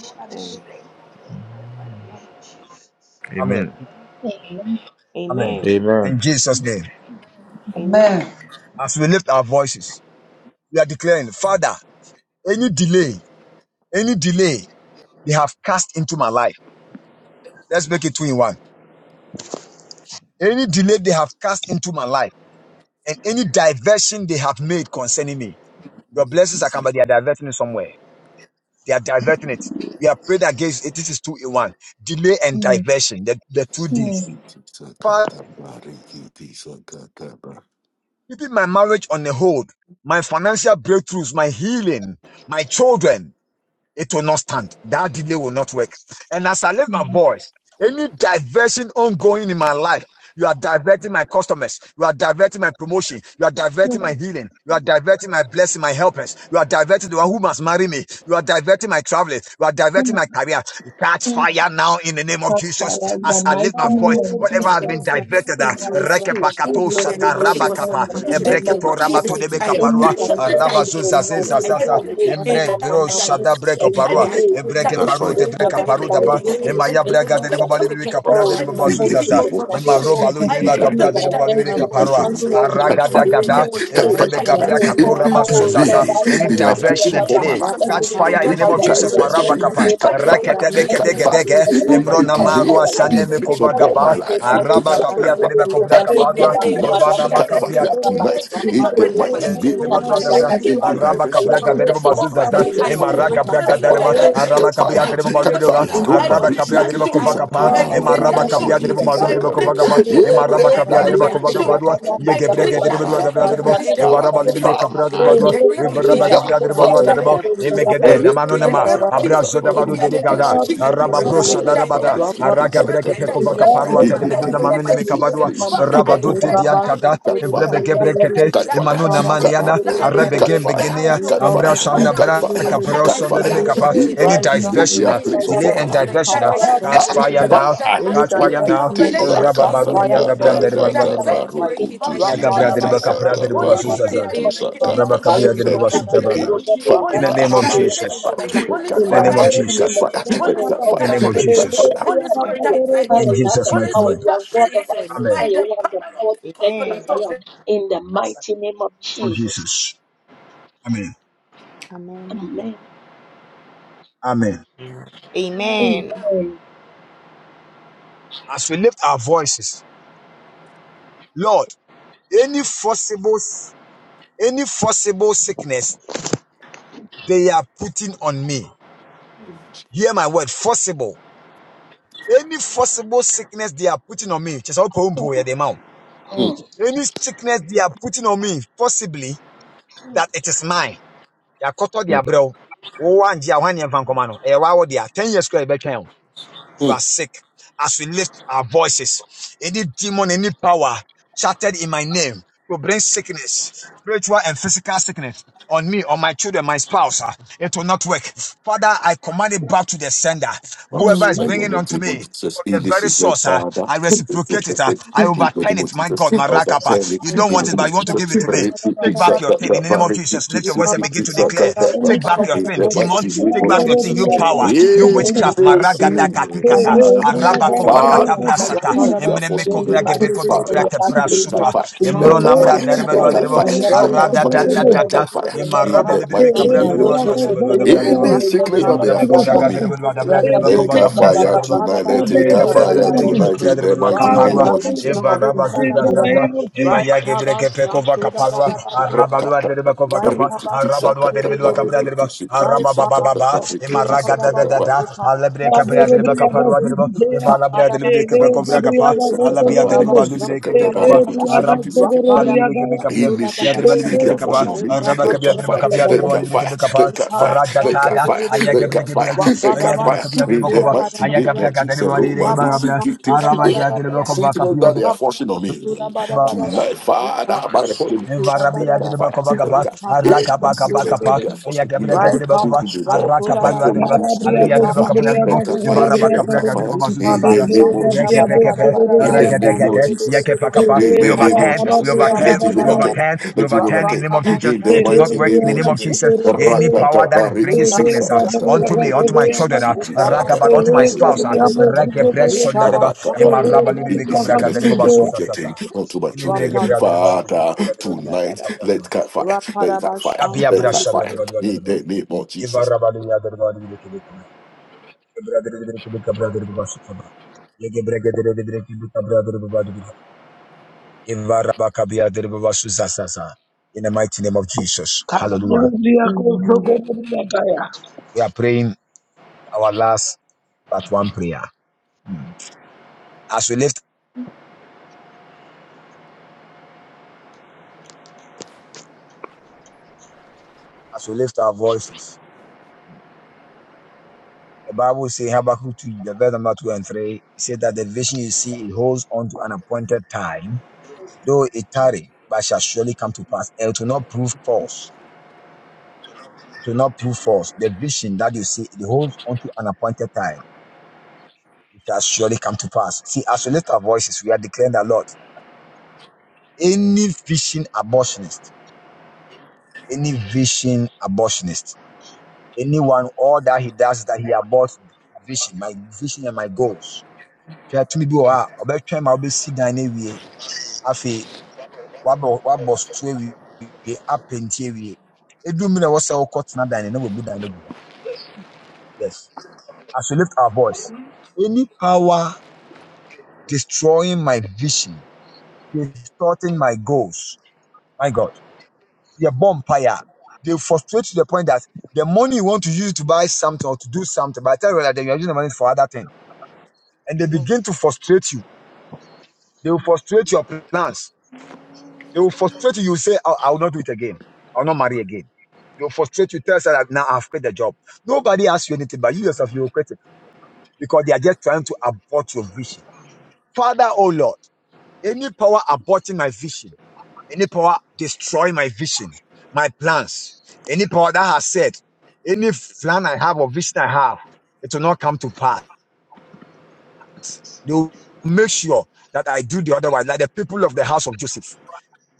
Lord, I
Amen.
break that way, Lord, by the blood of Jesus.
Amen.
Amen.
Amen.
Amen.
Amen.
In Jesus' name.
Amen.
Amen.
As we lift our voices, we are declaring, Father, any delay, any delay they have cast into my life, let's make it two in one Any delay they have cast into my life and any diversion they have made concerning me. Your blessings are coming. but they are diverting it somewhere. They are diverting it. We have prayed against it. This is two in one. Delay and diversion. The, the two
Lord,
D's. Father,
Sakataba. Rikiti sakataba.
keeping my marriage on the hold, my financial breakthroughs, my healing, my children. it will not stand. That delay will not work. And as I lift my voice, any diversion ongoing in my life, you are diverting my customers, you are diverting my promotion, you are
I
diverting my
break
healing, you are diverting my blessing, my helpers, you are diverting the one who must marry me, you are diverting my traveling, you are diverting my career. Catch fire now in the name of Jesus. As I lift my voice,
Amen.
whatever has been
expensive
diverted,
Any
in my
direction
Amen.
speech. In
uh,
the
that way, Lord,
name
Rusata
of Jesus, in
Rabakapa,
the name
Ebreketo
of
Rabato de
Jesus,
Thank
I
you.
Becaparua,
break
Thank
up
Thank
the
or
diet.
Rabazuza
no,
Zeza
they
I
you.
Zaza,
have
break up
this,
the
Emre
mama,
Bro
mama,
Shada Breke
diet.
and
I
Parua,
break up the
delay
diet. I
in
Ebreke
this
That's
Paru, Ebreka
progress in
Paru
my
Daba,
business,
right.
Emaya Braga de
break up the
Babali
diet.
Capra
Over
de
my
oh,
Christ.
my
In
home
it
the
in
Babazuzaza,
name
purpose,
over
of
my
my
real
Jesus,
Emaroba
children.
in
comfort,
I
the
Ludiba
break
any
Capra
up
de
the
direction,
diet in the
Babali
name
direction
in
of
the
place
Caparua,
of me.
Jesus.
council
I
wants to
break
Catch
it
Aragada
fire
in
do,
the
any
Gada,
name
tonight,
of Jesus.
catch
delay,
fire
Evrebe
I
the
break
tonight.
Gabra
real
it.
In
comfort,
Catura
the
oh
I break it.
Lord,
I
Basuzaza,
delay,
I
break
any
it.
they
The
have
fire,
mighty
placed
diversion and
name
upon
Baba,
of
my
delay.
life.
Jesus
let
in
Catch
it
the name
catch
fire in the
In
name
the
of
fire in
Jesus,
the
of Jesus.
mighty
direction,
Marabakapa,
name
By
of
catch
the
fire,
Jesus,
power of
Raketebe
the
let
catch
it
Holy
catch
fire.
Kedegedege,
fire,
Ghost. By
let
In
the
it
the
Emrona
power
catch
of the Holy
delay,
fire,
Marua
Ghost. I
let
they
it
Saneme
break
catch
place
every
fire
upon my
Kovagaba,
le
diversion.
life.
I
baro
break
Araba
to
every
Capia
sokoto
de
le
diversion.
Bacobra
Catch fire
In the
bogadesha
Caparua.
I
baba
name break of every
tonight,
baraka
catch
Emarabaka
Jesus, I
pia
ya
fire
baba
break it
tonight. In
over
the
indele
my,
mighty
school,
name
masuta
over
of
my I
Debalua
life,
Jesus,
kasaka
Dabra,
de
break over
in
it my every
the
basuta
Arabaka
direction,
ya
Braga
over my
catch
Derebo
begade
fire,
children's
Mazuzazda,
lele
I
catch fire,
Emaraga
masuta
break it in
Braga
catch
kasa
the
ya
Dereba,
name of
fire.
baga de
Jesus.
Arabaka Pia
I
sama
you.
Fire,
Derebo
Thank
break
mama
you.
Balubidoga,
it
fire,
in
in
the
the
I name of
Rupa
break
Arabaka
mighty
Jesus.
Pia
name
Derebo
of
sikiti
I
Jesus
Shantu
Kovakapa,
in
break
the
da
it
sakaba,
in
da da
break
mighty
the
da,
rukutu
name
Emarabaka
name
of
Pia
of
Shantu
Derebo
du
sikiti
Jesus
Jesus. I
du du
baro
du
Balubidoga
break
sakaba.
du
it
du du,
sokoto
Kovakapa,
in
le
the
Yeah,
name
bogade
of
da
Jesus.
Emarabaka
I
da,
Pia
break
lele
Derebo
that
I
is
Shantu da da
sokoto
Kovakabadua,
break it
ya
da da,
in the I name
baga
da
of
da,
de
Yegebrege
break
support my
that Jesus.
Derebo
ya
life.
basuta
Dabra
da
ya
In the
Derebo,
da,
baga de
God,
Shantu
name of
Evaraba
Jesus.
du
sama
Libido
du
mama
du
Capra
du
fire,
du du
I
du,
Derebadua,
break it
lele
in
de,
da
masuta
da
Capra
kasa
God,
ya
Derebalua
Shantu
the
fire.
baga
du
Derebo,
name
de
of
du du
sama
du du
Jesus.
du,
Emegede,
I
basuta
break
ya
Rikiti
it. I break it.
Damanonema,
da da,
baga de
I
sakata,
Abrazo
Shantu
break
da
in
it.
Dabadu
I
the
da, da da
rukutu
Delegada,
mighty
break it. I
name
Shantu
sikiti
Araba
break
du du
it
of
du du
Brosha
in
du,
the
sakata,
name
Darabada,
of
ya da da.
Jesus.
rikiti
Araga
Jesus
Breke
Every
Shantu
in the
direction
sakata.
Pekovaka
da da
name of
Parua
over
da
my
da da,
life,
Messiah,
Telebeduna
Immediately,
over
Manone
my
Bragadesh,
Mekabadua,
children,
Please,
Mama,
over my
in
any
Rabadu
upon
the
de
my
direction
son.
mighty
I
Diantada,
life.
name of
God,
break it
fire
in the
Messiah,
name of
Evrebegebrekete,
Jesus.
Bragadesh,
got
I
fire,
break
Imanuna
Rasto,
got
Maniana,
fire,
it in
Kododo,
the name of
got
Arabegem
Jesus.
Gogodosh,
fire,
I
Beginia,
Mama,
got
break
Ambra
it
in
in the
fire,
name
the
Shanda
of
got
name of
Jesus.
fire,
Braka
Mama,
I
got
break
Broson the
in
fire.
the
it
Rebekapa,
mighty
in the
name of
any
Every
name of Jesus.
delay they
diversion, uh,
have
Any
Messiah,
placed
delay
upon my
Bragadesh,
and
life.
divestment, I
diversion, uh,
break
Mama,
it in
Ah,
catch
the
in the
name
fire
of
now,
Jesus.
dimension,
fire.
in
I
catch
the
fire
break it in
now,
mighty
the
Rikiti
and
name of
name
delay
of
Rabba
saka
Messiah,
cast
Jesus.
fire
and
taka
Bragadesh,
the
in the
I
Branda
name of
taka
break
Rebadu and
ta
I
the
Jesus
break it.
Christ.
in
baruku
the
tu
I break
mighty
Niagabra the
name
it,
sikiti
of
I
Rapadabas,
Rebecca Pra
break
Jesus,
the
saka
it.
in the
Rebba
Holy
Jesus,
mighty
baruku
Spirit, I
Rakudabadabada,
name
tu
of
break it.
Jesus,
saka pa.
Rabba
Jesus, I
Kabas,
break
Kabia the
Rasto,
Rebba
it in
Every
the
Kododo,
Rakudabadabada,
name
delay,
of Jesus.
Gogodosh,
Holy
Thank
In the
you.
Father,
Mama,
name
Spirit, I
of
break
Rakakabas,
it
Jesus,
in the name of
let
Jesus. I
got
Every
in
in the
the
fire,
name
Rakudabadabada.
of
break
mighty
let
it
got
name
sickness,
in
of
Jesus,
the name
fire,
of
Jesus, I
every
let got fire, let
Jesus.
will
got
go
I
in
fire,
the
find,
name
I
of
break
will
let
it.
go
got
Jesus,
fire.
collect it,
Holy
catch
Spirit,
fire.
I break it.
Father,
in
you have
Jesus'
the
mighty
Holy
power.
Spirit,
name.
I
You are
break it
God of
Amen.
answering
Amen.
by
prayer.
the
You have the
power of the
power to turn things
Amen.
covenant of the
around in the mighty name of
Oh
Jesus.
Jesus. Amen.
Amen.
Amen.
Amen.
Amen.
Amen.
Amen.
As we lift our voices, Lord. any forcible any forcible sickness they are putting on me hear my word forcible any forcible sickness they are putting on me kyerɛ sɛ wopɛ wo mpo
Mm,
any sickness they are putting on me possibly
Hmm.
that it is mine yɛakɔtɔ de
mm,
abrɛ wo wowɔ angye a woane ɛmfa nkɔma no ɛyɛ waa wɔ 10 years kora yɛbɛtwɛn
mm.
you are sick. As we lift our voices, any demon, any power chatted in my name to bring sickness, spiritual and physical sickness on me, on my children, my spouse, ah, it will not work. Father, I command it back to the sender.
Father,
Whoever
should
is
I
Amen.
go to
bringing unto
the Lord
me,
Jesus?
from
In
the
this
very
is my
source, ah,
father.
I
This will
reciprocate it. ah,
perfect.
I
In the
overturn
name of
it. My
Jesus,
God, my
over
rakapa.
panic.
You
You
In
don't
the
want
name
it,
cover
but
of
you want to
strong,
Jesus,
give it to
Thank
me.
repeat
Take
this,
back your thing in the name
Sakapa,
of
repeat
Jesus. Lift
you.
this,
your voice and
repeat
cover
begin to
this,
strong to
declare.
the
Sakapa.
bada
any
Take
bada
back your
bada.
In
You cover strong to the bada bada
thing,
bada.
the
possible
demon.
mighty
sickness
name
Take
we
of
back
are
your thing,
Jesus.
you
preparing
power,
to
you
In
bring
witchcraft.
it
this
unto
Maragada
me, to
sickness,
katikata,
Cover
bring it
ah,
strong
unto my
to
araba
the bada
husband, to bring
bada.
Father,
it
kovakata
unto my
You
brasata,
children,
you are
to
emreme
forcing of
bring me
him.
kovrage
back to
bekoto
Father,
your
brate
back to
let that
brasuta,
cover
fire,
strong
emro
let
to
tonight.
that
I
the
fire,
namra
bada bada
destroy
let
derebedua
bada.
it
that
derebo,
fire,
will
You
never
let
cover strong to the bada bada
work,
that
arada
bada.
it
da
will
da
fire,
da
let
never
da,
work,
that
it
fire.
will
You
never
In
emarabe
work.
de
the
cover
brebe
In
strong
mighty
to
cabra
the
my
name
bada
of
dereba
roast of
dua
Jesus.
dereba dua
bada
da
bada.
Kotoyo
bra
In
You cover strong to the bada bada bada. You cover strong
Bobo
dereba
the sickness
Lebede
to
that they are
Baba
forcing
the
on
Baba
me.
bada bada bada.
braderba
Let
Ragado
it
koba
catch
Chaba
gabra
fire
Baba
shaderba
Right
tonight.
about
Let
Shantu
it
alibere
Sikitaya
catch
gabra
Baba
der
affliction
fire
alibere
of
da
gebe
me,
ba da
tonight
gabra
Regede
in
der
the
bedwa
I
mighty
in
ba
the
name
kaparwa
of
mighty
overturn it
Jesus.
name
eva
of
raba
Jesus,
in
da ba
zuza
in
the
da
the
ba
zaza
name
mighty
of
name
ema
Jesus.
Right
ya gebre
about
kepe kova
Shantu da da
kaparwa
da da
araba lua
da
derba
Rakatata,
kova
Right
kapa
about
araba lua
Shantu da ba
derba
da
lua
rikitisakatapa,
ba da
gabra derba
Right
araba baba
about
baba
rikitisikitisakatapa,
Shantu
ema
da
raga
da da
da da da
rikitisakatapa,
da alibere gabra
da
derba kaparwa
da
derba ema labra
Wakada ba
derba kepe
Shantu
kovra
da
Every
kapa
da da da da
alabia
Right
rikitisakatapa,
derba
about
hour,
balubere
Shantu
kebe
da
rikitisakatapa,
ba da
kapa
ba da
araba
rukutusikitisikima.
Wakada
Balibiri
ba
kebe
Thank
kapya,
Any
yadir
sickness,
balibiri
they
kebe
are forcing
kapa,
on me.
araba
They
kebe
got
yadir ba
fire.
kapya, yadir
They
ba
got
balibiri
fire.
kebe
They
kapa,
got fire.
arada
They got
tada,
fire.
Hmm.
aya
They
kebe
got
kebe
fire.
yadir,
They got
yadir ba
fire.
kapya, yadir
In
ba
the
kapa,
mighty
aya
name
kapya
of
kapya yadir
Jesus,
ba balibiri
Roma,
kebe
he sick-
kapya,
he- he-
araba
any
yadir ba kapa
sickness
kapya
that they
yadir
are forcing on me
ba.
tonight, Father, by the Holy Ghost, let
Varabia
that fire. Let
Drebakova,
that any
Arakapa
sickness
Kapakapa,
they
you.
are forcing
Yakabra
William to
Rapada
Gadrebakova,
be dissolved by
Arakapan
the power of the
Ladreba,
Holy Ghost.
Parabriya,
Let
Alibia
that fire. They
Zumbriya,
Drebakapa,
that fire.
Varaba
They
Parabriya,
Capra
that
Parabriya,
fire.
Gadrebo
In the
Susasa,
name of Jesus.
Parabriya,
Rekepekepe,
In
Parabriya,
the name
Parabriya,
of
Rakadekate,
Jesus.
Yakepakapa.
In
We
the name
Celebria
of
overturn, we
Jesus,
Barabria
let
overturn,
it
we
Gadagaya,
overtake.
overturn, we
Let it
overturn in
overtake.
the name of Jesus.
In the
It will not
mighty
work
name
in
Celebria
the
of
name of
Jesus.
Jesus. Any
Masunderegodoya,
power
Rakata
that is bringing
baritu
sickness uh,
Celebria
tisakata
Maria
unto me,
baritu
unto my
Gasodoya
children, uh,
Mama,
tisikiti
Rakaba,
sakata
unto my
Celebria
baritu
spouse, uh,
Maria
tisakata
Rekebre
ba-
Masunderegodoya,
Sondareba,
rakabari.
Celebria
Emaraba
Maria
In
Libi
this
Cobra
sickness,
Gadrebo
they are
Gasodoya,
projecting
Susasa.
onto my children.
Inimirege brother God, we lift
Father,
up brother we
tonight,
lift up brother
let
God.
that
Bashan,
fire, let
Rapada
that fire,
Abia
let that
brasha brother
fire.
God,
Bashan,
brother
In
God.
the name of
Eva
Jesus,
rabali ya brother God, we lift up brother God. Brother God, we lift up brother God, Shukaba. Yege brege brother brother Eva rabaka bia dere baba In the mighty name of Jesus, Hallelujah.
of Jesus.
We are praying our last but one prayer. Hmm. As we lift, as we lift our voices, the Bible says Habakkuk 2, the verse number 2 and 3, it says that the vision you see, it holds on to an appointed time Though it tarry, but shall surely come to pass. And it will not prove false. It will not prove false. The vision that you see, it holds unto an appointed time. It shall surely come to pass. See, as we lift our voices, we are declaring the Lord. Any vision abortionist, any vision abortionist, anyone, all that he does is that he aborts vision, my vision and my goals. Hwɛ tumi bi wɔ hɔ a ɔbɛtwɛn ma wobɛsi dan we awie. Afei, wabɔ wabɔ so we apɛnti awie. Edu mu na ɛwɔ sɛ wokɔtena dan no na wabu dan no agu hɔ. Yes. As we lift our voice, any power destroying my vision, distorting my goals, my God, they are bomb fire. They frustrate to the point that the money you want to use to buy something or to do something, by the time you realize that you are using the money for other things, and they begin to frustrate you. They will frustrate your plans. They will frustrate you. You say, I, I will not do it again. I will not marry again. They will frustrate you. Tell us that now I've quit the job. Nobody asks you anything, but you yourself, you will quit it because they are just trying to abort your vision. Father, oh Lord. Any power aborting my vision, any power destroying my vision, my plans, any power that has said, any plan I have or vision I have, it will not come to pass. They will make sure that I do the otherwise, like the people of the house of Joseph.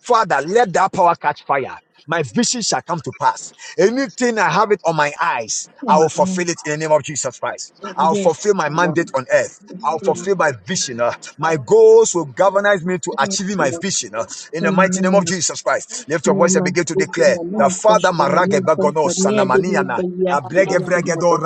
Father, let that power catch fire. My vision shall come to pass. Anything I have it on my eyes, I will
Amen.
fulfill it in the name of Jesus Christ. I'll
Yes,
fulfill my
Lord.
mandate on earth. I'll
Yes,
fulfill my vision. uh, my goals will galvanize me to achieving my
Lord.
vision uh, in the mighty
Amen.
name of Jesus Christ. Lift your
Surely
voice and
fulfill,
begin to
I
declare the
will
Father
surely
Maragebagono Sanamaniana.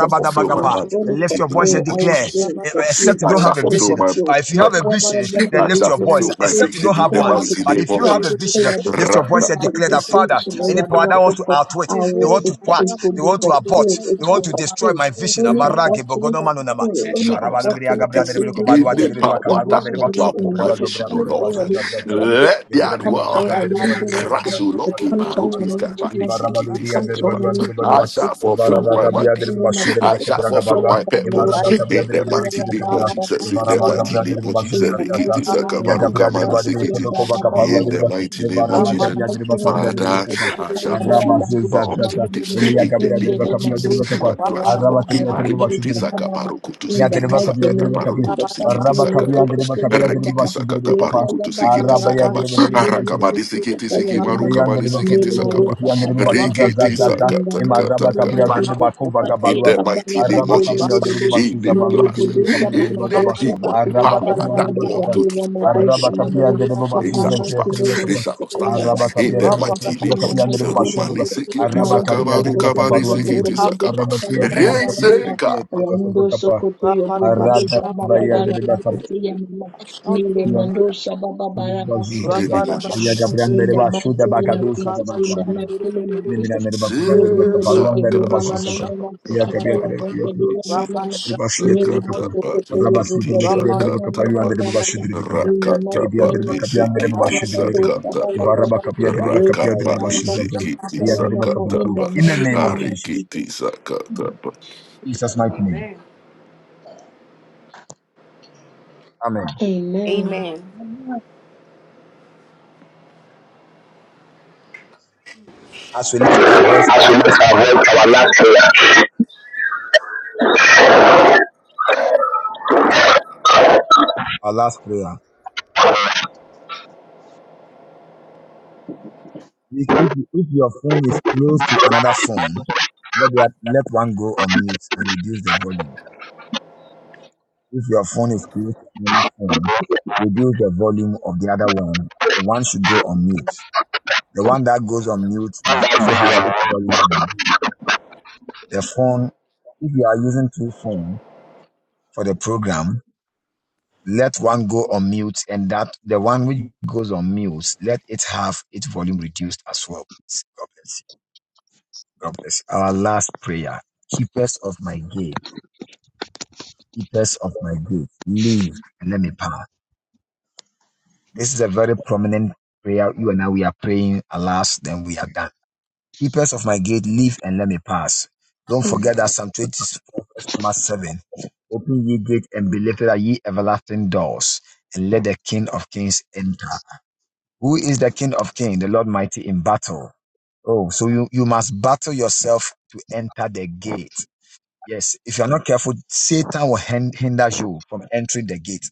fulfill my heart.
Lift
In
your
the
voice
name
and
of
declare.
Jesus.
eh,
fulfill,
Except you
that.
I
don't
shall
have
I
a
will surely
fulfill
vision.
my
Uh,
fulfill
If you have a
purpose,
vision,
whatever
then
I
the
lift
shall
reason
your voice.
you
fulfill my
told
Except you
me,
vision
don't
in
have
the
come
one.
on to
mighty
But
be
name
if
of
you
fulfilled.
have a
Jesus,
I
vision, uh,
will do the
lift
Celebria Maria Masunderegodoya Gadagaya,
ra
your voice and
reaching,
declare
the
that,
Celebria
this is- it,
Father,
reaching, I
this is-
any
will do
power
the
that
it
wants to
fulfill.
outwit,
I
they
will
want
fulfill,
to thwart,
Maria
it will
they
be
want to abort,
fulfilled,
Masunderegodoya
it
they
will
want
be
to
Gadagaya,
destroy
fulfilled.
my vision.
Any abortionist spirit,
It
any
shall not stop me.
abortionist of
This is it.
wicked
Celebria
any
spirit,
Maria
power
when we
that
should be
want to
Masunderegodoya
abort
in
my
the
vision, O Lord,
California, we
Thank
cannot say,
let
it
their
comes
dwell.
down a little way. We
Krasuloki
control the
Baruki
name to be
Skabani
exalted. We
Sikiti
control
Sakaba.
the name to be
I shall
exalted. In
fulfill
the
my
mighty
mighty.
name of
I
Jesus.
shall fulfill
Fire,
my
God, Lord,
purpose. In that mighty name of Jesus. In that mighty name of Jesus.
In the
Rikiti
mighty name of
Sakabaruka
Yagabra
Jesus.
de
Mani
Badri
Sikiti.
Kebakova Kaparua
In
de
the mighty name of
Nevarama
In the
Jesus.
Kapia de
mighty name
Bakapia
of
de
Father,
Jesus,
Bakapa,
I shall
Kataya
Araba
Braga
fulfill my
Brucha Mama,
Zuzaza,
objectives.
you.
Elia
In the
Gabra
in
de
the
name of
name
Bakapia
of
de
Jesus.
Louis,
My
Bakapa,
Kataya
Rapper,
Baba
Araba
Krasuloki
Kapia de
Baba
Ashanti,
Marikiti
Bakshidru,
Brucha Mama,
Sakabaruku to
in the
Sikiti
Yadreba
mighty
Kapia de
name of
Bakapia,
Sakatabaruku to
Jesus,
Sikiti
Sabalo
Araba Kapia
Boto
Sakataba.
de
Kotoye
Bakapia de
Rekiti
Baba,
Bakshidru
sakata
Kapa,
Rekaya
barukutu
Baba
sikiti
Araba
Rama
sakaba.
Brucha Mama
Yadreba
Mama,
Arakabani sikiti
Sukutaya
siki
Getirme
Mama,
marukabani
yandırı ben
sikiti
kapıya
Nema
getirme
sakaba.
ki
Rupa
yandırı
Kadaya
başlayacağız zar
Rekiti
zar
Bebebe,
zar.
in the
sakata
Hem
kata
araba
mighty name
kapıya
of
yandırı
kata.
Jesus,
bakov vaga
In
Kataya
barua.
the
Baba
mighty
Rama
name
Araba
of
kapıya
Jesus,
yandırı
Bebebe,
in the
başlayacağız baru
Mele
plus, in
dirimi
Gudusha
kapıya yandırı
Mama
bakaba.
the
Dosha
demon
Araba
power
Basikitaya
kapıya
that
yandırı
Bado
want
bakaba.
to
Gade
twist
Rama
my prayer.
Araba
Dosha
kapıya
Mama
yandırı
in
It
the
shall
başlayacağız
not stop.
mighty
yandırı
name of
It
bakaba.
shall
Jesus,
not stop.
in the
Araba
mighty
In
kapıya
the
name of
yandırı
Jesus,
mighty
bakaba
in
name of
the
kapıya
Jesus,
yandırı
mighty name of
Romani
başlayacağız.
Jesus.
sikiti
Araba
Balance
kapıya
sakaba,
yandırı
sokoto yo
rukabani
bakabaru
bogo
yandırı.
sikiti
bogo de
sakaba.
Araba kapıya
sakala
yandırı
balanga
bakaba
de
yandırı
la
ki
Resekaba.
yandırı
rando
bakaba.
sokoto yo bogo
Araba
de shaba
kapıya
babara
yandırı
basiti
bakaba.
ya mama nile mando shaba
In the
babara
name of
In the
Jesus,
name
kaya
of
Amen.
baba.
Jesus.
In the mighty name of Jesus, in the mighty name of Jesus. Nile mande gebe ni
Sisakama.
mama mama siki kaya baba mama mama. Nile mo sokoto yo mama mama mama in the mighty name of Jesus. Karabadosa bababa. Reka ya mama chikita ya mama in the mighty name of
Jesus,
Jesus.
Rakata
Jesus' mighty name.
Amen.
Amen.
Amen.
Amen.
As we lift our voice,
as
our
we lift
last
our
prayer,
our last
our last prayer. If, if, if your phone is close to another phone, let, the, let one go on mute and reduce the volume. If your phone is close to another phone, reduce the volume of the other one. The one should go on mute. The one that mute must also have
prayer.
its volume. The phone, if you are using two phones for the program, let one go on mute and that the one which goes on mute, let it have its volume reduced as well. God bless you. God bless you. Our last prayer. Keepers of my gate eaters of my grave, leave and let me pass. This is a very prominent prayer. You and I, we are praying, alas, then we are done. Keepers of my gate, leave and let me pass. Don't forget that Psalm 24, verse number 7. Open ye gate and be lifted are ye everlasting doors, and let the King of Kings enter. Who is the King of Kings? The Lord mighty in battle. Oh, so you, you must battle yourself to enter the gate. Yes, if you're not careful, Satan will hin- hinder you from entering the gate.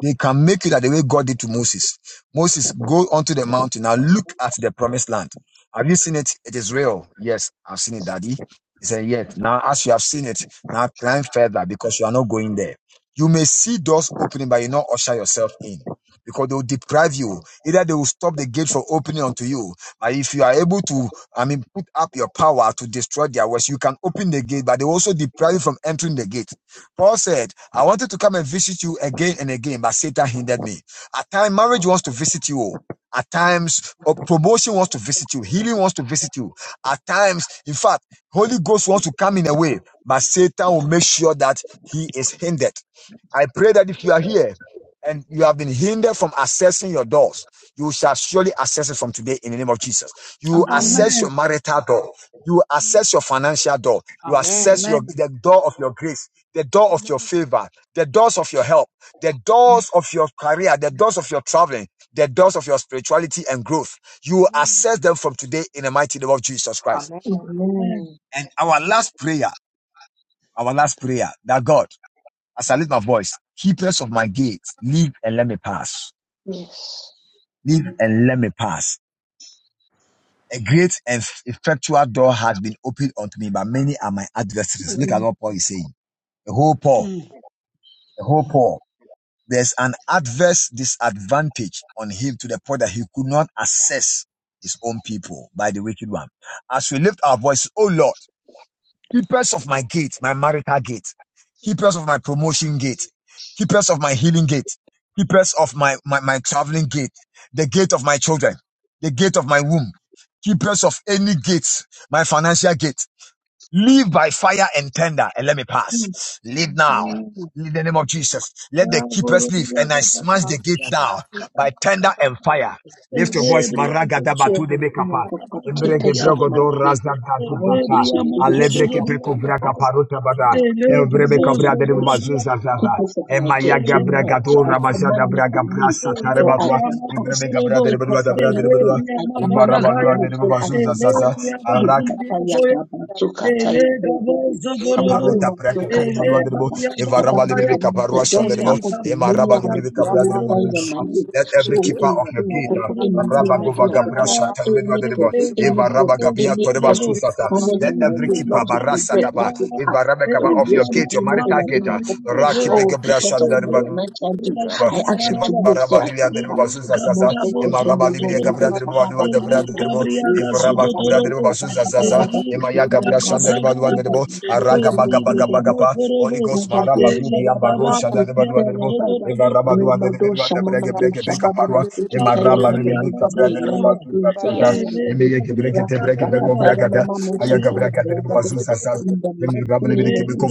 They can make it that the way God did to Moses. Moses, go onto the mountain and look at the promised land. Have you seen it? It is real. Yes, I've seen it, Daddy. He said, Yes. Now, as you have seen it, now climb further because you are not going there. You may see doors opening, but you not usher yourself in because they will deprive you. Either they will stop the gate from opening unto you. But if you are able to, I mean, put up your power to destroy their works, you can open the gate, but they will also deprive you from entering the gate. Paul said, I wanted to come and visit you again and again, but Satan hindered me. At times, marriage wants to visit you. oh. At times, uh, promotion wants to visit you. Healing wants to visit you. At times, in fact, Holy Ghost wants to come in a way, but Satan will make sure that he is hindered. I pray that if you are here and you have been hindered from accessing your doors, you shall surely access it from today in the name of Jesus. You
Amen.
Amen.
access your marital door. You access your financial door. You
Amen.
access your the door of your grace the door of your favor, the doors of your help, the doors of your career, the doors of your traveling, the doors of your spirituality and growth. You will access them from today in the mighty name of Jesus Christ.
Amen.
And our last prayer, our last prayer that God, as I lift my voice, keepers of my gates, leave and let me pass.
Yes.
Leave and let me pass. A great and effectual door has been opened unto me, but many are my adversaries. Look at
Amen.
what Paul is saying. The whole Paul, the whole Paul. there's an adverse disadvantage on him to the point that he could not assess his own people by the wicked one. As we lift our voices, oh Lord, keepers of my gate, my marital gate,
Nation,
keepers of my promotion
give
gate, keepers of my healing gate, keepers of my, my, my traveling gate, the gate of my children, the gate of my womb, keepers of any gates, my financial gate, Live by fire and tender and let me pass. Live now. In the name of Jesus, let the keepers live, and I smash the gate down by tender and fire. Lift your
Yes.
voice,
I
Maragada
feel
Batu de
the power
Bekapa.
of God.
Embrege
Keepers of my
brogodo
faith.
razda gadu
I want you
data.
to
Telebria
live so that
Alebreke
I
mozoborobria
peko
can
braga
pass.
paruta
mozoborobria.
bada.
Partakers
Evrebe
of my
kabra de
faith.
Telebabozoborobria
bazuza
Keep
zaza.
kataya.
us that I get
Emayaga
too
braga
much.
do
Telebria
I command
ramazada
you
kataya.
to
braga
leave
brasa
so I
tarebatwa.
Telebria
can pass.
Evrebe kabra
mazoborobo.
de
Keep
bedua
us
da
at
braga
my
de bedua.
gates.
Telebria
I command you to
Ivarabadua
mazatakaya.
leave
de
so I
bazuza
can pass.
zaza.
Telebria
Eh,
bazimbria
kataya
koya.
baba, Tokataya kataya brother,
Telegabozoborobo.
Kaparota
Yorema, so
prakatoro balua derebo
baba.
Telebria
The
evaraba
Amen.
Bible
katataya.
libribe
says the
kaparua
Thank
doors are
shaderebo
Ilika
open. Many are the people who stand on my way.
Let
So
every
eh,
keeper of
I
your
think i go
gate
for
uh,
any
Gabriel
raba gova gabra derebo
anybody,
evaraba
anybody,
toreba
anybody
susasa.
standing
Let
on my
every
way, not
keeper
to
marasa
regret, not
taba
to pass. They will
of your
just
gate your
redeem
marital
everything
gate uh,
I
rakibe
Oh,
gabra
because of my financial gifts, I ask you to move so I
Emarabaliya
can
deribo
pass.
basu sasa
Most of the people who go
emarabaliya kapra
you,
deribo
Shabba, ba,
baluwa
ba, ba,
debra
ba.
deribo,
You,
evraba kubra
you,
deribo basu sasa emaya kapra shanda deribo baluwa
get
deribo,
me to the
araga
Kaya,
baga
ba,
baga
ba, ba.
baga pa Holy
Mokorobo,
Ya,
Ghost,
ba, de,
Maraba Guki
Shabba, ba,
Ambaro
ba, to
Shanda
the
Gabriel
Kaya,
Baduanebo,
ba, ba.
Eva
Mokorobo,
We,
Rabadu and the
ma, do,
Bedua, the
Shama, ma,
Brege
do,
Brege Beka Parwa, Emma Rabba
Maborobriaga
Libika Brand and
Zagaraba,
Basu Sasa,
Ele
Yemeke Brege
Mabriaga
Brege Beko
Raba,
Bragada,
Ele
Ayaka Bragata de Basu Sasa.
In the mighty name of
Keep
Jesus.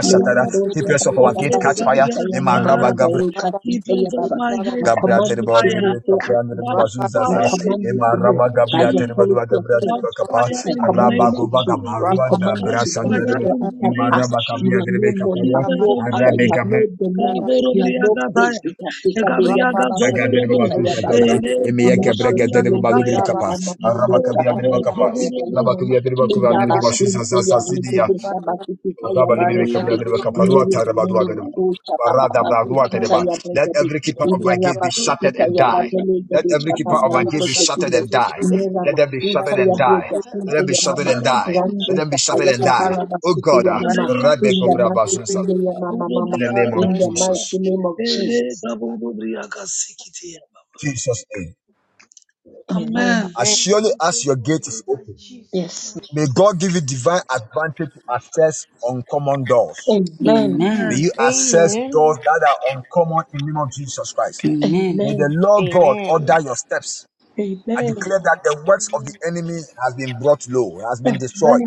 Lemandosha
us off
Baba
our gate,
Baba
catch fire.
Sikita Yamamara
Zagaraba,
Garuka
keep
Sita
us on
Yababa.
my
I
you.
gate, catch
command
Gabriateri
you
bawa di
to
fire,
move
bini
go up
kapran di
and
bini
up.
catch
basu
I
zasa
fire
Rapadabashan
in
command you
the
to
ema
in
move
raba
name of
by the
gabriateri
Jesus,
authority
badua
of
the
gabriateri
God.
catch
name of
bakapa
fire
I
Jesus.
in the
command
araba
you
name
to
of
kuba
me
move.
way,
Jesus,
I
Lord,
gabarua
in a
na
command you
Rapadabashan
catch
to
berasan di
leave
fire
bini
or I
in the
can
ema
name of
pass.
raba
You
Jesus,
are
gabriateri
no more. You
keep
bakaparua
have
us
no
on my
power. You
gate,
arabe
have no dominion. You have no place. Sika Sika De
Gabriaga
Yababa
Rapadabashan
gabriateri
Zoborobo,
Sikita
basu
Yababa.
zasa
Ele
eme ya
Baba
Nosotros
gabriateri
Gabriaga
yo
basu di
digo
bini
Kaya,
que
kapa
la mamá
araba
Ele
lucha
gabriateri
Gabo
para
bakapa
Lord.
critica ya
Zoborobo,
araba
mamá
gabriateri
en
bakuba
la
Ele
di bini basu
paciente ya
Gabaraga
zasa
le que de esta
Zoborobo,
basquita ya
Ele
barricade
Gabaraga
nere nene
Zoborobo,
madosha papa
Ele Gabriaga Zoborobo, Ele
basquita
Gabriaga
ya
Let
barricade
every keeper
y
of
Zoborobo,
de
my
la
gate be shattered
basquita
Ele
and
ya
die.
Gabriaga
barricade que
Let
de
every
esta
keeper
papa
of my gate
lupo
be shattered
soquinde
and die.
nera
Let them be
machuta
shattered
ya
and
Father,
die.
Father, Father,
barricade
Let them be
ya
shattered
mamá
and die.
Father,
Rando
Let them be shattered
Sakaya
and
Zoborobo,
die.
Babara
Oh
Basquita
in
God,
ya
the
uh,
mamá
name of
Rebbe
in the
Jesus.
Kovra
mighty
Basunsa,
name ya mamá mamá
in
Father,
the
Amen.
name of
in the mighty
Jesus.
name of Jesus.
Father,
Jesus' name.
Amen.
Amen.
As surely as your
to
gate is
enter
open,
Jesus'
Yes.
mind.
may God give you divine advantage to access uncommon doors.
Amen.
May
Amen.
Amen.
you access
Amen.
doors
name.
that are uncommon in the name of Jesus Christ.
Amen.
May the
Amen.
Lord God order
Amen.
your steps. I
Amen.
declare that the works of the
Amen.
enemy has been brought low, has been destroyed.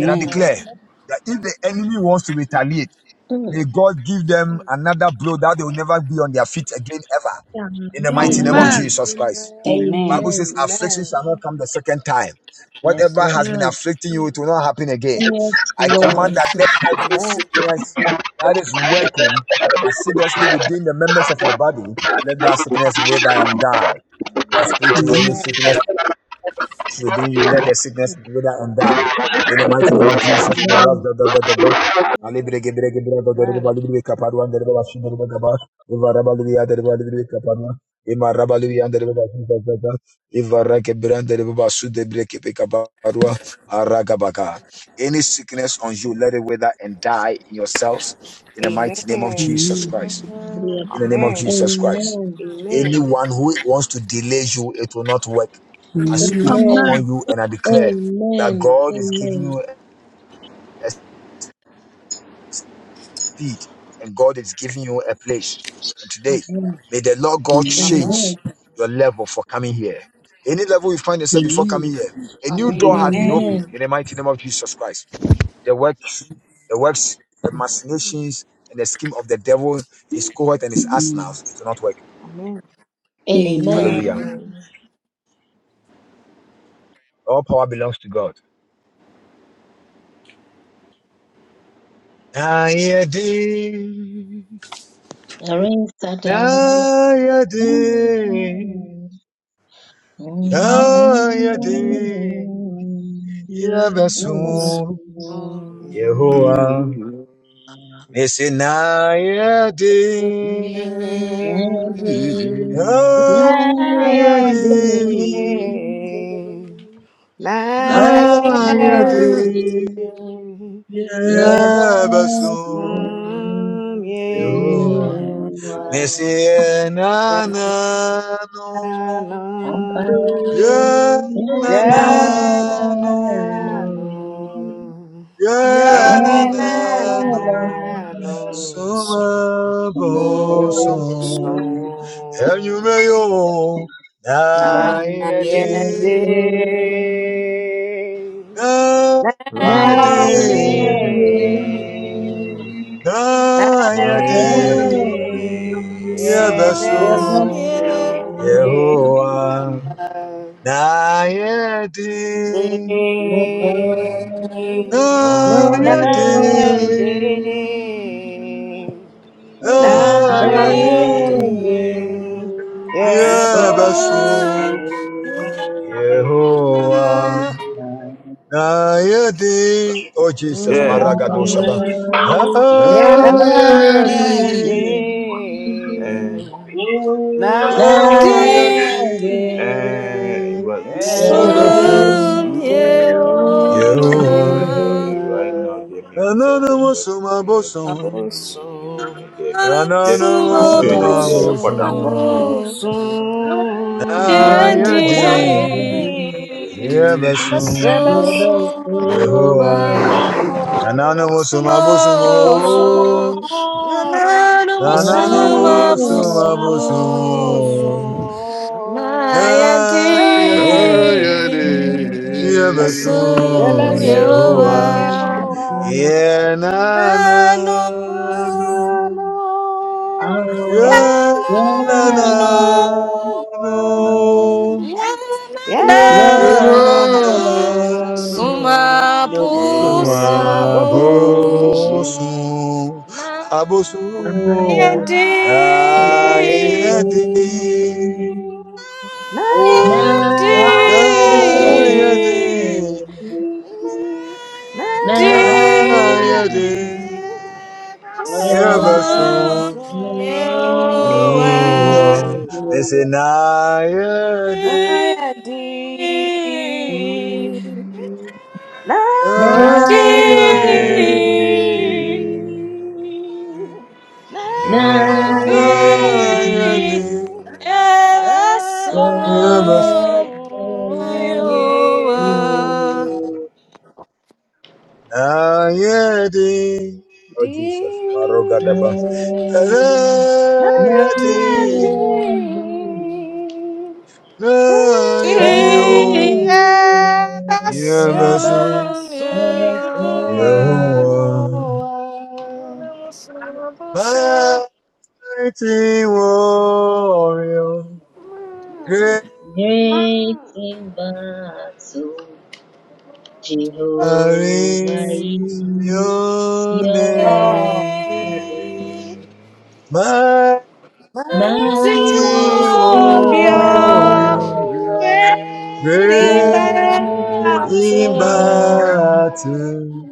And I declare that if the enemy wants to retaliate,
Amen.
may God give them
Mm.
another blow that they will never be on their feet again ever. In the mighty name
Amen.
Amen.
of
Mm,
Amen.
Amen.
Jesus Christ.
Amen.
Amen.
Bible
Amen.
says
Amen.
affliction
Amen.
shall
Mm.
not come the second time.
Yes,
Whatever
Lord.
has been
Yeah.
afflicting you,
Mm.
it will not happen again.
Yes,
I
Yes.
Lord.
command that let
Jesus.
Amen. Amen.
every
Amen.
sickness that is working assiduously within the members of your body, let that sickness wither and die. I
Amen.
speak to any
Amen.
sickness within you. Let the sickness wither and die. In the mighty name of Jesus, my Lord,
Amen.
da, da, da, da, da. Alibre gebre gebre da, da, da, da, ba, libre kaparwa, da, da, da, ba, shi, da, da, ba, gaba. Iva raba libya, da, da, ba, libre kaparwa. Ima raba libya, da, da, ba, shi, da, da, da. Iva ra gebra, da, da, ba, su, de, bre, kepe kaparwa. Ara gabaka. Any sickness on you, let it wither and die in yourselves.
Amen. Amen.
In the mighty name of
Amen.
Jesus Christ.
Amen.
In the name of
Amen.
Jesus Christ.
Amen.
Anyone who wants to delay you, it will not work. I speak
Amen.
Amen.
upon
Amen.
you and I declare that
Amen.
God is giving
Amen.
you a speed and God is giving you a place. And today,
Amen.
may the Lord God
Amen.
Amen.
change
Amen.
your level for coming here. Any level you find yourself before coming
Amen.
here, a new door has
Amen.
been
Amen.
Amen.
opened in the mighty name of Jesus Christ. The works, the works, the machinations, and the scheme of the devil, his cohort, and his arsenals, it will not work.
Amen.
Amen.
Amen.
Hallelujah.
Amen.
All power belongs to God. Na na
Rain Sada.
na yadi,
Mm, mm,
yadi, yadi, ya besu,
Yes.
mm, mm.
Yehovah, Nayade,
Nadi,
Amen. Naya
Nayade,
Nayandi,
day.
na yadi, na
Naya
yadi,
Nayandi,
Nayade, Nayade, Nayade,
day.
Yabasun,
Yadasu,
Am
Yehoah,
You are
Yehovah
Messi Nanano,
Renano,
Ampara,
Yeah, na
Yeah.
na
Renano,
Yananano,
no.
you. Thank
Yeah,
Yeah,
na na
Yananano,
no.
Renano, so,
Sumabo
Renanano, Sumbo,
Namabusu,
song. And you
Sum,
may own.
na
Na yadi.
Nayende,
Nayandi.
Na
Friday.
yadi.
Nayandi,
Na
Yeah. And
Nayende
yadi. Yebeso.
Son, yeah.
yebesun yewa
you.
Yehoah. Na yadi.
Nayende
Nayade,
Oh,
Nayade,
Nayende yebesun
Son,
Yebaso,
yeah.
yewa
Yehoah,
Son, yeah.
Nayade, oh Jesus,
I
Maragado Shaba,
see my
Nayende
Nayade,
enemy. Oh,
Thank
my
Nayade,
Nayende
enemy.
and well, you,
Never
uh,
Yes,
Son,
Yebaso,
ẹ̀bẹ̀sùn kiri
mm,
Yehoah,
okay,
wá
right now the me who's out and work will
Nananamasuma
be able to, you
Boson,
know, you know, you know, you
abósùn
know, there be- It's just you don't need to
Nananamasuma
be a
abósùn
quarter down.
Boson,
You
abósùn
don't need to be a quarter
Nayade,
yeah.
dáyẹ̀dì
You
down.
Yebasum
ẹ̀bẹ̀sùn
Nanu
Yehoah.
yẹ̀wò wá
Nananomusumabusumo.
abósùn mọ́ nànánú sùn
Nananomusumabusumo.
abósùn
Na yate.
dáyẹ̀dì
Naya de-
Yebasum
ẹ̀bẹ̀sùn
Yehoah.
yẹ̀wò wá.
you.
Yenanano.
Namo, yeah,
Oh, yeah,
na,
na,
na,
na,
na.
na.
Yenanano.
You
Yeah,
Yeah,
Yeah,
na,
na,
na, na,
na.
know,
Yananum
know,
na.
no.
No
know the
Num,
more.
So
one
suna, bo, sun.
was in-
sumapusum
abosu, abosu,
And I
nayandi
I am
na yade,
am
thee. Na,
Thank
na,
you.
Na,
Oh, na
I am
Now,
yeah,
nayandi
yade,
thee
na, Na,
nayandi
na yade,
sum
yeah,
abosu
son
na, yeah,
you
na,
They
na.
say na yade,
Yehoyadi.
na
Great
yade,
Deep,
Nayadi.
na
Nayadi.
deep,
yede.
yeah, that's
Nemus
Rabbason
you
Yehodi.
are.
Ayadi. Oh Jesus, Marogadaba. Ayadi.
Deep,
Nayadi.
Ayadi.
Nayandi
oh.
yeah, that's
Yemasu.
Yabasunye
Yehovah.
Moa
Mighty warrior.
Mom.
Great
Mom.
in battle.
you
Jehovah
are.
is
is your
your
Almighty
name.
name,
name.
mighty
Mighty
Mighty Allah,
warrior,
warrior.
Warrior,
great in
Great.
Great
Glorious.
great
in
in
and
battle,
mighty
battle,
battle,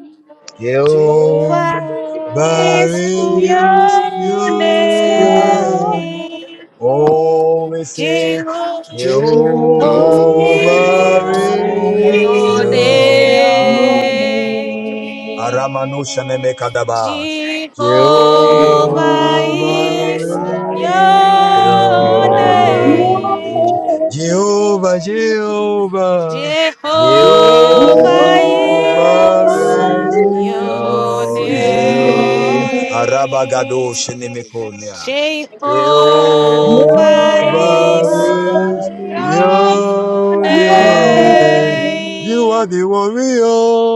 Jehovah
over
Jehovah
is
is
is
your
is
your
your
your
name.
name,
name.
Always say,
Jehovah
Jehovah
Jehovah,
No
your
Jehovah
is
Jehovah
worries,
is
your
is
is
your name.
your
your name.
name.
name.
Aramanu Shaneme
name.
Kadaba.
Jehovah
you
Jehovah
Jehovah
is
Jehovah
Jehovah
is
is
is
is
your
your
your
your
name.
name.
name.
name.
Jehovah, Jehovah,
Jehovah
Jehovah
is
Jehovah
Jehovah
is
your
is
your
is
name.
your
Arabagado
name.
Shenemekonia.
name.
your name.
Jehovah
Jehovah
Jehovah
Jehovah
is
is
is
is
your
your
the
your
only
name. You
name.
are
name.
the warrior.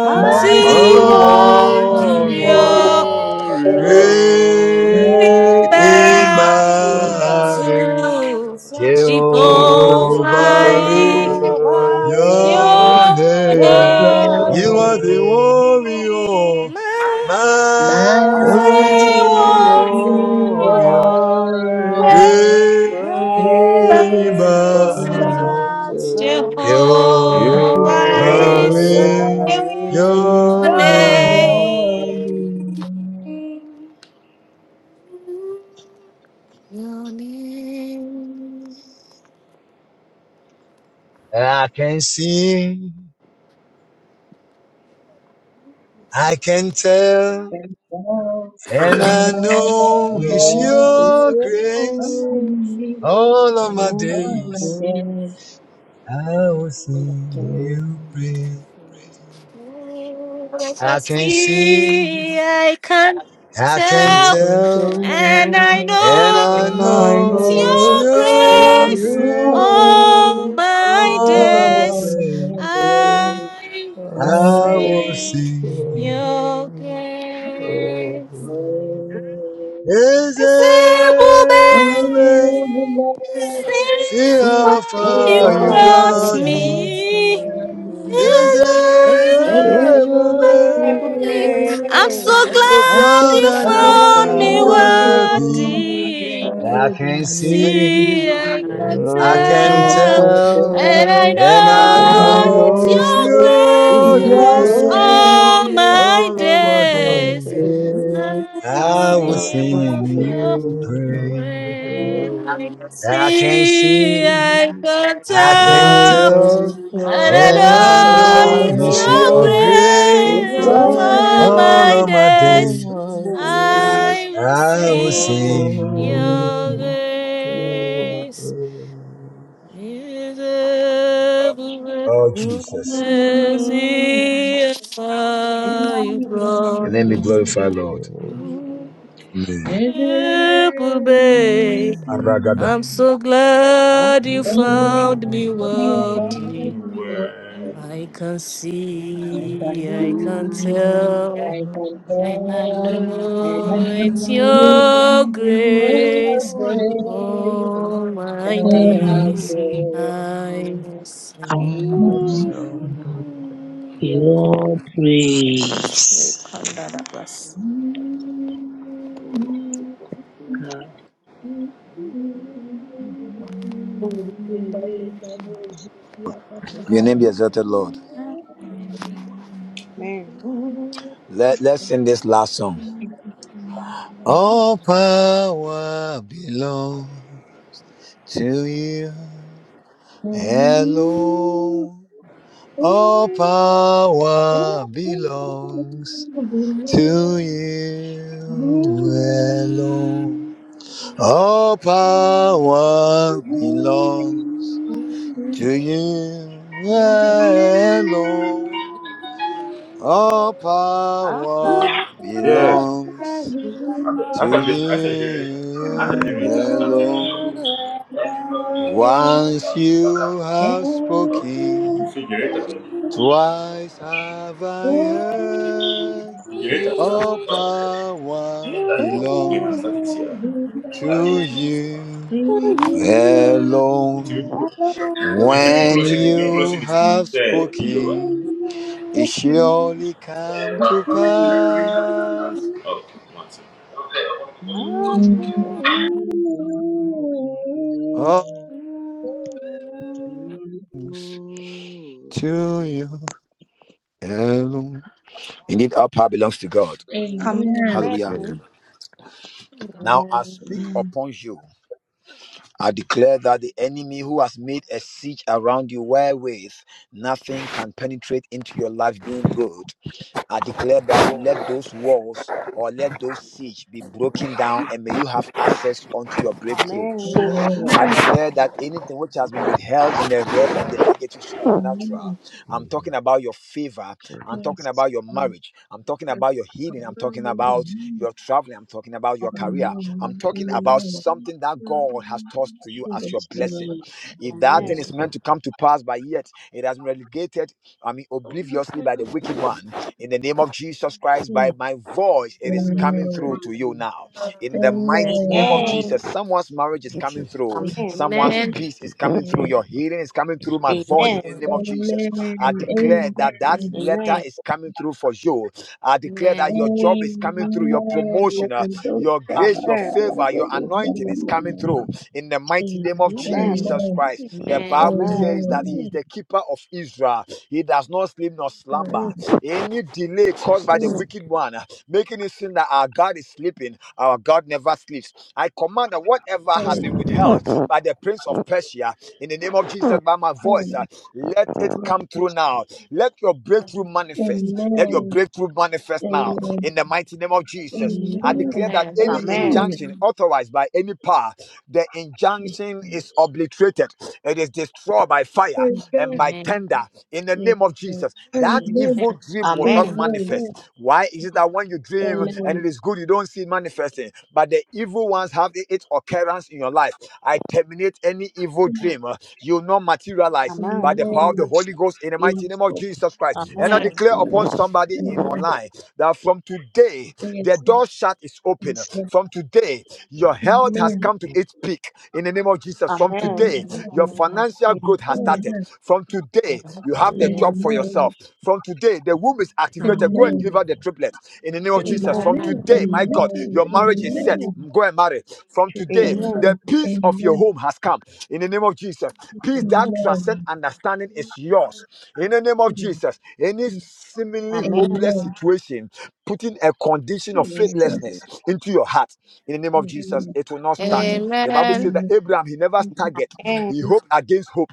mighty
Mighty
Mighty
warrior,
warrior,
warrior,
warrior.
great in
great in
great
battle.
in
Jehovah
battle,
is your
to
name.
battle.
Jehovah
Jehovah
Jehovah
is
Jehovah is
is
your
your
Thank
name.
your
name,
You
your
are
you.
the
name.
warrior,
name,
mighty
Mighty
You
mighty
mighty
warrior,
warrior,
warrior,
warrior,
are
great
a
great
great
in
great
great
in
in
battle,
battle,
battle,
battle.
mountain.
Jehovah
Jehovah
Jehovah is
Jehovah
is
Jehovah
is
is
your
your
your
name.
your
name.
name.
name.
Your name.
I can see, I
Amen.
can tell, and I know it's
Lord, it's
your grace.
yours.
All of my
Lord, it's
days,
yours.
I will sing you praise.
I
I can see,
see, I can
I can
I
tell,
can
tell,
and I
tell.
and I
And
know
I
know
it's
it's
know
your
it's
your
grace.
your
grace.
All
Israel.
grace
my
that
All of my
days
days,
Thank
brings
I will
I will
sing
sing you.
your
salvation. Oh,
grace.
Praise
Sing
See
See
for
how far
you
you
brought
brought me.
what's
me.
new. Is it?
Is
Ezebube.
everywhere,
I'm so
I'm so
I'm
glad
so
glad
you
I am
glad
found
found
me
worthy.
everywhere,
you
worthy.
are alive.
I
You
can
can
everywhere.
see,
see, I
you.
I
can
I
I
can
thank you,
tell,
All I
tell,
and
know,
I
God,
and
Magnify
and
I
and I
and
I
I
know
know
it's
it's
your
know
know
know it's
it's
your
it's
your
your
grace.
grace.
your
All
grace,
grace.
love
my
All of
oh
my
for
my
my
that
days,
days,
has
grace.
prayer.
I will
I
I will
I
sing
was
sing
of your
you
been
in your
praise.
mercy,
grace. I can
I can
see,
see.
I
and
can
I can
I've
And
tell.
been
tell
thank
to
you,
the
And I
and
I
I
And
and
know
I
I
know
it's
know
it's
your
your
know
know it's
it's
it's
grace.
your
your
grace,
your
grace.
all
grace,
my
All of
grace
my
for
days.
day
I will
I will
sing
sing.
your
you.
my
grace. Is everywhere
Oh Jesus.
as if You,
Your
brought
name be
me.
glorified, Lord.
days.
Amen.
Beautiful Babe, I'm so glad you
that
found me
has
Mm,
worthy.
mm,
been for me.
I can
I can
see, I can
see,
mm,
tell,
I can
and I
tell,
mm,
and
know
I
it's
know
your
your
grace.
ways
All my
are out
days
mm,
there.
I
mm.
will sing
I've
your
seen
goodness. We can do that, bless. Amen.
Your name be exalted, Lord.
your
May
Let, let's sing this last song. All power belong to you. Hello. All power belongs to you
Oh,
alone. All power belongs to you alone. All power belongs
Amen.
That's
to
a gen- that's a generator.
you
That's a generator starting right now.
alone. Once you have
If you
spoken,
see generator,
twice have I heard.
generator starts.
All
Oh,
power
and I
belongs
started here.
to you
Thank you.
Amen.
It
Amen.
alone.
will nti
Amen.
mi
When
nklosi mi
Amen.
nklosi
you
ne si
have
sɛ yiyova
spoken, it surely come to pass.
ok
All
Amen.
belongs to you alone. Indeed, all power belongs to God.
Amen.
It's
Hallelujah.
not him.
Now I speak upon you. I declare that the enemy who has made a siege around you wherewith nothing can penetrate into your life being good. I declare that let those walls or let those siege be broken down and may you have access unto your breakthroughs.
Amen.
I
Amen.
declare that anything which has been withheld in the realm of the negative supernatural,
Amen.
For
I'm talking
your
about your favor,
word.
I'm talking
Yes.
about your
um,
marriage, I'm talking
yes,
about your healing, I'm
um,
talking
Yes,
about
Amen.
your traveling, I'm talking about your career, I'm
Amen.
talking about
Amen.
something that God has tossed to you as
Jesus.
your
Yes.
blessing.
Amen.
If that
Amen.
thing
yes,
is meant
Lord
to come to pass, but yet it has been relegated, I mean, obliviously by the wicked one, in the name of Jesus Christ, by
Amen.
my voice, it is coming through
Amen.
to
Amen.
you now. In the mighty name of
Amen.
Jesus, someone's marriage is coming
Jesus.
through.
Amen.
Someone's
Amen. Amen.
peace is coming
Yes,
through.
Yes,
Your healing is coming
yes,
through my
yes,
yes,
voice in the name of Jesus.
Amen.
I
yes,
Amen.
declare
Amen.
that
Amen.
that
yes,
letter
yes.
Amen.
is coming through for you. I declare that your job is
Amen.
coming through. Your
Amen. Amen.
promotion, uh,
Amen.
your
Am-
grace, your favor, your anointing is
Amen. Amen.
coming through in the mighty name of
Amen.
Jesus
Amen.
Christ. The Bible
yes,
says
Amen.
that He is
Amen.
the keeper of Israel. He does not sleep nor slumber.
Mm,
Any delay caused
Jesus.
by the
mm,
wicked
Thank you, Jesus.
one, uh, making it seem that our God is sleeping, our God never sleeps. I command that whatever has
Yes,
mm,
been withheld
Lord.
by the prince of Persia, in the name of Jesus, by my
Amen. Amen.
voice, uh, let it come through now. Let your breakthrough
mm,
manifest. Let your
mm.
breakthrough manifest now.
Amen.
In the mighty name of Jesus, I declare that
Amen.
any
Amen.
Amen. Amen.
injunction
Amen. Amen.
unauthorized by any power. The
Jesus.
injunction is obliterated. It is destroyed by fire
Mm,
Amen.
and by
Amen.
tender in the
Yes,
name of
Lord.
Jesus. That evil
Amen.
dream will not
Amen.
Amen.
Mm,
manifest. Why is it that when you dream
mm,
Amen.
and it is good, you don't see it manifesting? But the evil ones have i- its occurrence in your life. I terminate any evil dream. uh, You will not materialize Christ, by
Amen.
mm,
the power of the Holy Ghost, in the mighty
Yes,
name of
yes,
Jesus Christ. And I
Jesus.
Amen.
yes,
declare
Lord.
upon somebody
mm.
in
Amen.
online that from today,
Yes,
the
yes,
door shut is open.
yes, Lord.
From today, your health has
Amen.
come to
Yes.
its peak in the name of Jesus. From
Amen.
today, your
Amen.
Amen.
financial growth has
Amen.
started.
Amen.
From today, you
Amen.
have
Amen.
the
Yes,
job for
Lord.
Amen.
yourself. From today, the womb is activated. Go
Amen.
and
Amen.
deliver the
Amen.
triplets in the name of
Amen.
Amen.
Jesus. From
Amen.
Amen.
today, my
Amen.
God,
Amen.
your marriage is set.
Amen.
Amen.
Go and marry. From today,
Jesus.
the
Amen.
peace of your home has come in the name of Jesus. Peace that
Amen.
Amen.
transcends understanding is yours. In the name of
Amen.
Jesus, any
Yes,
Amen. Amen. Amen.
seemingly
Amen.
hopeless
Amen.
situation, putting a condition of
Jesus.
Jesus.
faithlessness into your heart, in the name of
Yes,
Jesus,
Amen.
it will not stand.
Amen.
The Bible says that
Amen.
Abraham, he never staggered.
Jesus.
Amen.
He hoped against hope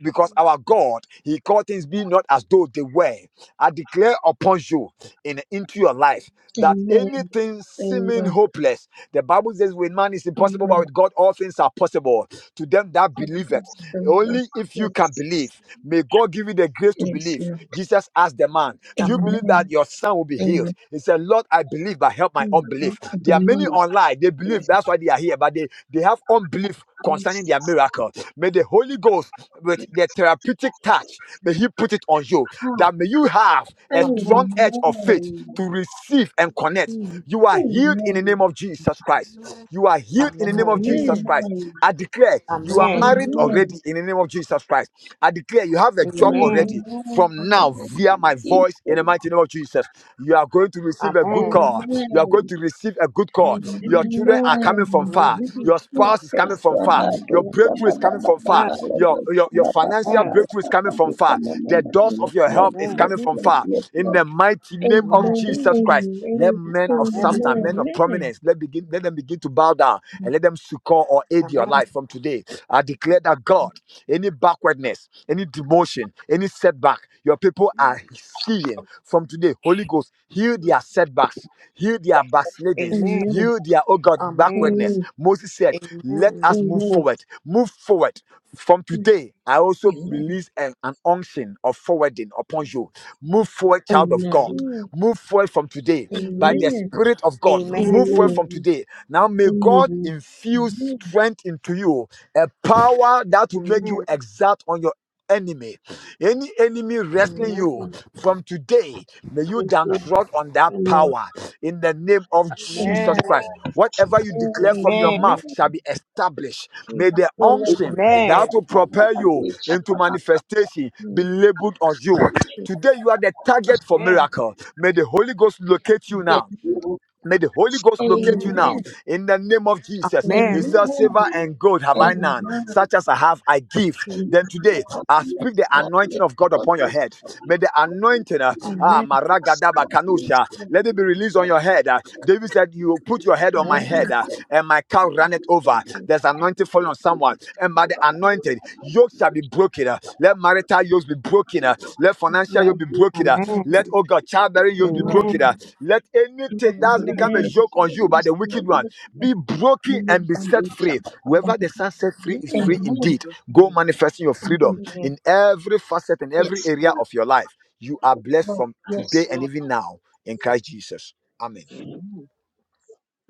because our God, He called things be not as though they were. I declare upon you and into your life that
Amen.
anything seeming
Amen.
hopeless, the Bible says, with man is impossible, but
Amen.
with God all things are possible to them that
God
believe
bless the Lord.
only if you can
Yes.
believe. May God give you the grace to
Yes.
believe.
Lord.
Jesus asked the man,
Amen. Amen. Amen.
Do you
Mm,
Amen.
believe
Amen.
that your son will be healed?
Amen.
He said, Lord, I believe, but help my
mm,
unbelief.
I
There are
believe.
many online, they believe,
Yes.
that's why they are here, but they, they have unbelief concerning
Yes.
their miracle. May the Holy Ghost, with
Yes.
the therapeutic touch, may He put it on you, that may you have a
Amen.
mm,
strong edge of faith
Amen.
to receive and connect.
mm.
You are healed in the name
Amen.
of Jesus Christ. You are healed in the name of Jesus
Amen.
Christ. I declare you are
Amen.
married
Amen.
Amen.
already in the name of Jesus Christ. I declare you have a job
Yes.
already from now via my
Amen.
voice in
Amen.
the mighty name of Jesus. You are going to receive a good call. You are going
Amen.
to receive a good call. Your
Amen.
children are coming from
Amen.
Amen.
far.
Amen.
Amen.
Your spouse is coming
Praise
from
God.
far.
Yes.
Your
Bado,
Lord.
breakthrough
baba,
is coming
baba,
from far.
baba, baba,
Amen.
Your,
baba,
your, your
baba,
financial
Amen.
baba,
breakthrough is coming
baba,
from far.
baba,
The
baba.
doors of
Yes,
your help
Lord.
is
Amen.
Yes,
coming from
Amen.
Lord.
far.
Yes,
In the
Lord.
mighty name
Amen.
of
Amen.
Jesus
Amen.
Christ, let
Amen.
men
Amen.
of substance,
Amen.
men of
Amen.
prominence. Let begin, let them begin to bow down
Mm,
and let them succor or aid your
Amen.
mm,
life from today. I declare that God, any backwardness, any demotion, any setback, your people are seeing from today. Holy Ghost, heal their setbacks, heal their backslidings,
Amen.
Amen.
heal their oh God
Amen.
backwardness.
Amen.
Moses said, Let
Amen.
us move
Amen.
forward, move forward. From
mm, mm.
today, I also
Amen.
release an, an unction of forwarding upon you. Move forward, child of God.
Amen.
Amen.
Move forward from today by
Amen.
the Spirit of God.
Amen.
Amen.
Mm,
Move forward from
Amen. Amen.
today. Now, may God
Amen.
infuse strength into you, a power that will make you
Amen.
exact on your enemy. Any enemy wrestling
Amen.
Yes,
you
Lord.
from today, may you
Yes,
down
Lord.
trod on that
Amen.
power in the name of
Amen.
Jesus Christ. Whatever you declare from your
Amen.
mouth
Amen.
shall be established. May the
Amen.
unction that
Amen.
will propel you into
Amen.
manifestation be
Mm,
labeled on you.
Jesus.
Today, you are the target for miracles. May the Holy Ghost locate you now.
Yes,
Amen.
Lord.
May the Holy Ghost locate
Amen.
you
Amen.
now
Amen.
in the name of Jesus. He
Amen.
Amen.
says, Silver
Amen.
and gold have I
Thank
none,
Amen.
such as I have, I give.
Yes,
you,
Then today,
Lord.
I speak
Yes,
the
Lord. Yes, Lord. Yes, Lord. Yes, Lord.
Jesus.
anointing
Yes,
of God
Lord.
upon your head. May the anointing, uh,
Amen.
ah,
Amen.
Maragadaba
Yes, Lord. Yes, Lord. Yes,
Kanusha, let it be
Lord.
released
Yes,
on your head. Uh,
Lord.
David said, You put your head on
Amen.
my
Yes,
head,
Amen.
uh, and my cow ran it over.
Jesus.
There's anointing falling on someone, and by the anointing, yokes shall be broken. uh, Let marital yokes be broken. uh, Let financial yokes be broken. uh,
Amen.
Amen.
Let, oh God, childbearing
Lord.
yokes be
Amen.
Amen.
broken.
Amen.
uh,
Right.
let
Yes,
anything that's
Lord,
Amen.
become a
yes,
Amen.
joke on
Lord,
you by
yes,
the wicked
Lord,
one
yes, Lord.
be broken
Live
and be
on
set
your
free.
Shabbat above.
Whoever the Son set free is free
In
Amen.
indeed.
Jesus'
Go
name.
manifesting your
Amen.
freedom
Amen.
Amen.
in every facet and every
Yes,
area
Lord,
of your life. You are blessed from today
yes,
and
Lord.
even now in Christ Jesus. Amen.
Amen.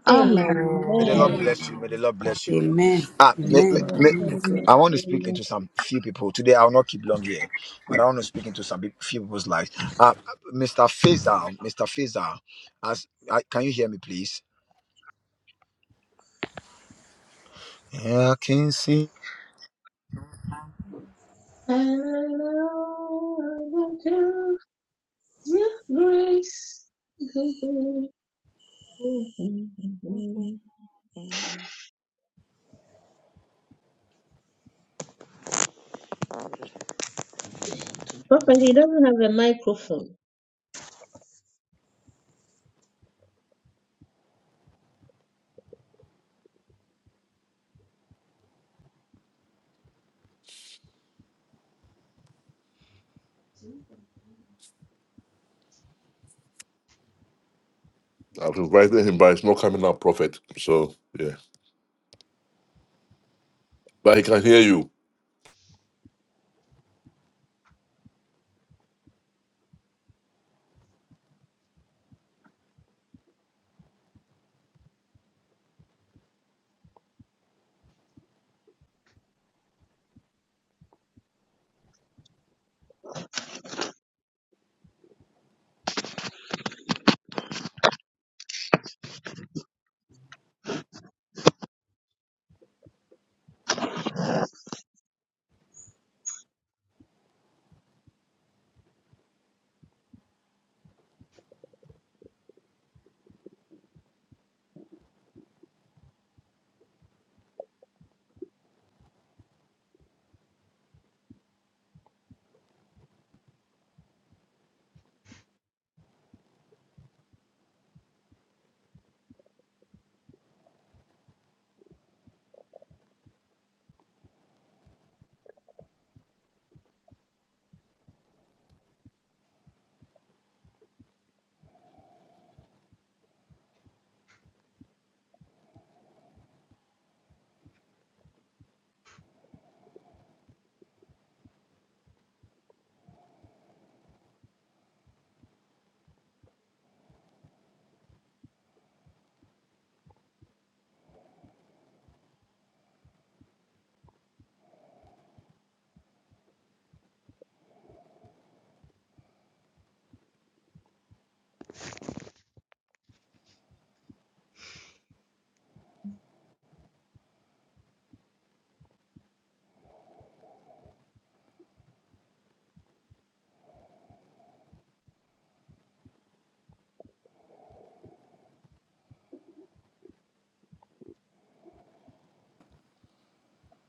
Amen.
Um,
May the Lord
Amen.
Amen.
Amen.
Amen.
bless you. May the Lord bless you. Ah, may, may,
Amen.
Amen.
may,
God
Amen.
bless.
Amen.
I want to speak
Amen.
into some few people today. I will not keep long here, but I want to speak into some peop- few people's lives. Ah, Mr. Faisal, Mr. Faisal, as I, can you hear me, please? I can see.
Hello, to your grace. Papa, he doesn't have a microphone.
I was right there him, but it's not coming out, prophet. So, yeah. But he can hear you.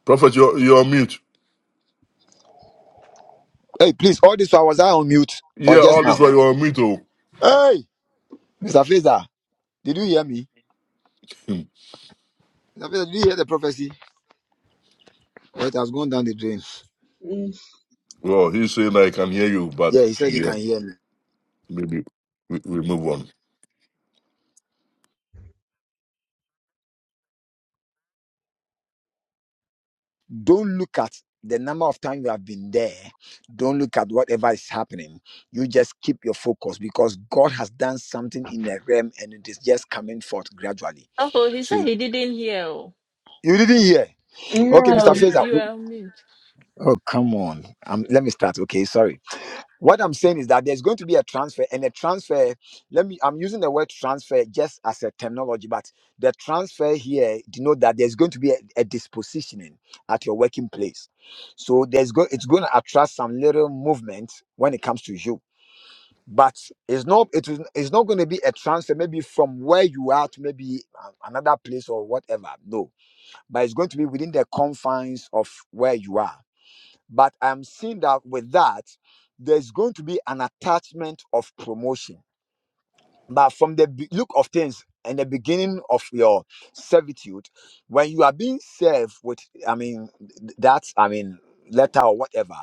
Prophet, you're, you're on mute.
Hey, please, all this while was I on mute or
Yeah,
just
all this
now?
while you're on mute. Oh.
Hey, Mr. Faza, did you hear me?
Hmm.
Mr. Faza, did you hear the prophecy? Well, it has gone down the drain.
Mm.
Well, he's saying I can hear you, but
Yeah, he said he
yeah,
can hear me.
maybe we, we move on.
Don't look at the number of times you have been there. Don't look at whatever is happening. You just keep your focus because God has done something in the realm and it is just coming forth gradually.
Oh, he
So
said he didn't hear. oh.
you didn't hear. Okay, Mr.
No.
No, you,
Faza.
you are on mute.
Oh, come on. Um, let me start. Okay, sorry. What I'm saying is that there's going to be a transfer, and a transfer. Let me. I'm using the word transfer just as a terminology, but the transfer here denote that there's going to be a, a dispositioning at your working place. So there's go. It's going to attract some little movement when it comes to you, but it's not. It is. It's not going to be a transfer. Maybe from where you are to maybe a- another place or whatever. No, but it's going to be within the confines of where you are but I'm seeing that with that, there's going to be an attachment of promotion. But from the be- look of things in the beginning of your servitude, when you are being served with, I mean, th- that, I mean, letter or whatever,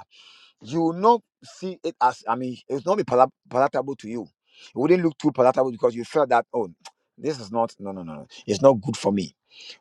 you will not see it as, I mean, it will not be pala- palatable to you. It wouldn't look too palatable because you felt that, oh, this is not, no, no, no, no, it's not good for me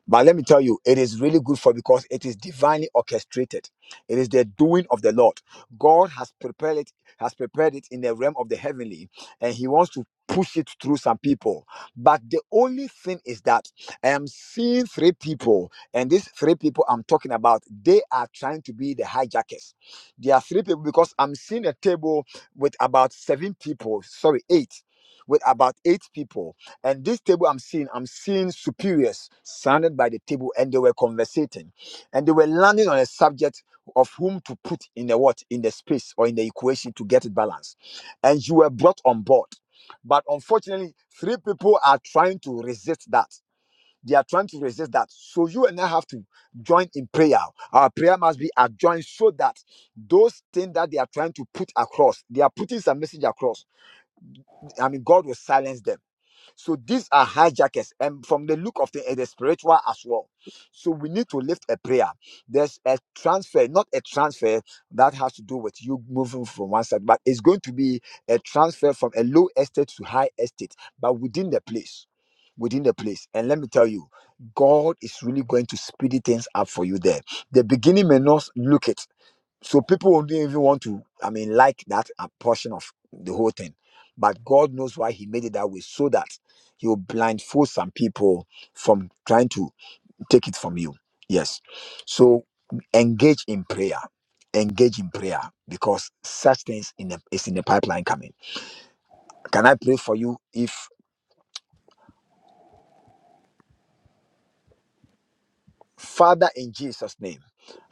but let me tell you, it is really good for because it is divinely orchestrated. It is the doing of the Lord. God has prepared it, has prepared it in the realm of the heavenly, and He wants to push it through some people. But the only thing is that I am seeing three people, and these three people I'm talking about, they are trying to be the hijackers. There are three people because I'm seeing a table with about seven people, sorry, eight, with about eight people and this table I'm seeing, I'm seeing superiors surrounded by the table, and they were conversating, and they were landing on a subject of whom to put in the what in the space or in the equation to get it balanced. And you were brought on board, but unfortunately, three people are trying to resist that. They are trying to resist that. So you and I have to join in prayer. Our prayer must be adjoined so that those things that they are trying to put across, they are putting some message across. I mean, God will silence them so these are hijackers, and from the look of the, it is spiritual as well. So we need to lift a prayer. There's a transfer, not a transfer that has to do with you moving from one side, but it's going to be a transfer from a low estate to high estate, but within the place. Within the place, and let me tell you, God is really going to speed things up for you there. The beginning may not look it, so people won't even want to, I mean, like that a portion of the whole thing. But God knows why He made it that way, so that He will blindfold some people from trying to take it from you. Yes. So engage in prayer. Engage in prayer because such things in the, is in the pipeline coming. Can I pray for you? If Father in Jesus' name.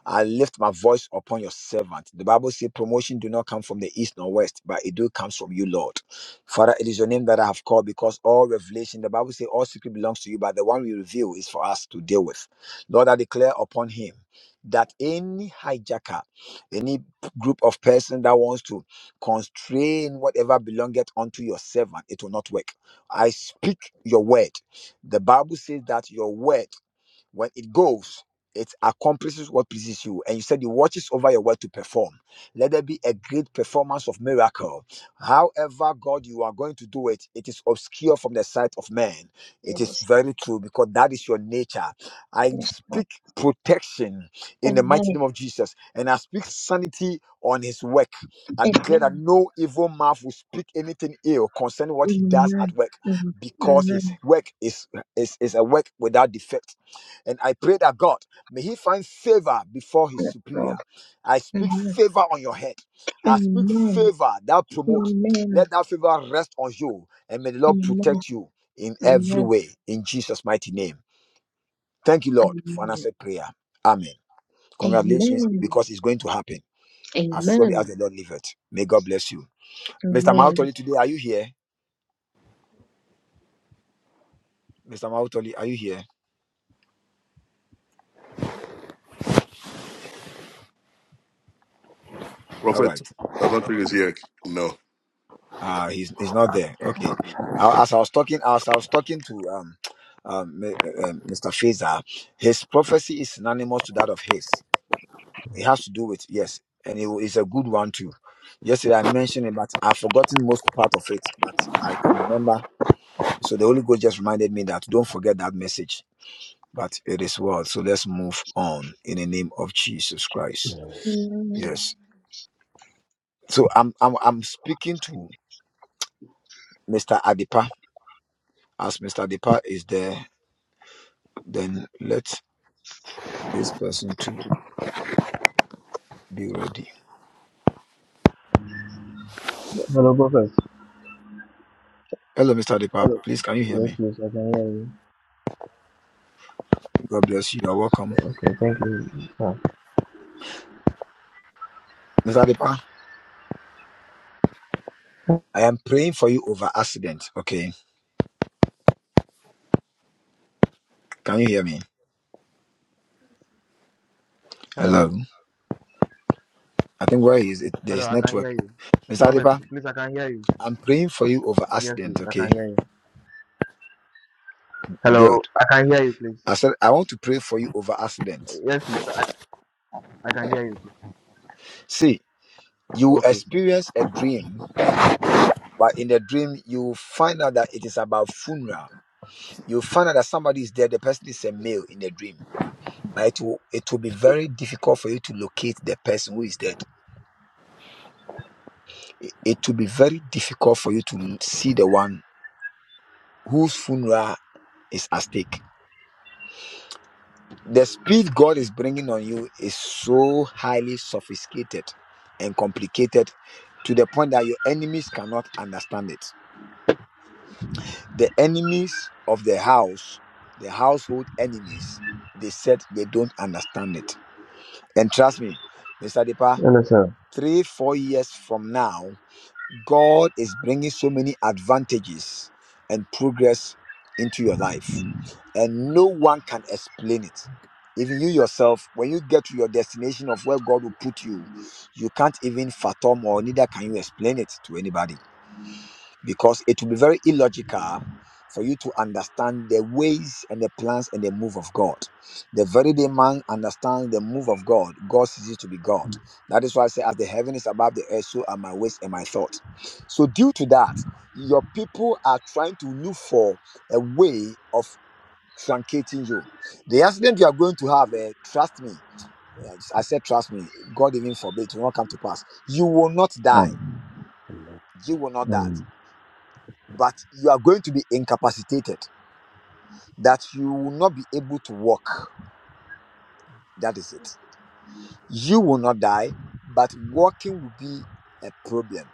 I lift my voice upon your servant. The Bible says promotion do not come from the east nor west, but it do comes from you, Lord. Father, it is your name that I have called because all revelation, the Bible says all secret belongs to you, but the one you reveal is for us to deal with. Lord, I declare upon him that any hijacker, any group of person that wants to constrain whatever belongeth unto your servant, it will not work. I speak your word. The Bible says that your word when it goes, it accomplishes what pleases you. And you said it watches over your word to perform. Let there be a great performance of miracle. However, God, you are going to do it, it is obscure from the sight of man. It is
Yes,
very true because that is your nature. I
yes, Lord.
speak protection in the mighty
Amen.
name of Jesus and I speak sanity on his work. I declare that
Amen.
no evil mouth will speak anything ill concerning what he does at
Amen.
work
Amen.
because his
Amen.
work is, is, is a work without defect and I pray that God, may he find favor before his superior. I speak
Amen.
favor on your head. I speak
Amen.
favor that promotes.
Amen.
Let that favor rest on you. And may the Lord
Amen.
protect you in every
Amen.
way. In Jesus' mighty name. Thank you, Lord, for an
Amen.
answered prayer. Amen. Congratulations,
Amen.
because it's going to happen as surely
Amen.
as the Lord liveth. May God bless you. Mr.
Amen.
Mautoli, today, are you here? Mr. Mautoli, are you here? All
Prophet,
right.
I don't think he's here. No.
Ah, he's he's not there. Okay. I, as I was talking, as I was talking to um, um, m- um, Mr. Fazer, his prophecy is synonymous to that of his. It has to do with yes, and it is a good one too. Yesterday I mentioned it, but I've forgotten most part of it, but I can remember. So the Holy Ghost just reminded me that don't forget that message. But it is well. So let's move on in the name of Jesus Christ.
Amen.
Yes. So I'm I'm I'm speaking to Mr. Adipa as Mr. Adipa is there then let this person too be ready.
Hello, professor.
Hello, Mr. Adipa.
Hello.
Please, can you hear
Yes,
me?
please, I can hear you.
God bless you. You're welcome.
Okay, thank you. Oh.
Mr. Adipa, I am praying for you over accident. Okay. Can you hear me? Hello.
Hello.
I think where he is it?
Hello,
There's
I can
network.
hear you.
Mr.
Prophet,
Adipa,
please, I can hear you.
I'm praying for you over
Yes, please,
accident.
I can
Okay.
hear you. Hello,
Good.
I can hear you, please.
I said, I want to pray for you over accident.
Yes, please, I, I can hear you, please.
See, you
Okay, sir.
experience a dream, but in the dream, you find out that it is about funeral. You find out that somebody is dead. The person is a male in the dream Now it will it will be very difficult for you to locate the person who is dead. It, it will be very difficult for you to see the one whose funeral is at stake. The speed God is bringing on you is so highly sophisticated and complicated to the point that your enemies cannot understand it. The enemies of the house, the household enemies, they said they don't understand it. And trust me, Mr. Depa,
Hello, sir.
three, four years from now. God is bringing so many advantages and progress into your life, and no one can explain it. Even you yourself, when you get to your destination of where God will put you, you can't even fathom or neither can you explain it to anybody because it will be very illogical for you to understand the ways and the plans and the move of God. The very day man understands the move of God, God ceases to be God. That is why I say, as the heaven is above the earth, so are my ways and my thoughts. So, due to that, your people are trying to look for a way of truncating you. The accident you are going to have, eh, trust me, eh, I said, trust me, God even forbid, it will not come to pass. You will not die.
Um,
You will not die
um,
but you are going to be incapacitated, that you will not be able to walk. That is it. You will not die, but walking will be a problem.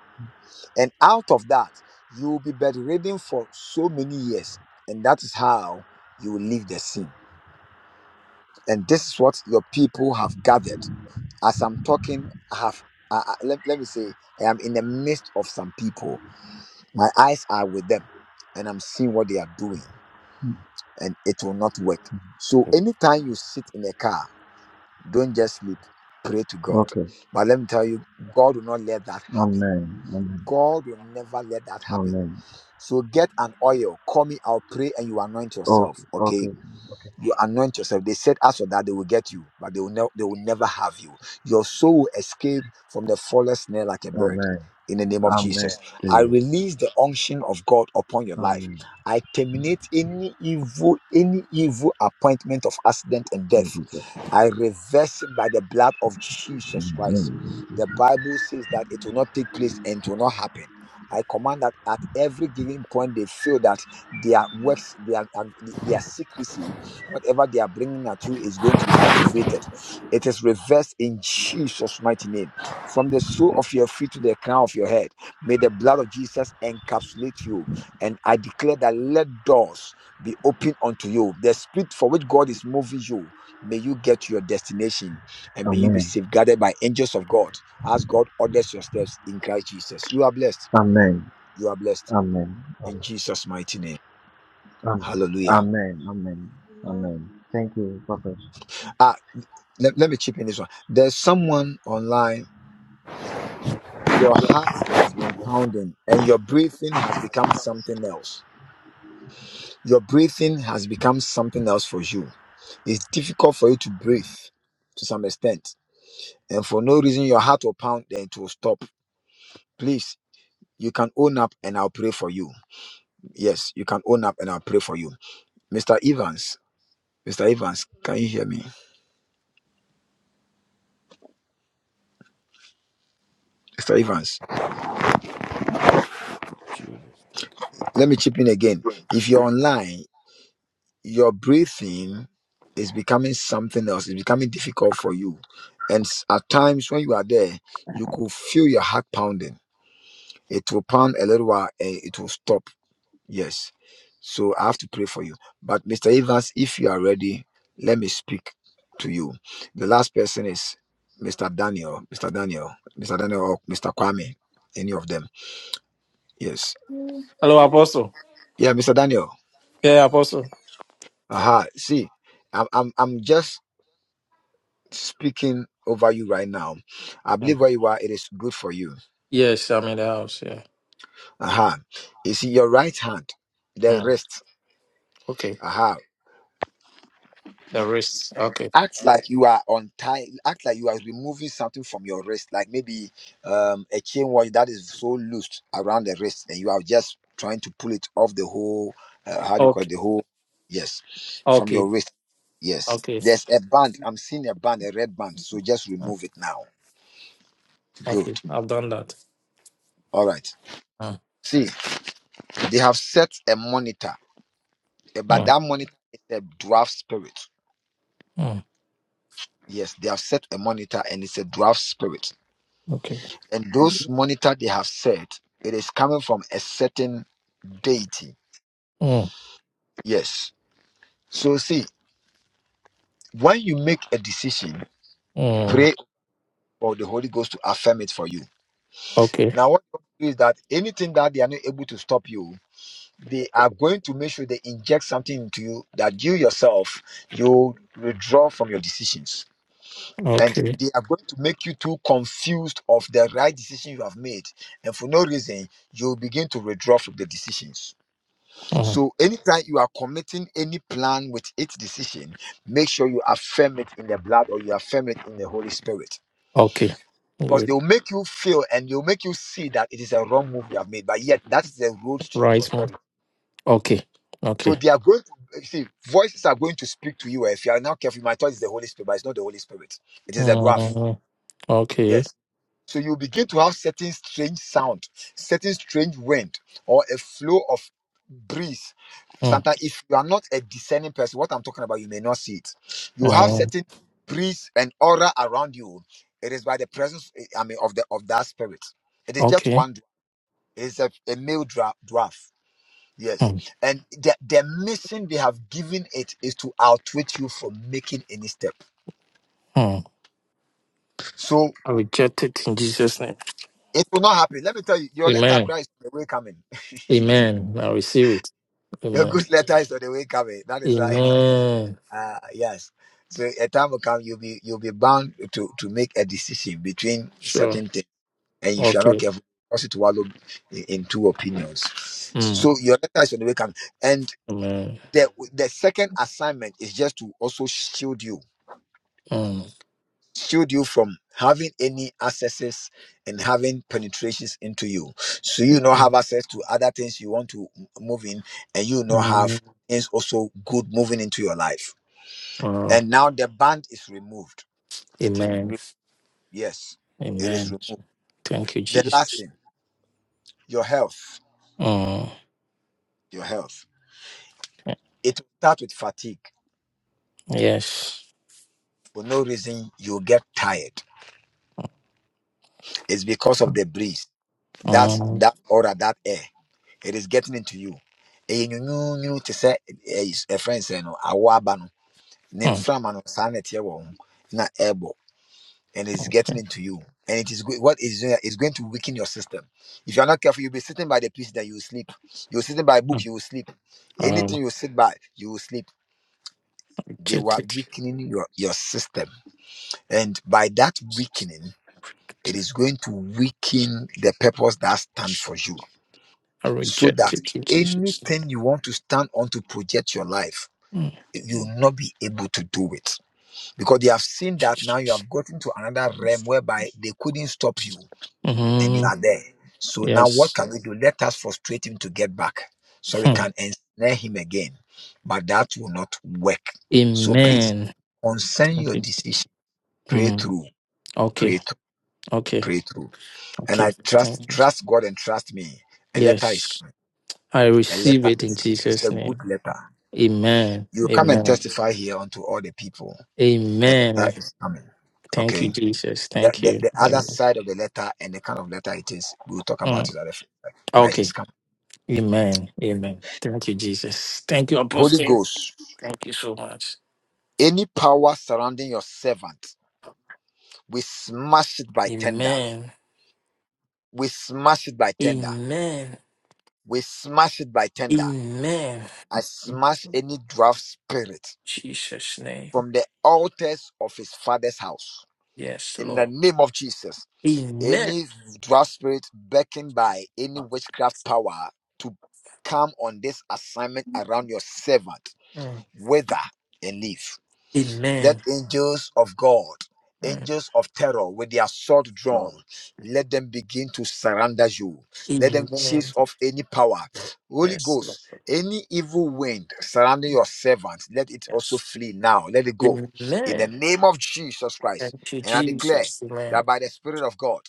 And out of that, you will be bedridden for so many years. And that is how you will leave the scene. And this is what your people have gathered. As I'm talking, I have, I, I- let, let me say, I am in the midst of some people. My eyes are with them, and I'm seeing what they are doing. and it will not work. So anytime you sit in a car, don't just sleep. Pray to God.
okay.
But let me tell you, God will not let that happen.
Amen. Amen.
God will never let that happen.
Amen.
So get an oil, call me, I'll pray, and you anoint
Okay,
yourself. Okay.
okay, okay.
You anoint yourself. They said, as for that, they will get you, but they will, ne- they will never have you. Your soul will escape from the faller's snare like a bird.
Amen.
In the name of
Amen.
Jesus, I
Amen.
release the unction of God upon your life.
Amen.
I terminate any evil, any evil appointment of accident and
In
death.
Jesus.
I reverse it by the blood of Jesus
name.
Christ.
Amen.
The Bible says that it will not take place and it will not happen. I command that at every given point they feel that their works, their, their secrecy Whatever they are bringing at you is going to be activated. It is reversed in Jesus' mighty name. From the sole of your feet to the crown of your head, may the blood of Jesus encapsulate you. And I declare that let doors be opened unto you. The spirit for which God is moving you, may you get to your destination and may you be
Amen.
safeguarded by angels of God as God orders your steps in Christ Jesus. You are blessed.
Amen.
You are blessed
Amen.
in Jesus' mighty name.
Um,
Hallelujah.
amen. Amen. Amen. Thank you, Prophet.
Ah. let, let me chip in this one. There's someone online, your heart has been pounding and your breathing has become something else. Your breathing has become something else for you. It's difficult for you to breathe to some extent. And for no reason, your heart will pound and it will stop. Please, you can own up and I'll pray for you. Yes, you can own up and I'll pray for you. Mr. Evans, Mr. Evans, can you hear me? Mr. Evans,
Amen.
let me chip in again. If you're online, your breathing is becoming something else. It's becoming difficult for you. And s- at times when you are there, you could feel your heart pounding. It will pound a little while and it will stop. Yes. So I have to pray for you. But Mr. Evans, if you are ready, let me speak to you. The last person is Mr. Daniel. Mr. Daniel. Mr. Daniel or Mr. Kwame. Any of them. Yes.
Hello, Apostle.
Yeah, Mr. Daniel.
Yeah, Apostle.
Aha. See, I'm I'm I'm just speaking over you right now. I
Mm.
believe where you are, it is good for you.
Yes, I'm in the house. Yeah.
Aha. You see, your right hand, the
Mm.
wrist.
Okay.
Aha.
The wrist. Okay.
Act like you are untying, act like you are removing something from your wrist, like maybe um, a chain watch that is so loose around the wrist, and you are just trying to pull it off the whole, uh, how do you call it,
Okay.
the whole, yes, from your
Okay.
wrist. Yes.
Okay.
There's a band. I'm seeing a band, a red band. So just
Mm.
remove it now. Good.
Okay. I've done that.
All right.
Mm.
See, they have set a monitor Eh, But
Mm.
that monitor is a draft spirit.
Mm.
Yes, they have set a monitor and it's a draft spirit.
Okay.
And those monitor they have set, it is coming from a certain deity.
Mm.
Yes. So see, when you make a decision,
Mm.
pray for the Holy Ghost to affirm it for you.
Okay.
Now what you do is that anything that they are not able to stop you, they are going to make sure they inject something into you that you yourself you withdraw from your decisions. and
Okay.
they are going to make you too confused of the right decision you have made and for no reason you'll begin to withdraw from the decisions
Mm.
so anytime you are committing any plan with its decision make sure you affirm it in the blood or you affirm it in the holy spirit
Okay.
because
Good.
they'll make you feel and they'll make you see that it is a wrong move you have made but yet that is the road to your
Right. mm.
prosperity
Okay.
so
Okay.
they are going to you see voices are going to speak to you if you are not careful my thought is the holy spirit but it's not the holy spirit it is the dwarf
Mm. Okay.
Yes. So you begin to have certain strange sound, certain strange wind, or a flow of breeze.
Mm.
Sometimes, if you are not a discerning person, what I'm talking about, you may not see it. You have
Mm.
certain breeze and aura around you. It is by the presence, eh, I mean, of the of that spirit. It is just
Okay.
one. dwa- It is a, a male dra- dwarf. Yes,
Mm.
and the, the mission they have given it is to outwit you from making any step.
Mm.
So
I reject it in Jesus' name.
it will not happen. Let me tell you, your letter
Amen.
cry is on the way coming.
Amen. I receive it.
Your
Amen.
good letter is on the way coming. That is why,
Amen.
uh, yes. So a time will come, you'll be you'll be bound to to make a decision between
Sure.
certain things, and if you are not
Okay.
careful, cause it to wallow in, in two opinions. So
Mm.
your letter is on the way coming, and
Amen.
the the second assignment is just to also shield you,
Mm.
shield you from having any accesses and having penetrations into you. So you not have access to other things you want to m- move in, and you not
Mm.
have things also good moving into your life.
Wow.
and now the band is removed. It is
Amen.
re- yes, it is
Amen.
removed.
Thank you,
The last
Jesus.
thing, your health,
Mm.
your health. It will start with fatigue.
Yes.
For no reason, you get tired. It's because of the breeze. That
Um,
that aura, that air, it is getting into you. Ɛyɛ nwenweenwen te sɛ, eh, you know, you know, to say, eh, s- eh, friends, eh, no, awɔ aba no, ne
mm,
mframa no, saa na ɛteɛ wɔ wo ho, na ɛɛbɔ. and it's
okay.
getting into you. And it is go- what is doing is going to weaken your system. If you are not careful, you'll be sitting by the piece that you will sleep. You're sitting by a book,
Mm.
you will sleep. Anything
Um,
you sit by, you will sleep. They
reject
were
it.
weakening your, your system. And by that
Jesus.
weakening, it is going to weaken the purpose that stand for you.
I
So
reject
that
it in Jesus' name.
anything you want to stand on to project your life,
Mm,
you will not be able to do it. Because they have seen that now
Jesus.
you have gotten to another realm whereby they couldn't stop you and you
Mm,
are there. So now what
yes.
can we do? Let us frustrate him to get back so we
Hmm.
can ensnare him again. But that will not work. So please
Amen.
concern
Thank
your
you.
decision. Pray
Mm,
through, pray
okay.
through,
Okay.
pray through. And
Okay,
I trust,
thank you.
trust God and trust me. A letter is
Yes,
coming.
I
A
receive
letter
it in
is coming. It's
Jesus'
a good
name.
letter.
Amen.
You come and
Amen.
testify here unto all the people. A letter
Amen.
is coming.
Thank you,
Okay.
Jesus.
The,
Thank
the,
you.
the other
Amen.
side of the letter and the kind of letter it is, we'll talk about
Mm,
it at the but it is
Okay.
coming.
Amen. Amen. Thank you, Jesus. Thank you,
Holy
Apostle.
Ghost,
Thank you so much.
any power surrounding your servant, we smash it by tender.
Amen.
We smash it by tender.
Amen.
We smash it by tender.
Amen.
I
In
smash any draft spirit
Jesus' name.
from the altars of his father's house.
Yes,
In the
Lord.
name of Jesus,
Amen.
any draft spirit beckoned by any witchcraft power to come on this assignment around your servant,
Mm,
wither and leave. Let
Amen.
angels of God,
Mm,
angels of terror with their sword drawn,
Lord.
let them begin to surrender you. Let them
Amen.
chase off any power. Holy
Yes, Lord.
Ghost, any evil wind surrounding your servant, let it also
Yes.
flee now. Let it go. In the
Amen.
name of Jesus Christ.
Thank you,
And I declare
Jesus. Amen.
that by the Spirit of God,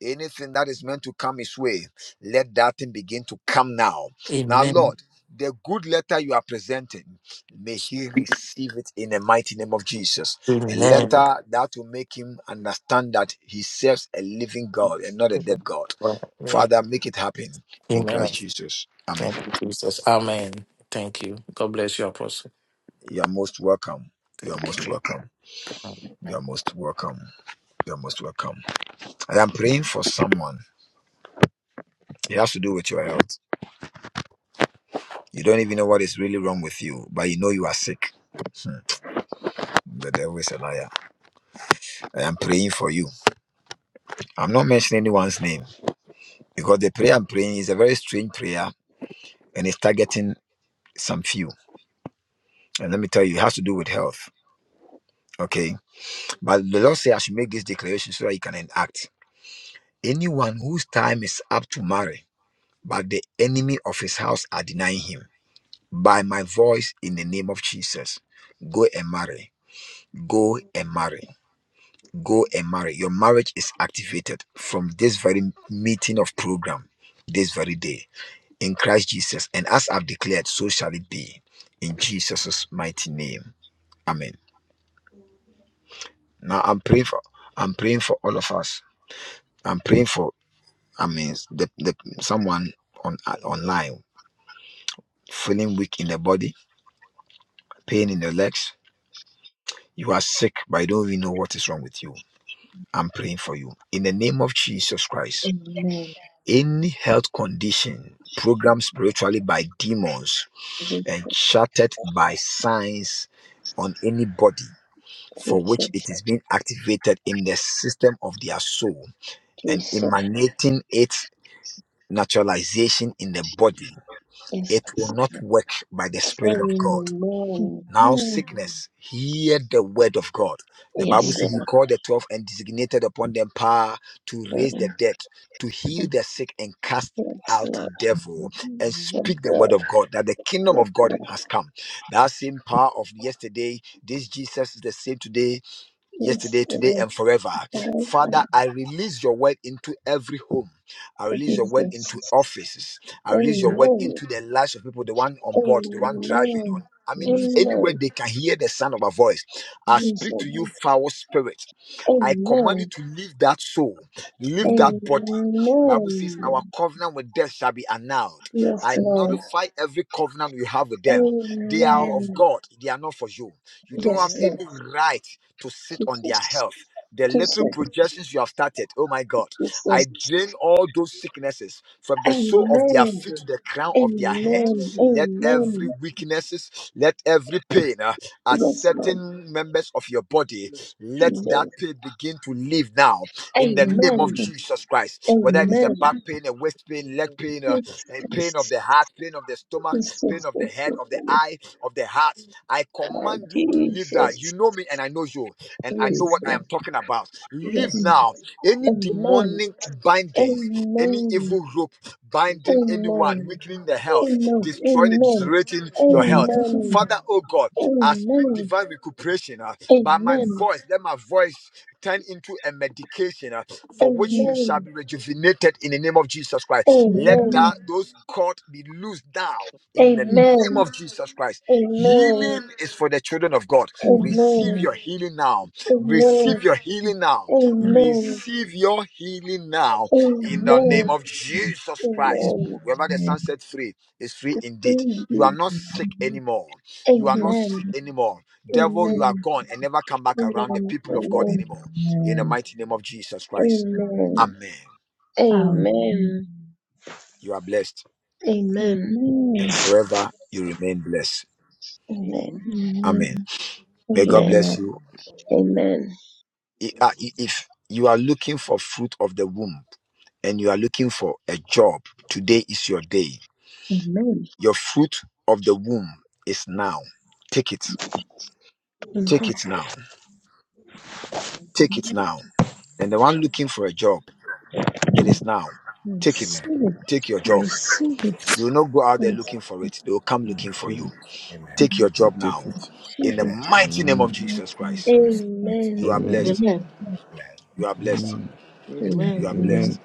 anything that is meant to come his way, let that thing begin to come now. Now, Lord,
Amen.
the good letter you are presenting. May he receive it in the mighty name of Jesus. A
Amen.
letter that will make him understand that he serves a living God and not a dead God.
Amen.
Father, make it happen in
Amen.
Christ Jesus. Amen.
Thank you, Jesus. Amen. Thank you. God bless you, Apostle.
You are most welcome. You are
Thank
most
you.
welcome. You are most welcome. You are most welcome. I am praying for someone. It has to do with your health. You don't even know what is really wrong with you, but you know you are sick. Hmm. The devil is a liar. I am praying for you. I'm not mentioning anyone's name. because the prayer I'm praying is a very strange prayer and it's targeting some few. And let me tell you, it has to do with health. Okay. But the Lord said I should make this declaration so that you can enact. Anyone whose time is up to marry, but the enemy of his house are denying him, by my voice in the name of Jesus, go and marry. Go and marry. Go and marry. Your marriage is activated from this very meeting of program, this very day in Christ Jesus. And as I've declared, so shall it be in Jesus' mighty name. Amen. Now I'm praying for I'm praying for all of us. I'm praying for I mean the, the someone on uh, online feeling weak in the body, pain in the legs. You are sick, but I don't even know what is wrong with you. I'm praying for you. In the name of Jesus Christ,
Amen.
any health condition programmed spiritually by demons and shattered by signs on anybody for which
Jesus.
it is being activated in the system of their soul and
Jesus.
emanating its naturalization in the body.
Yes.
It will not work by the Spirit of God.
you.
Amen.
Now,
Amen.
sickness, hear the word of God. The Bible
Amen.
Yes,
Jesus.
says he
Lord.
called the twelve and designated upon them power to raise the
Amen.
dead, to heal the sick, and cast
Yes,
out
Lord.
devil
Amen.
and
Yes,
Amen.
speak the word
Lord.
of God that the kingdom
Yes,
of God
Lord.
has come. That same power of yesterday, this Jesus is the same today,
Yes,
yesterday, today,
Lord.
and forever.
Father,
Father, I release your word into every home. I release your word
Amen.
Jesus.
into offices. I release your word
Amen.
into
Amen.
the lives of people, the one on board, the one driving on.
Amen.
I
Jesus.
mean, anywhere
Amen.
they can hear the sound of a voice. I speak to
Jesus.
you,
Amen.
foul spirit. I command you
Amen.
to leave that soul, leave
Amen.
that body. Bible says our covenant with death shall be annulled.
Yes,
I
Lord.
Amen.
notify every covenant you have with them. They
Yes,
are
Amen.
of God, they are not for you. You don't
Yes,
have
Amen.
Lord.
any right to sit on their
Jesus.
health. The
Glory to God.
little
Jesus.
Amen.
projections you have started, oh my God, I
Jesus.
drain all those sicknesses from the sole of their
Amen.
feet to the crown of their head.
Amen.
Amen.
Let
Amen.
every weaknesses, let every pain uh, at
Yes, Lord.
certain members of your body,
Yes,
let
Jesus.
that
Jesus.
pain begin to leave now in the
Amen.
name of
Amen.
Amen.
Jesus Christ. Whether it
Amen.
is a
Amen.
back pain,
Jesus.
a waist pain, leg
Amen.
pain, uh,
Yes,
a pain of
Christ.
the heart, pain of the stomach,
Jesus.
pain of the head, of the eye of the heart. I
Oh,
command you to leave that.
Jesus.
You know me and I know you, and I
Yes,
know
Jesus.
what I
Amen.
Lord.
am talking about. Leave
Yes.
Amen.
now.
Yes,
Any
yes,
Amen.
demonic bindings, any
Amen.
evil rope binding
yes.
anyone,
Amen.
weakening the health,
Amen.
destroying and
Amen.
deteriorating
Amen.
your
Amen.
health.
Amen.
Father, oh God, I speak
Amen.
divine recuperation uh, by my
Amen.
voice. Let my voice turn into a medication uh, for which you shall
Amen.
be rejuvenated in the name of Jesus Christ. Let
Amen.
that those cords be loosed now in the
Amen.
name
Amen.
of Jesus Christ.
Jesus.
Amen.
Healing is for the children of God.
Amen.
Receive
Amen.
your healing now. Receive your healing now.
Amen.
Amen. Amen.
Receive your healing now in the name
Amen.
of
Amen.
Jesus Christ.
Amen.
Whoever the Son
Amen.
set free is free indeed. You are
Indeed.
not sick
Amen.
anymore. You are not
Amen.
sick
Amen.
anymore. Devil, you are
Amen.
gone and never come back around the
Amen.
people of God
Amen.
anymore. In the mighty name of Jesus Christ.
Amen.
Amen.
Amen.
Amen.
You are blessed
Amen.
and forever you remain blessed.
Amen.
Amen. May God
Um,
Amen.
Amen.
bless you.
Amen.
i- uh, i- if you are looking for fruit of the womb and you are looking for a job, today is your day.
Amen.
Your fruit of the womb is now. Take it.
Amen.
Amen.
Take it now.
Amen.
Take it
Amen.
now. And the one looking for a job, it is now. Take it.
Amen.
Receive it.
Take your job.
Receive
You
it.
will not go out there
Receive
looking for it. They will come looking for you.
it.
Amen.
Take your
it.
I
job now.
take it.
Receive
In the
it.
Amen.
mighty name of
Amen.
Jesus Christ,
I receive it.
you are
Amen. Amen.
Amen.
blessed.
Amen.
Amen.
You are blessed.
Amen.
Amen.
You
Amen.
are
Amen.
Amen.
blessed.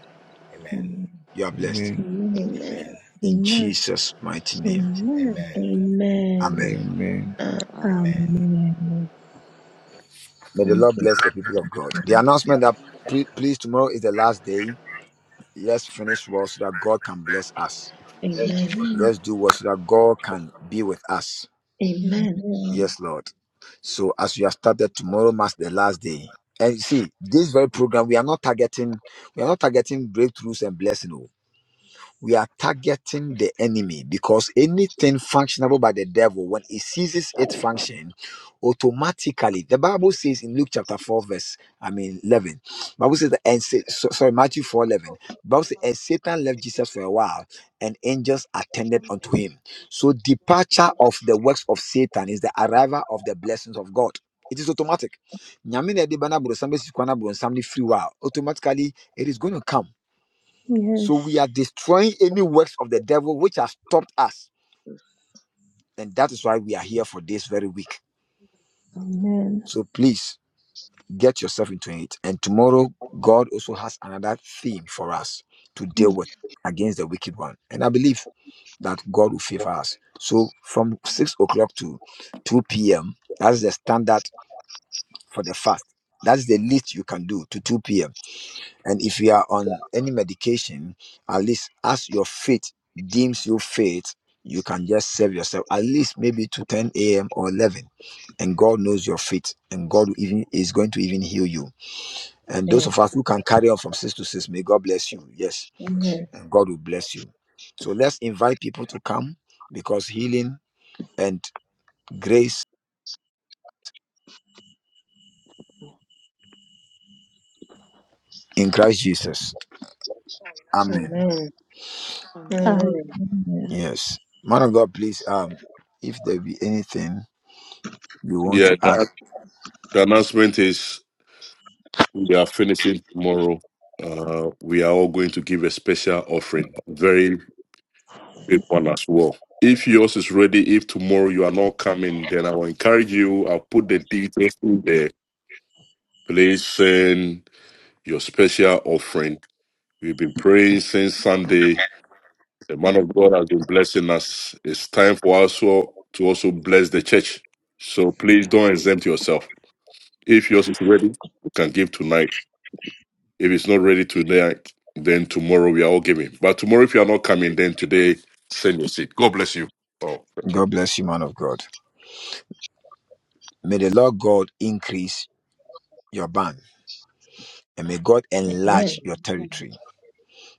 Amen.
Amen.
You are blessed.
Amen.
Amen.
In
Amen.
Jesus' mighty name.
Amen.
Amen.
Amen.
Amen.
Amen.
Amen.
Amen.
Amen.
May the
Thank
Lord
you.
bless the people of God. The announcement that pre- please tomorrow is the last day. Let's finish well so that God can bless us.
Amen.
Amen.
Let's do well so that God can be with us.
Amen.
Amen.
Yes, Lord. So as we have started tomorrow marks the last day. And you see, this very program we are not targeting, we are not targeting breakthroughs and blessing. oh we are targeting the enemy because anything functionable by the devil, when it ceases its function, automatically the Bible says in Luke chapter 4, verse I mean 11, Bible says that and say, so, sorry, Matthew 4 11. Bible says, and Satan left Jesus for a while, and angels attended unto him. So, departure of the works of Satan is the arrival of the blessings of God. It is automatic. Nyame na ɛde bɛnaboro nsam bɛsi kwan aboro nsam no firi hɔ a, Automatically, it is going to come. So we
Yes.
are destroying any works of the devil which has stopped us. And that is why we are here for this very week.
Amen.
So please get yourself into it. And tomorrow, God also has another theme for us to deal with against the wicked one. And I believe that God will favor us. So from 6 o'clock to 2 p.m., that is the standard for the fast. That is the least you can do to 2 p.m And if you are on any medication, at least as your faith deems you faith, you can just serve yourself at least maybe to 10 a.m. or 11. And God knows your faith, and God will even is going to even heal you. And those
Amen.
of us who can carry on from six to six, may God bless you. Yes,
Amen.
and God will bless you. So let's invite people to come because healing and grace in Christ Jesus. Amen.
Amen.
Amen.
Amen.
Amen.
Yes, man of God, please. Um, if there be anything you want
Yeah,
to add.
the, the announcement is we are finishing tomorrow. Uh, we are all going to give a special offering, very big one as well. If yours is ready, if tomorrow you are not coming, then I will encourage you. I'll put the details in there. Please send your special offering We've been praying since Sunday. The man of God has been blessing us. It's time for us all to also bless the church. So please don't exempt yourself. If yours is ready, you can give tonight. If it's not ready tonight, then tomorrow we are all giving. But tomorrow, if you are not coming, then today send your seed. God bless you. Oh, thank you.
God bless you, man of God. May the Lord God increase your band and may God
Amen.
enlarge your
Amen.
territory.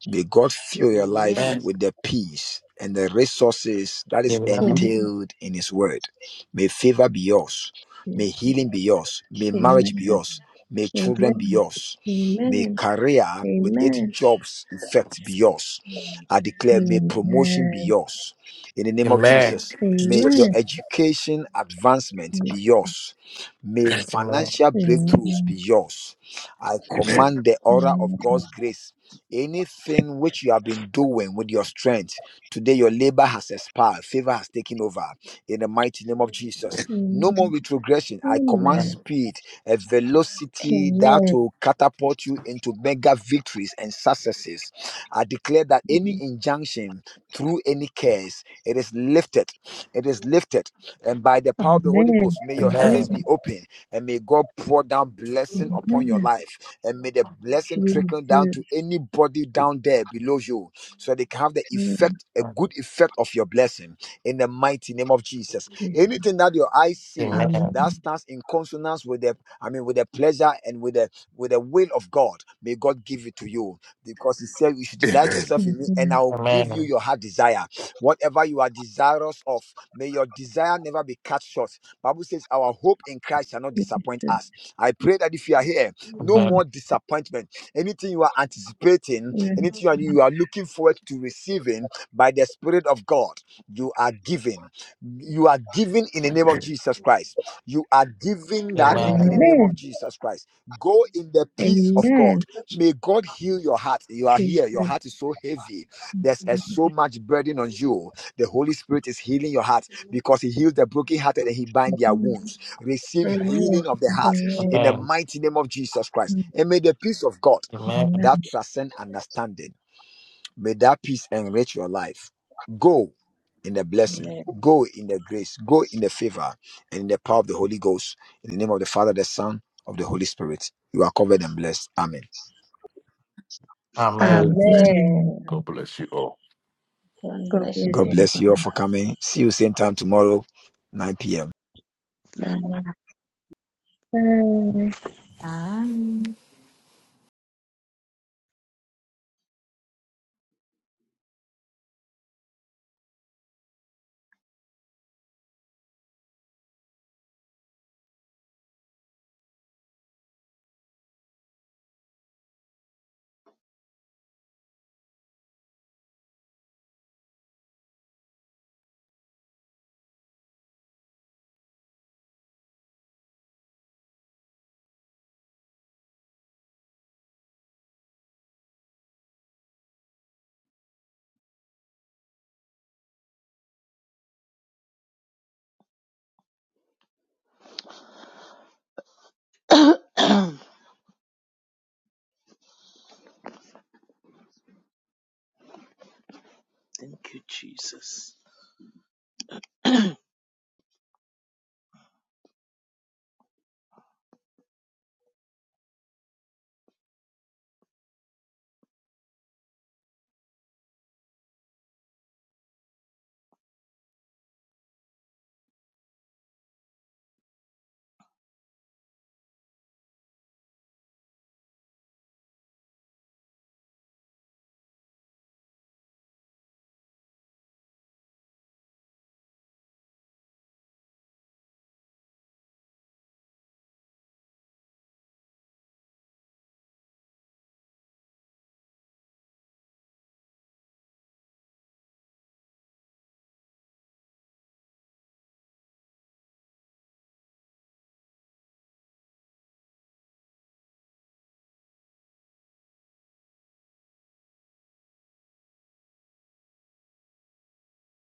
May God fill your life
Amen.
Amen.
with the peace and the resources that is
Amen.
Thank
Amen.
you,
entailed in His Word. May favor be yours. May
Jesus.
healing be yours. May marriage be
Amen.
yours. May children be
Amen.
yours. May
Amen.
career with
Amen.
its
Amen.
jobs effect be yours. I declare, may promotion be
Amen.
yours. In the name of
Amen.
Jesus, may your
Amen.
Amen.
education advancement be yours. May
Amen.
financial
Amen.
breakthroughs be
Amen.
yours. I command the
Amen.
aura
Amen.
of
Amen.
God's grace Anything which you have been doing with your strength, today your labor has expired, favor has taken over. In the mighty name of Jesus, no more retrogression. I command
Amen.
Amen.
speed, a velocity that
Amen.
will catapult you into mega victories and successes. I declare that any injunction through any curse, it is lifted. It is lifted. And by the power of the Holy
Amen.
Ghost, may your heavens
Amen.
be
Amen.
open and may God pour down blessing upon your
Amen.
life and may the blessing trickle down
Jesus.
to anybody down there below you so they can have the
Amen.
effect, a good effect of your blessing in the mighty name of Jesus. Anything that your eyes see
Amen.
that
Amen.
stands in consonance with the, I mean, with the pleasure and with the with the will of God, may God give it to you because He said you should delight
Amen.
yourself in Me, and I
Amen.
will give you your heart desire. Whatever you are desirous of, may your desire never be cut short. Bible says, "Our hope in Christ shall not disappoint
Jesus.
us." I pray that if you are here no
Amen.
more
Amen.
disappointment. Anything you are anticipating,
Amen.
anything you are,
Amen.
you are looking forward to receiving by the Spirit of God, you are given.
Amen.
You are given in the name of Jesus Christ. You are given that thing in the
Amen.
Amen.
name of Jesus Christ. Go in the peace of God.
Amen.
May God heal your heart. You are here. Your
Jesus.
heart is so heavy. There's uh, so much burden on
Amen.
you. The Holy Spirit is healing your heart
Amen.
because He heals the brokenhearted and He binds their wounds. Receive
Amen.
healing of the heart
Amen.
in the
Amen.
mighty name of Jesus Christ. And may the peace of God
Amen.
Amen.
that
Amen.
transcends understanding, may that peace enrich your life. Go in the blessing,
Amen.
go in the grace, go in the favor, and in the power of the Holy Ghost. In the name of the Father, the Son, of the Holy Spirit. You are covered and blessed. Amen.
Amen.
Amen.
Amen.
Amen.
Amen.
God bless you all.
God
God
bless
bless
God
you.
you.
bless you all for coming. See you same time tomorrow, 9 p.m.
Amen.
Bye.
Bye.
Hi.
Thank you, Jesus.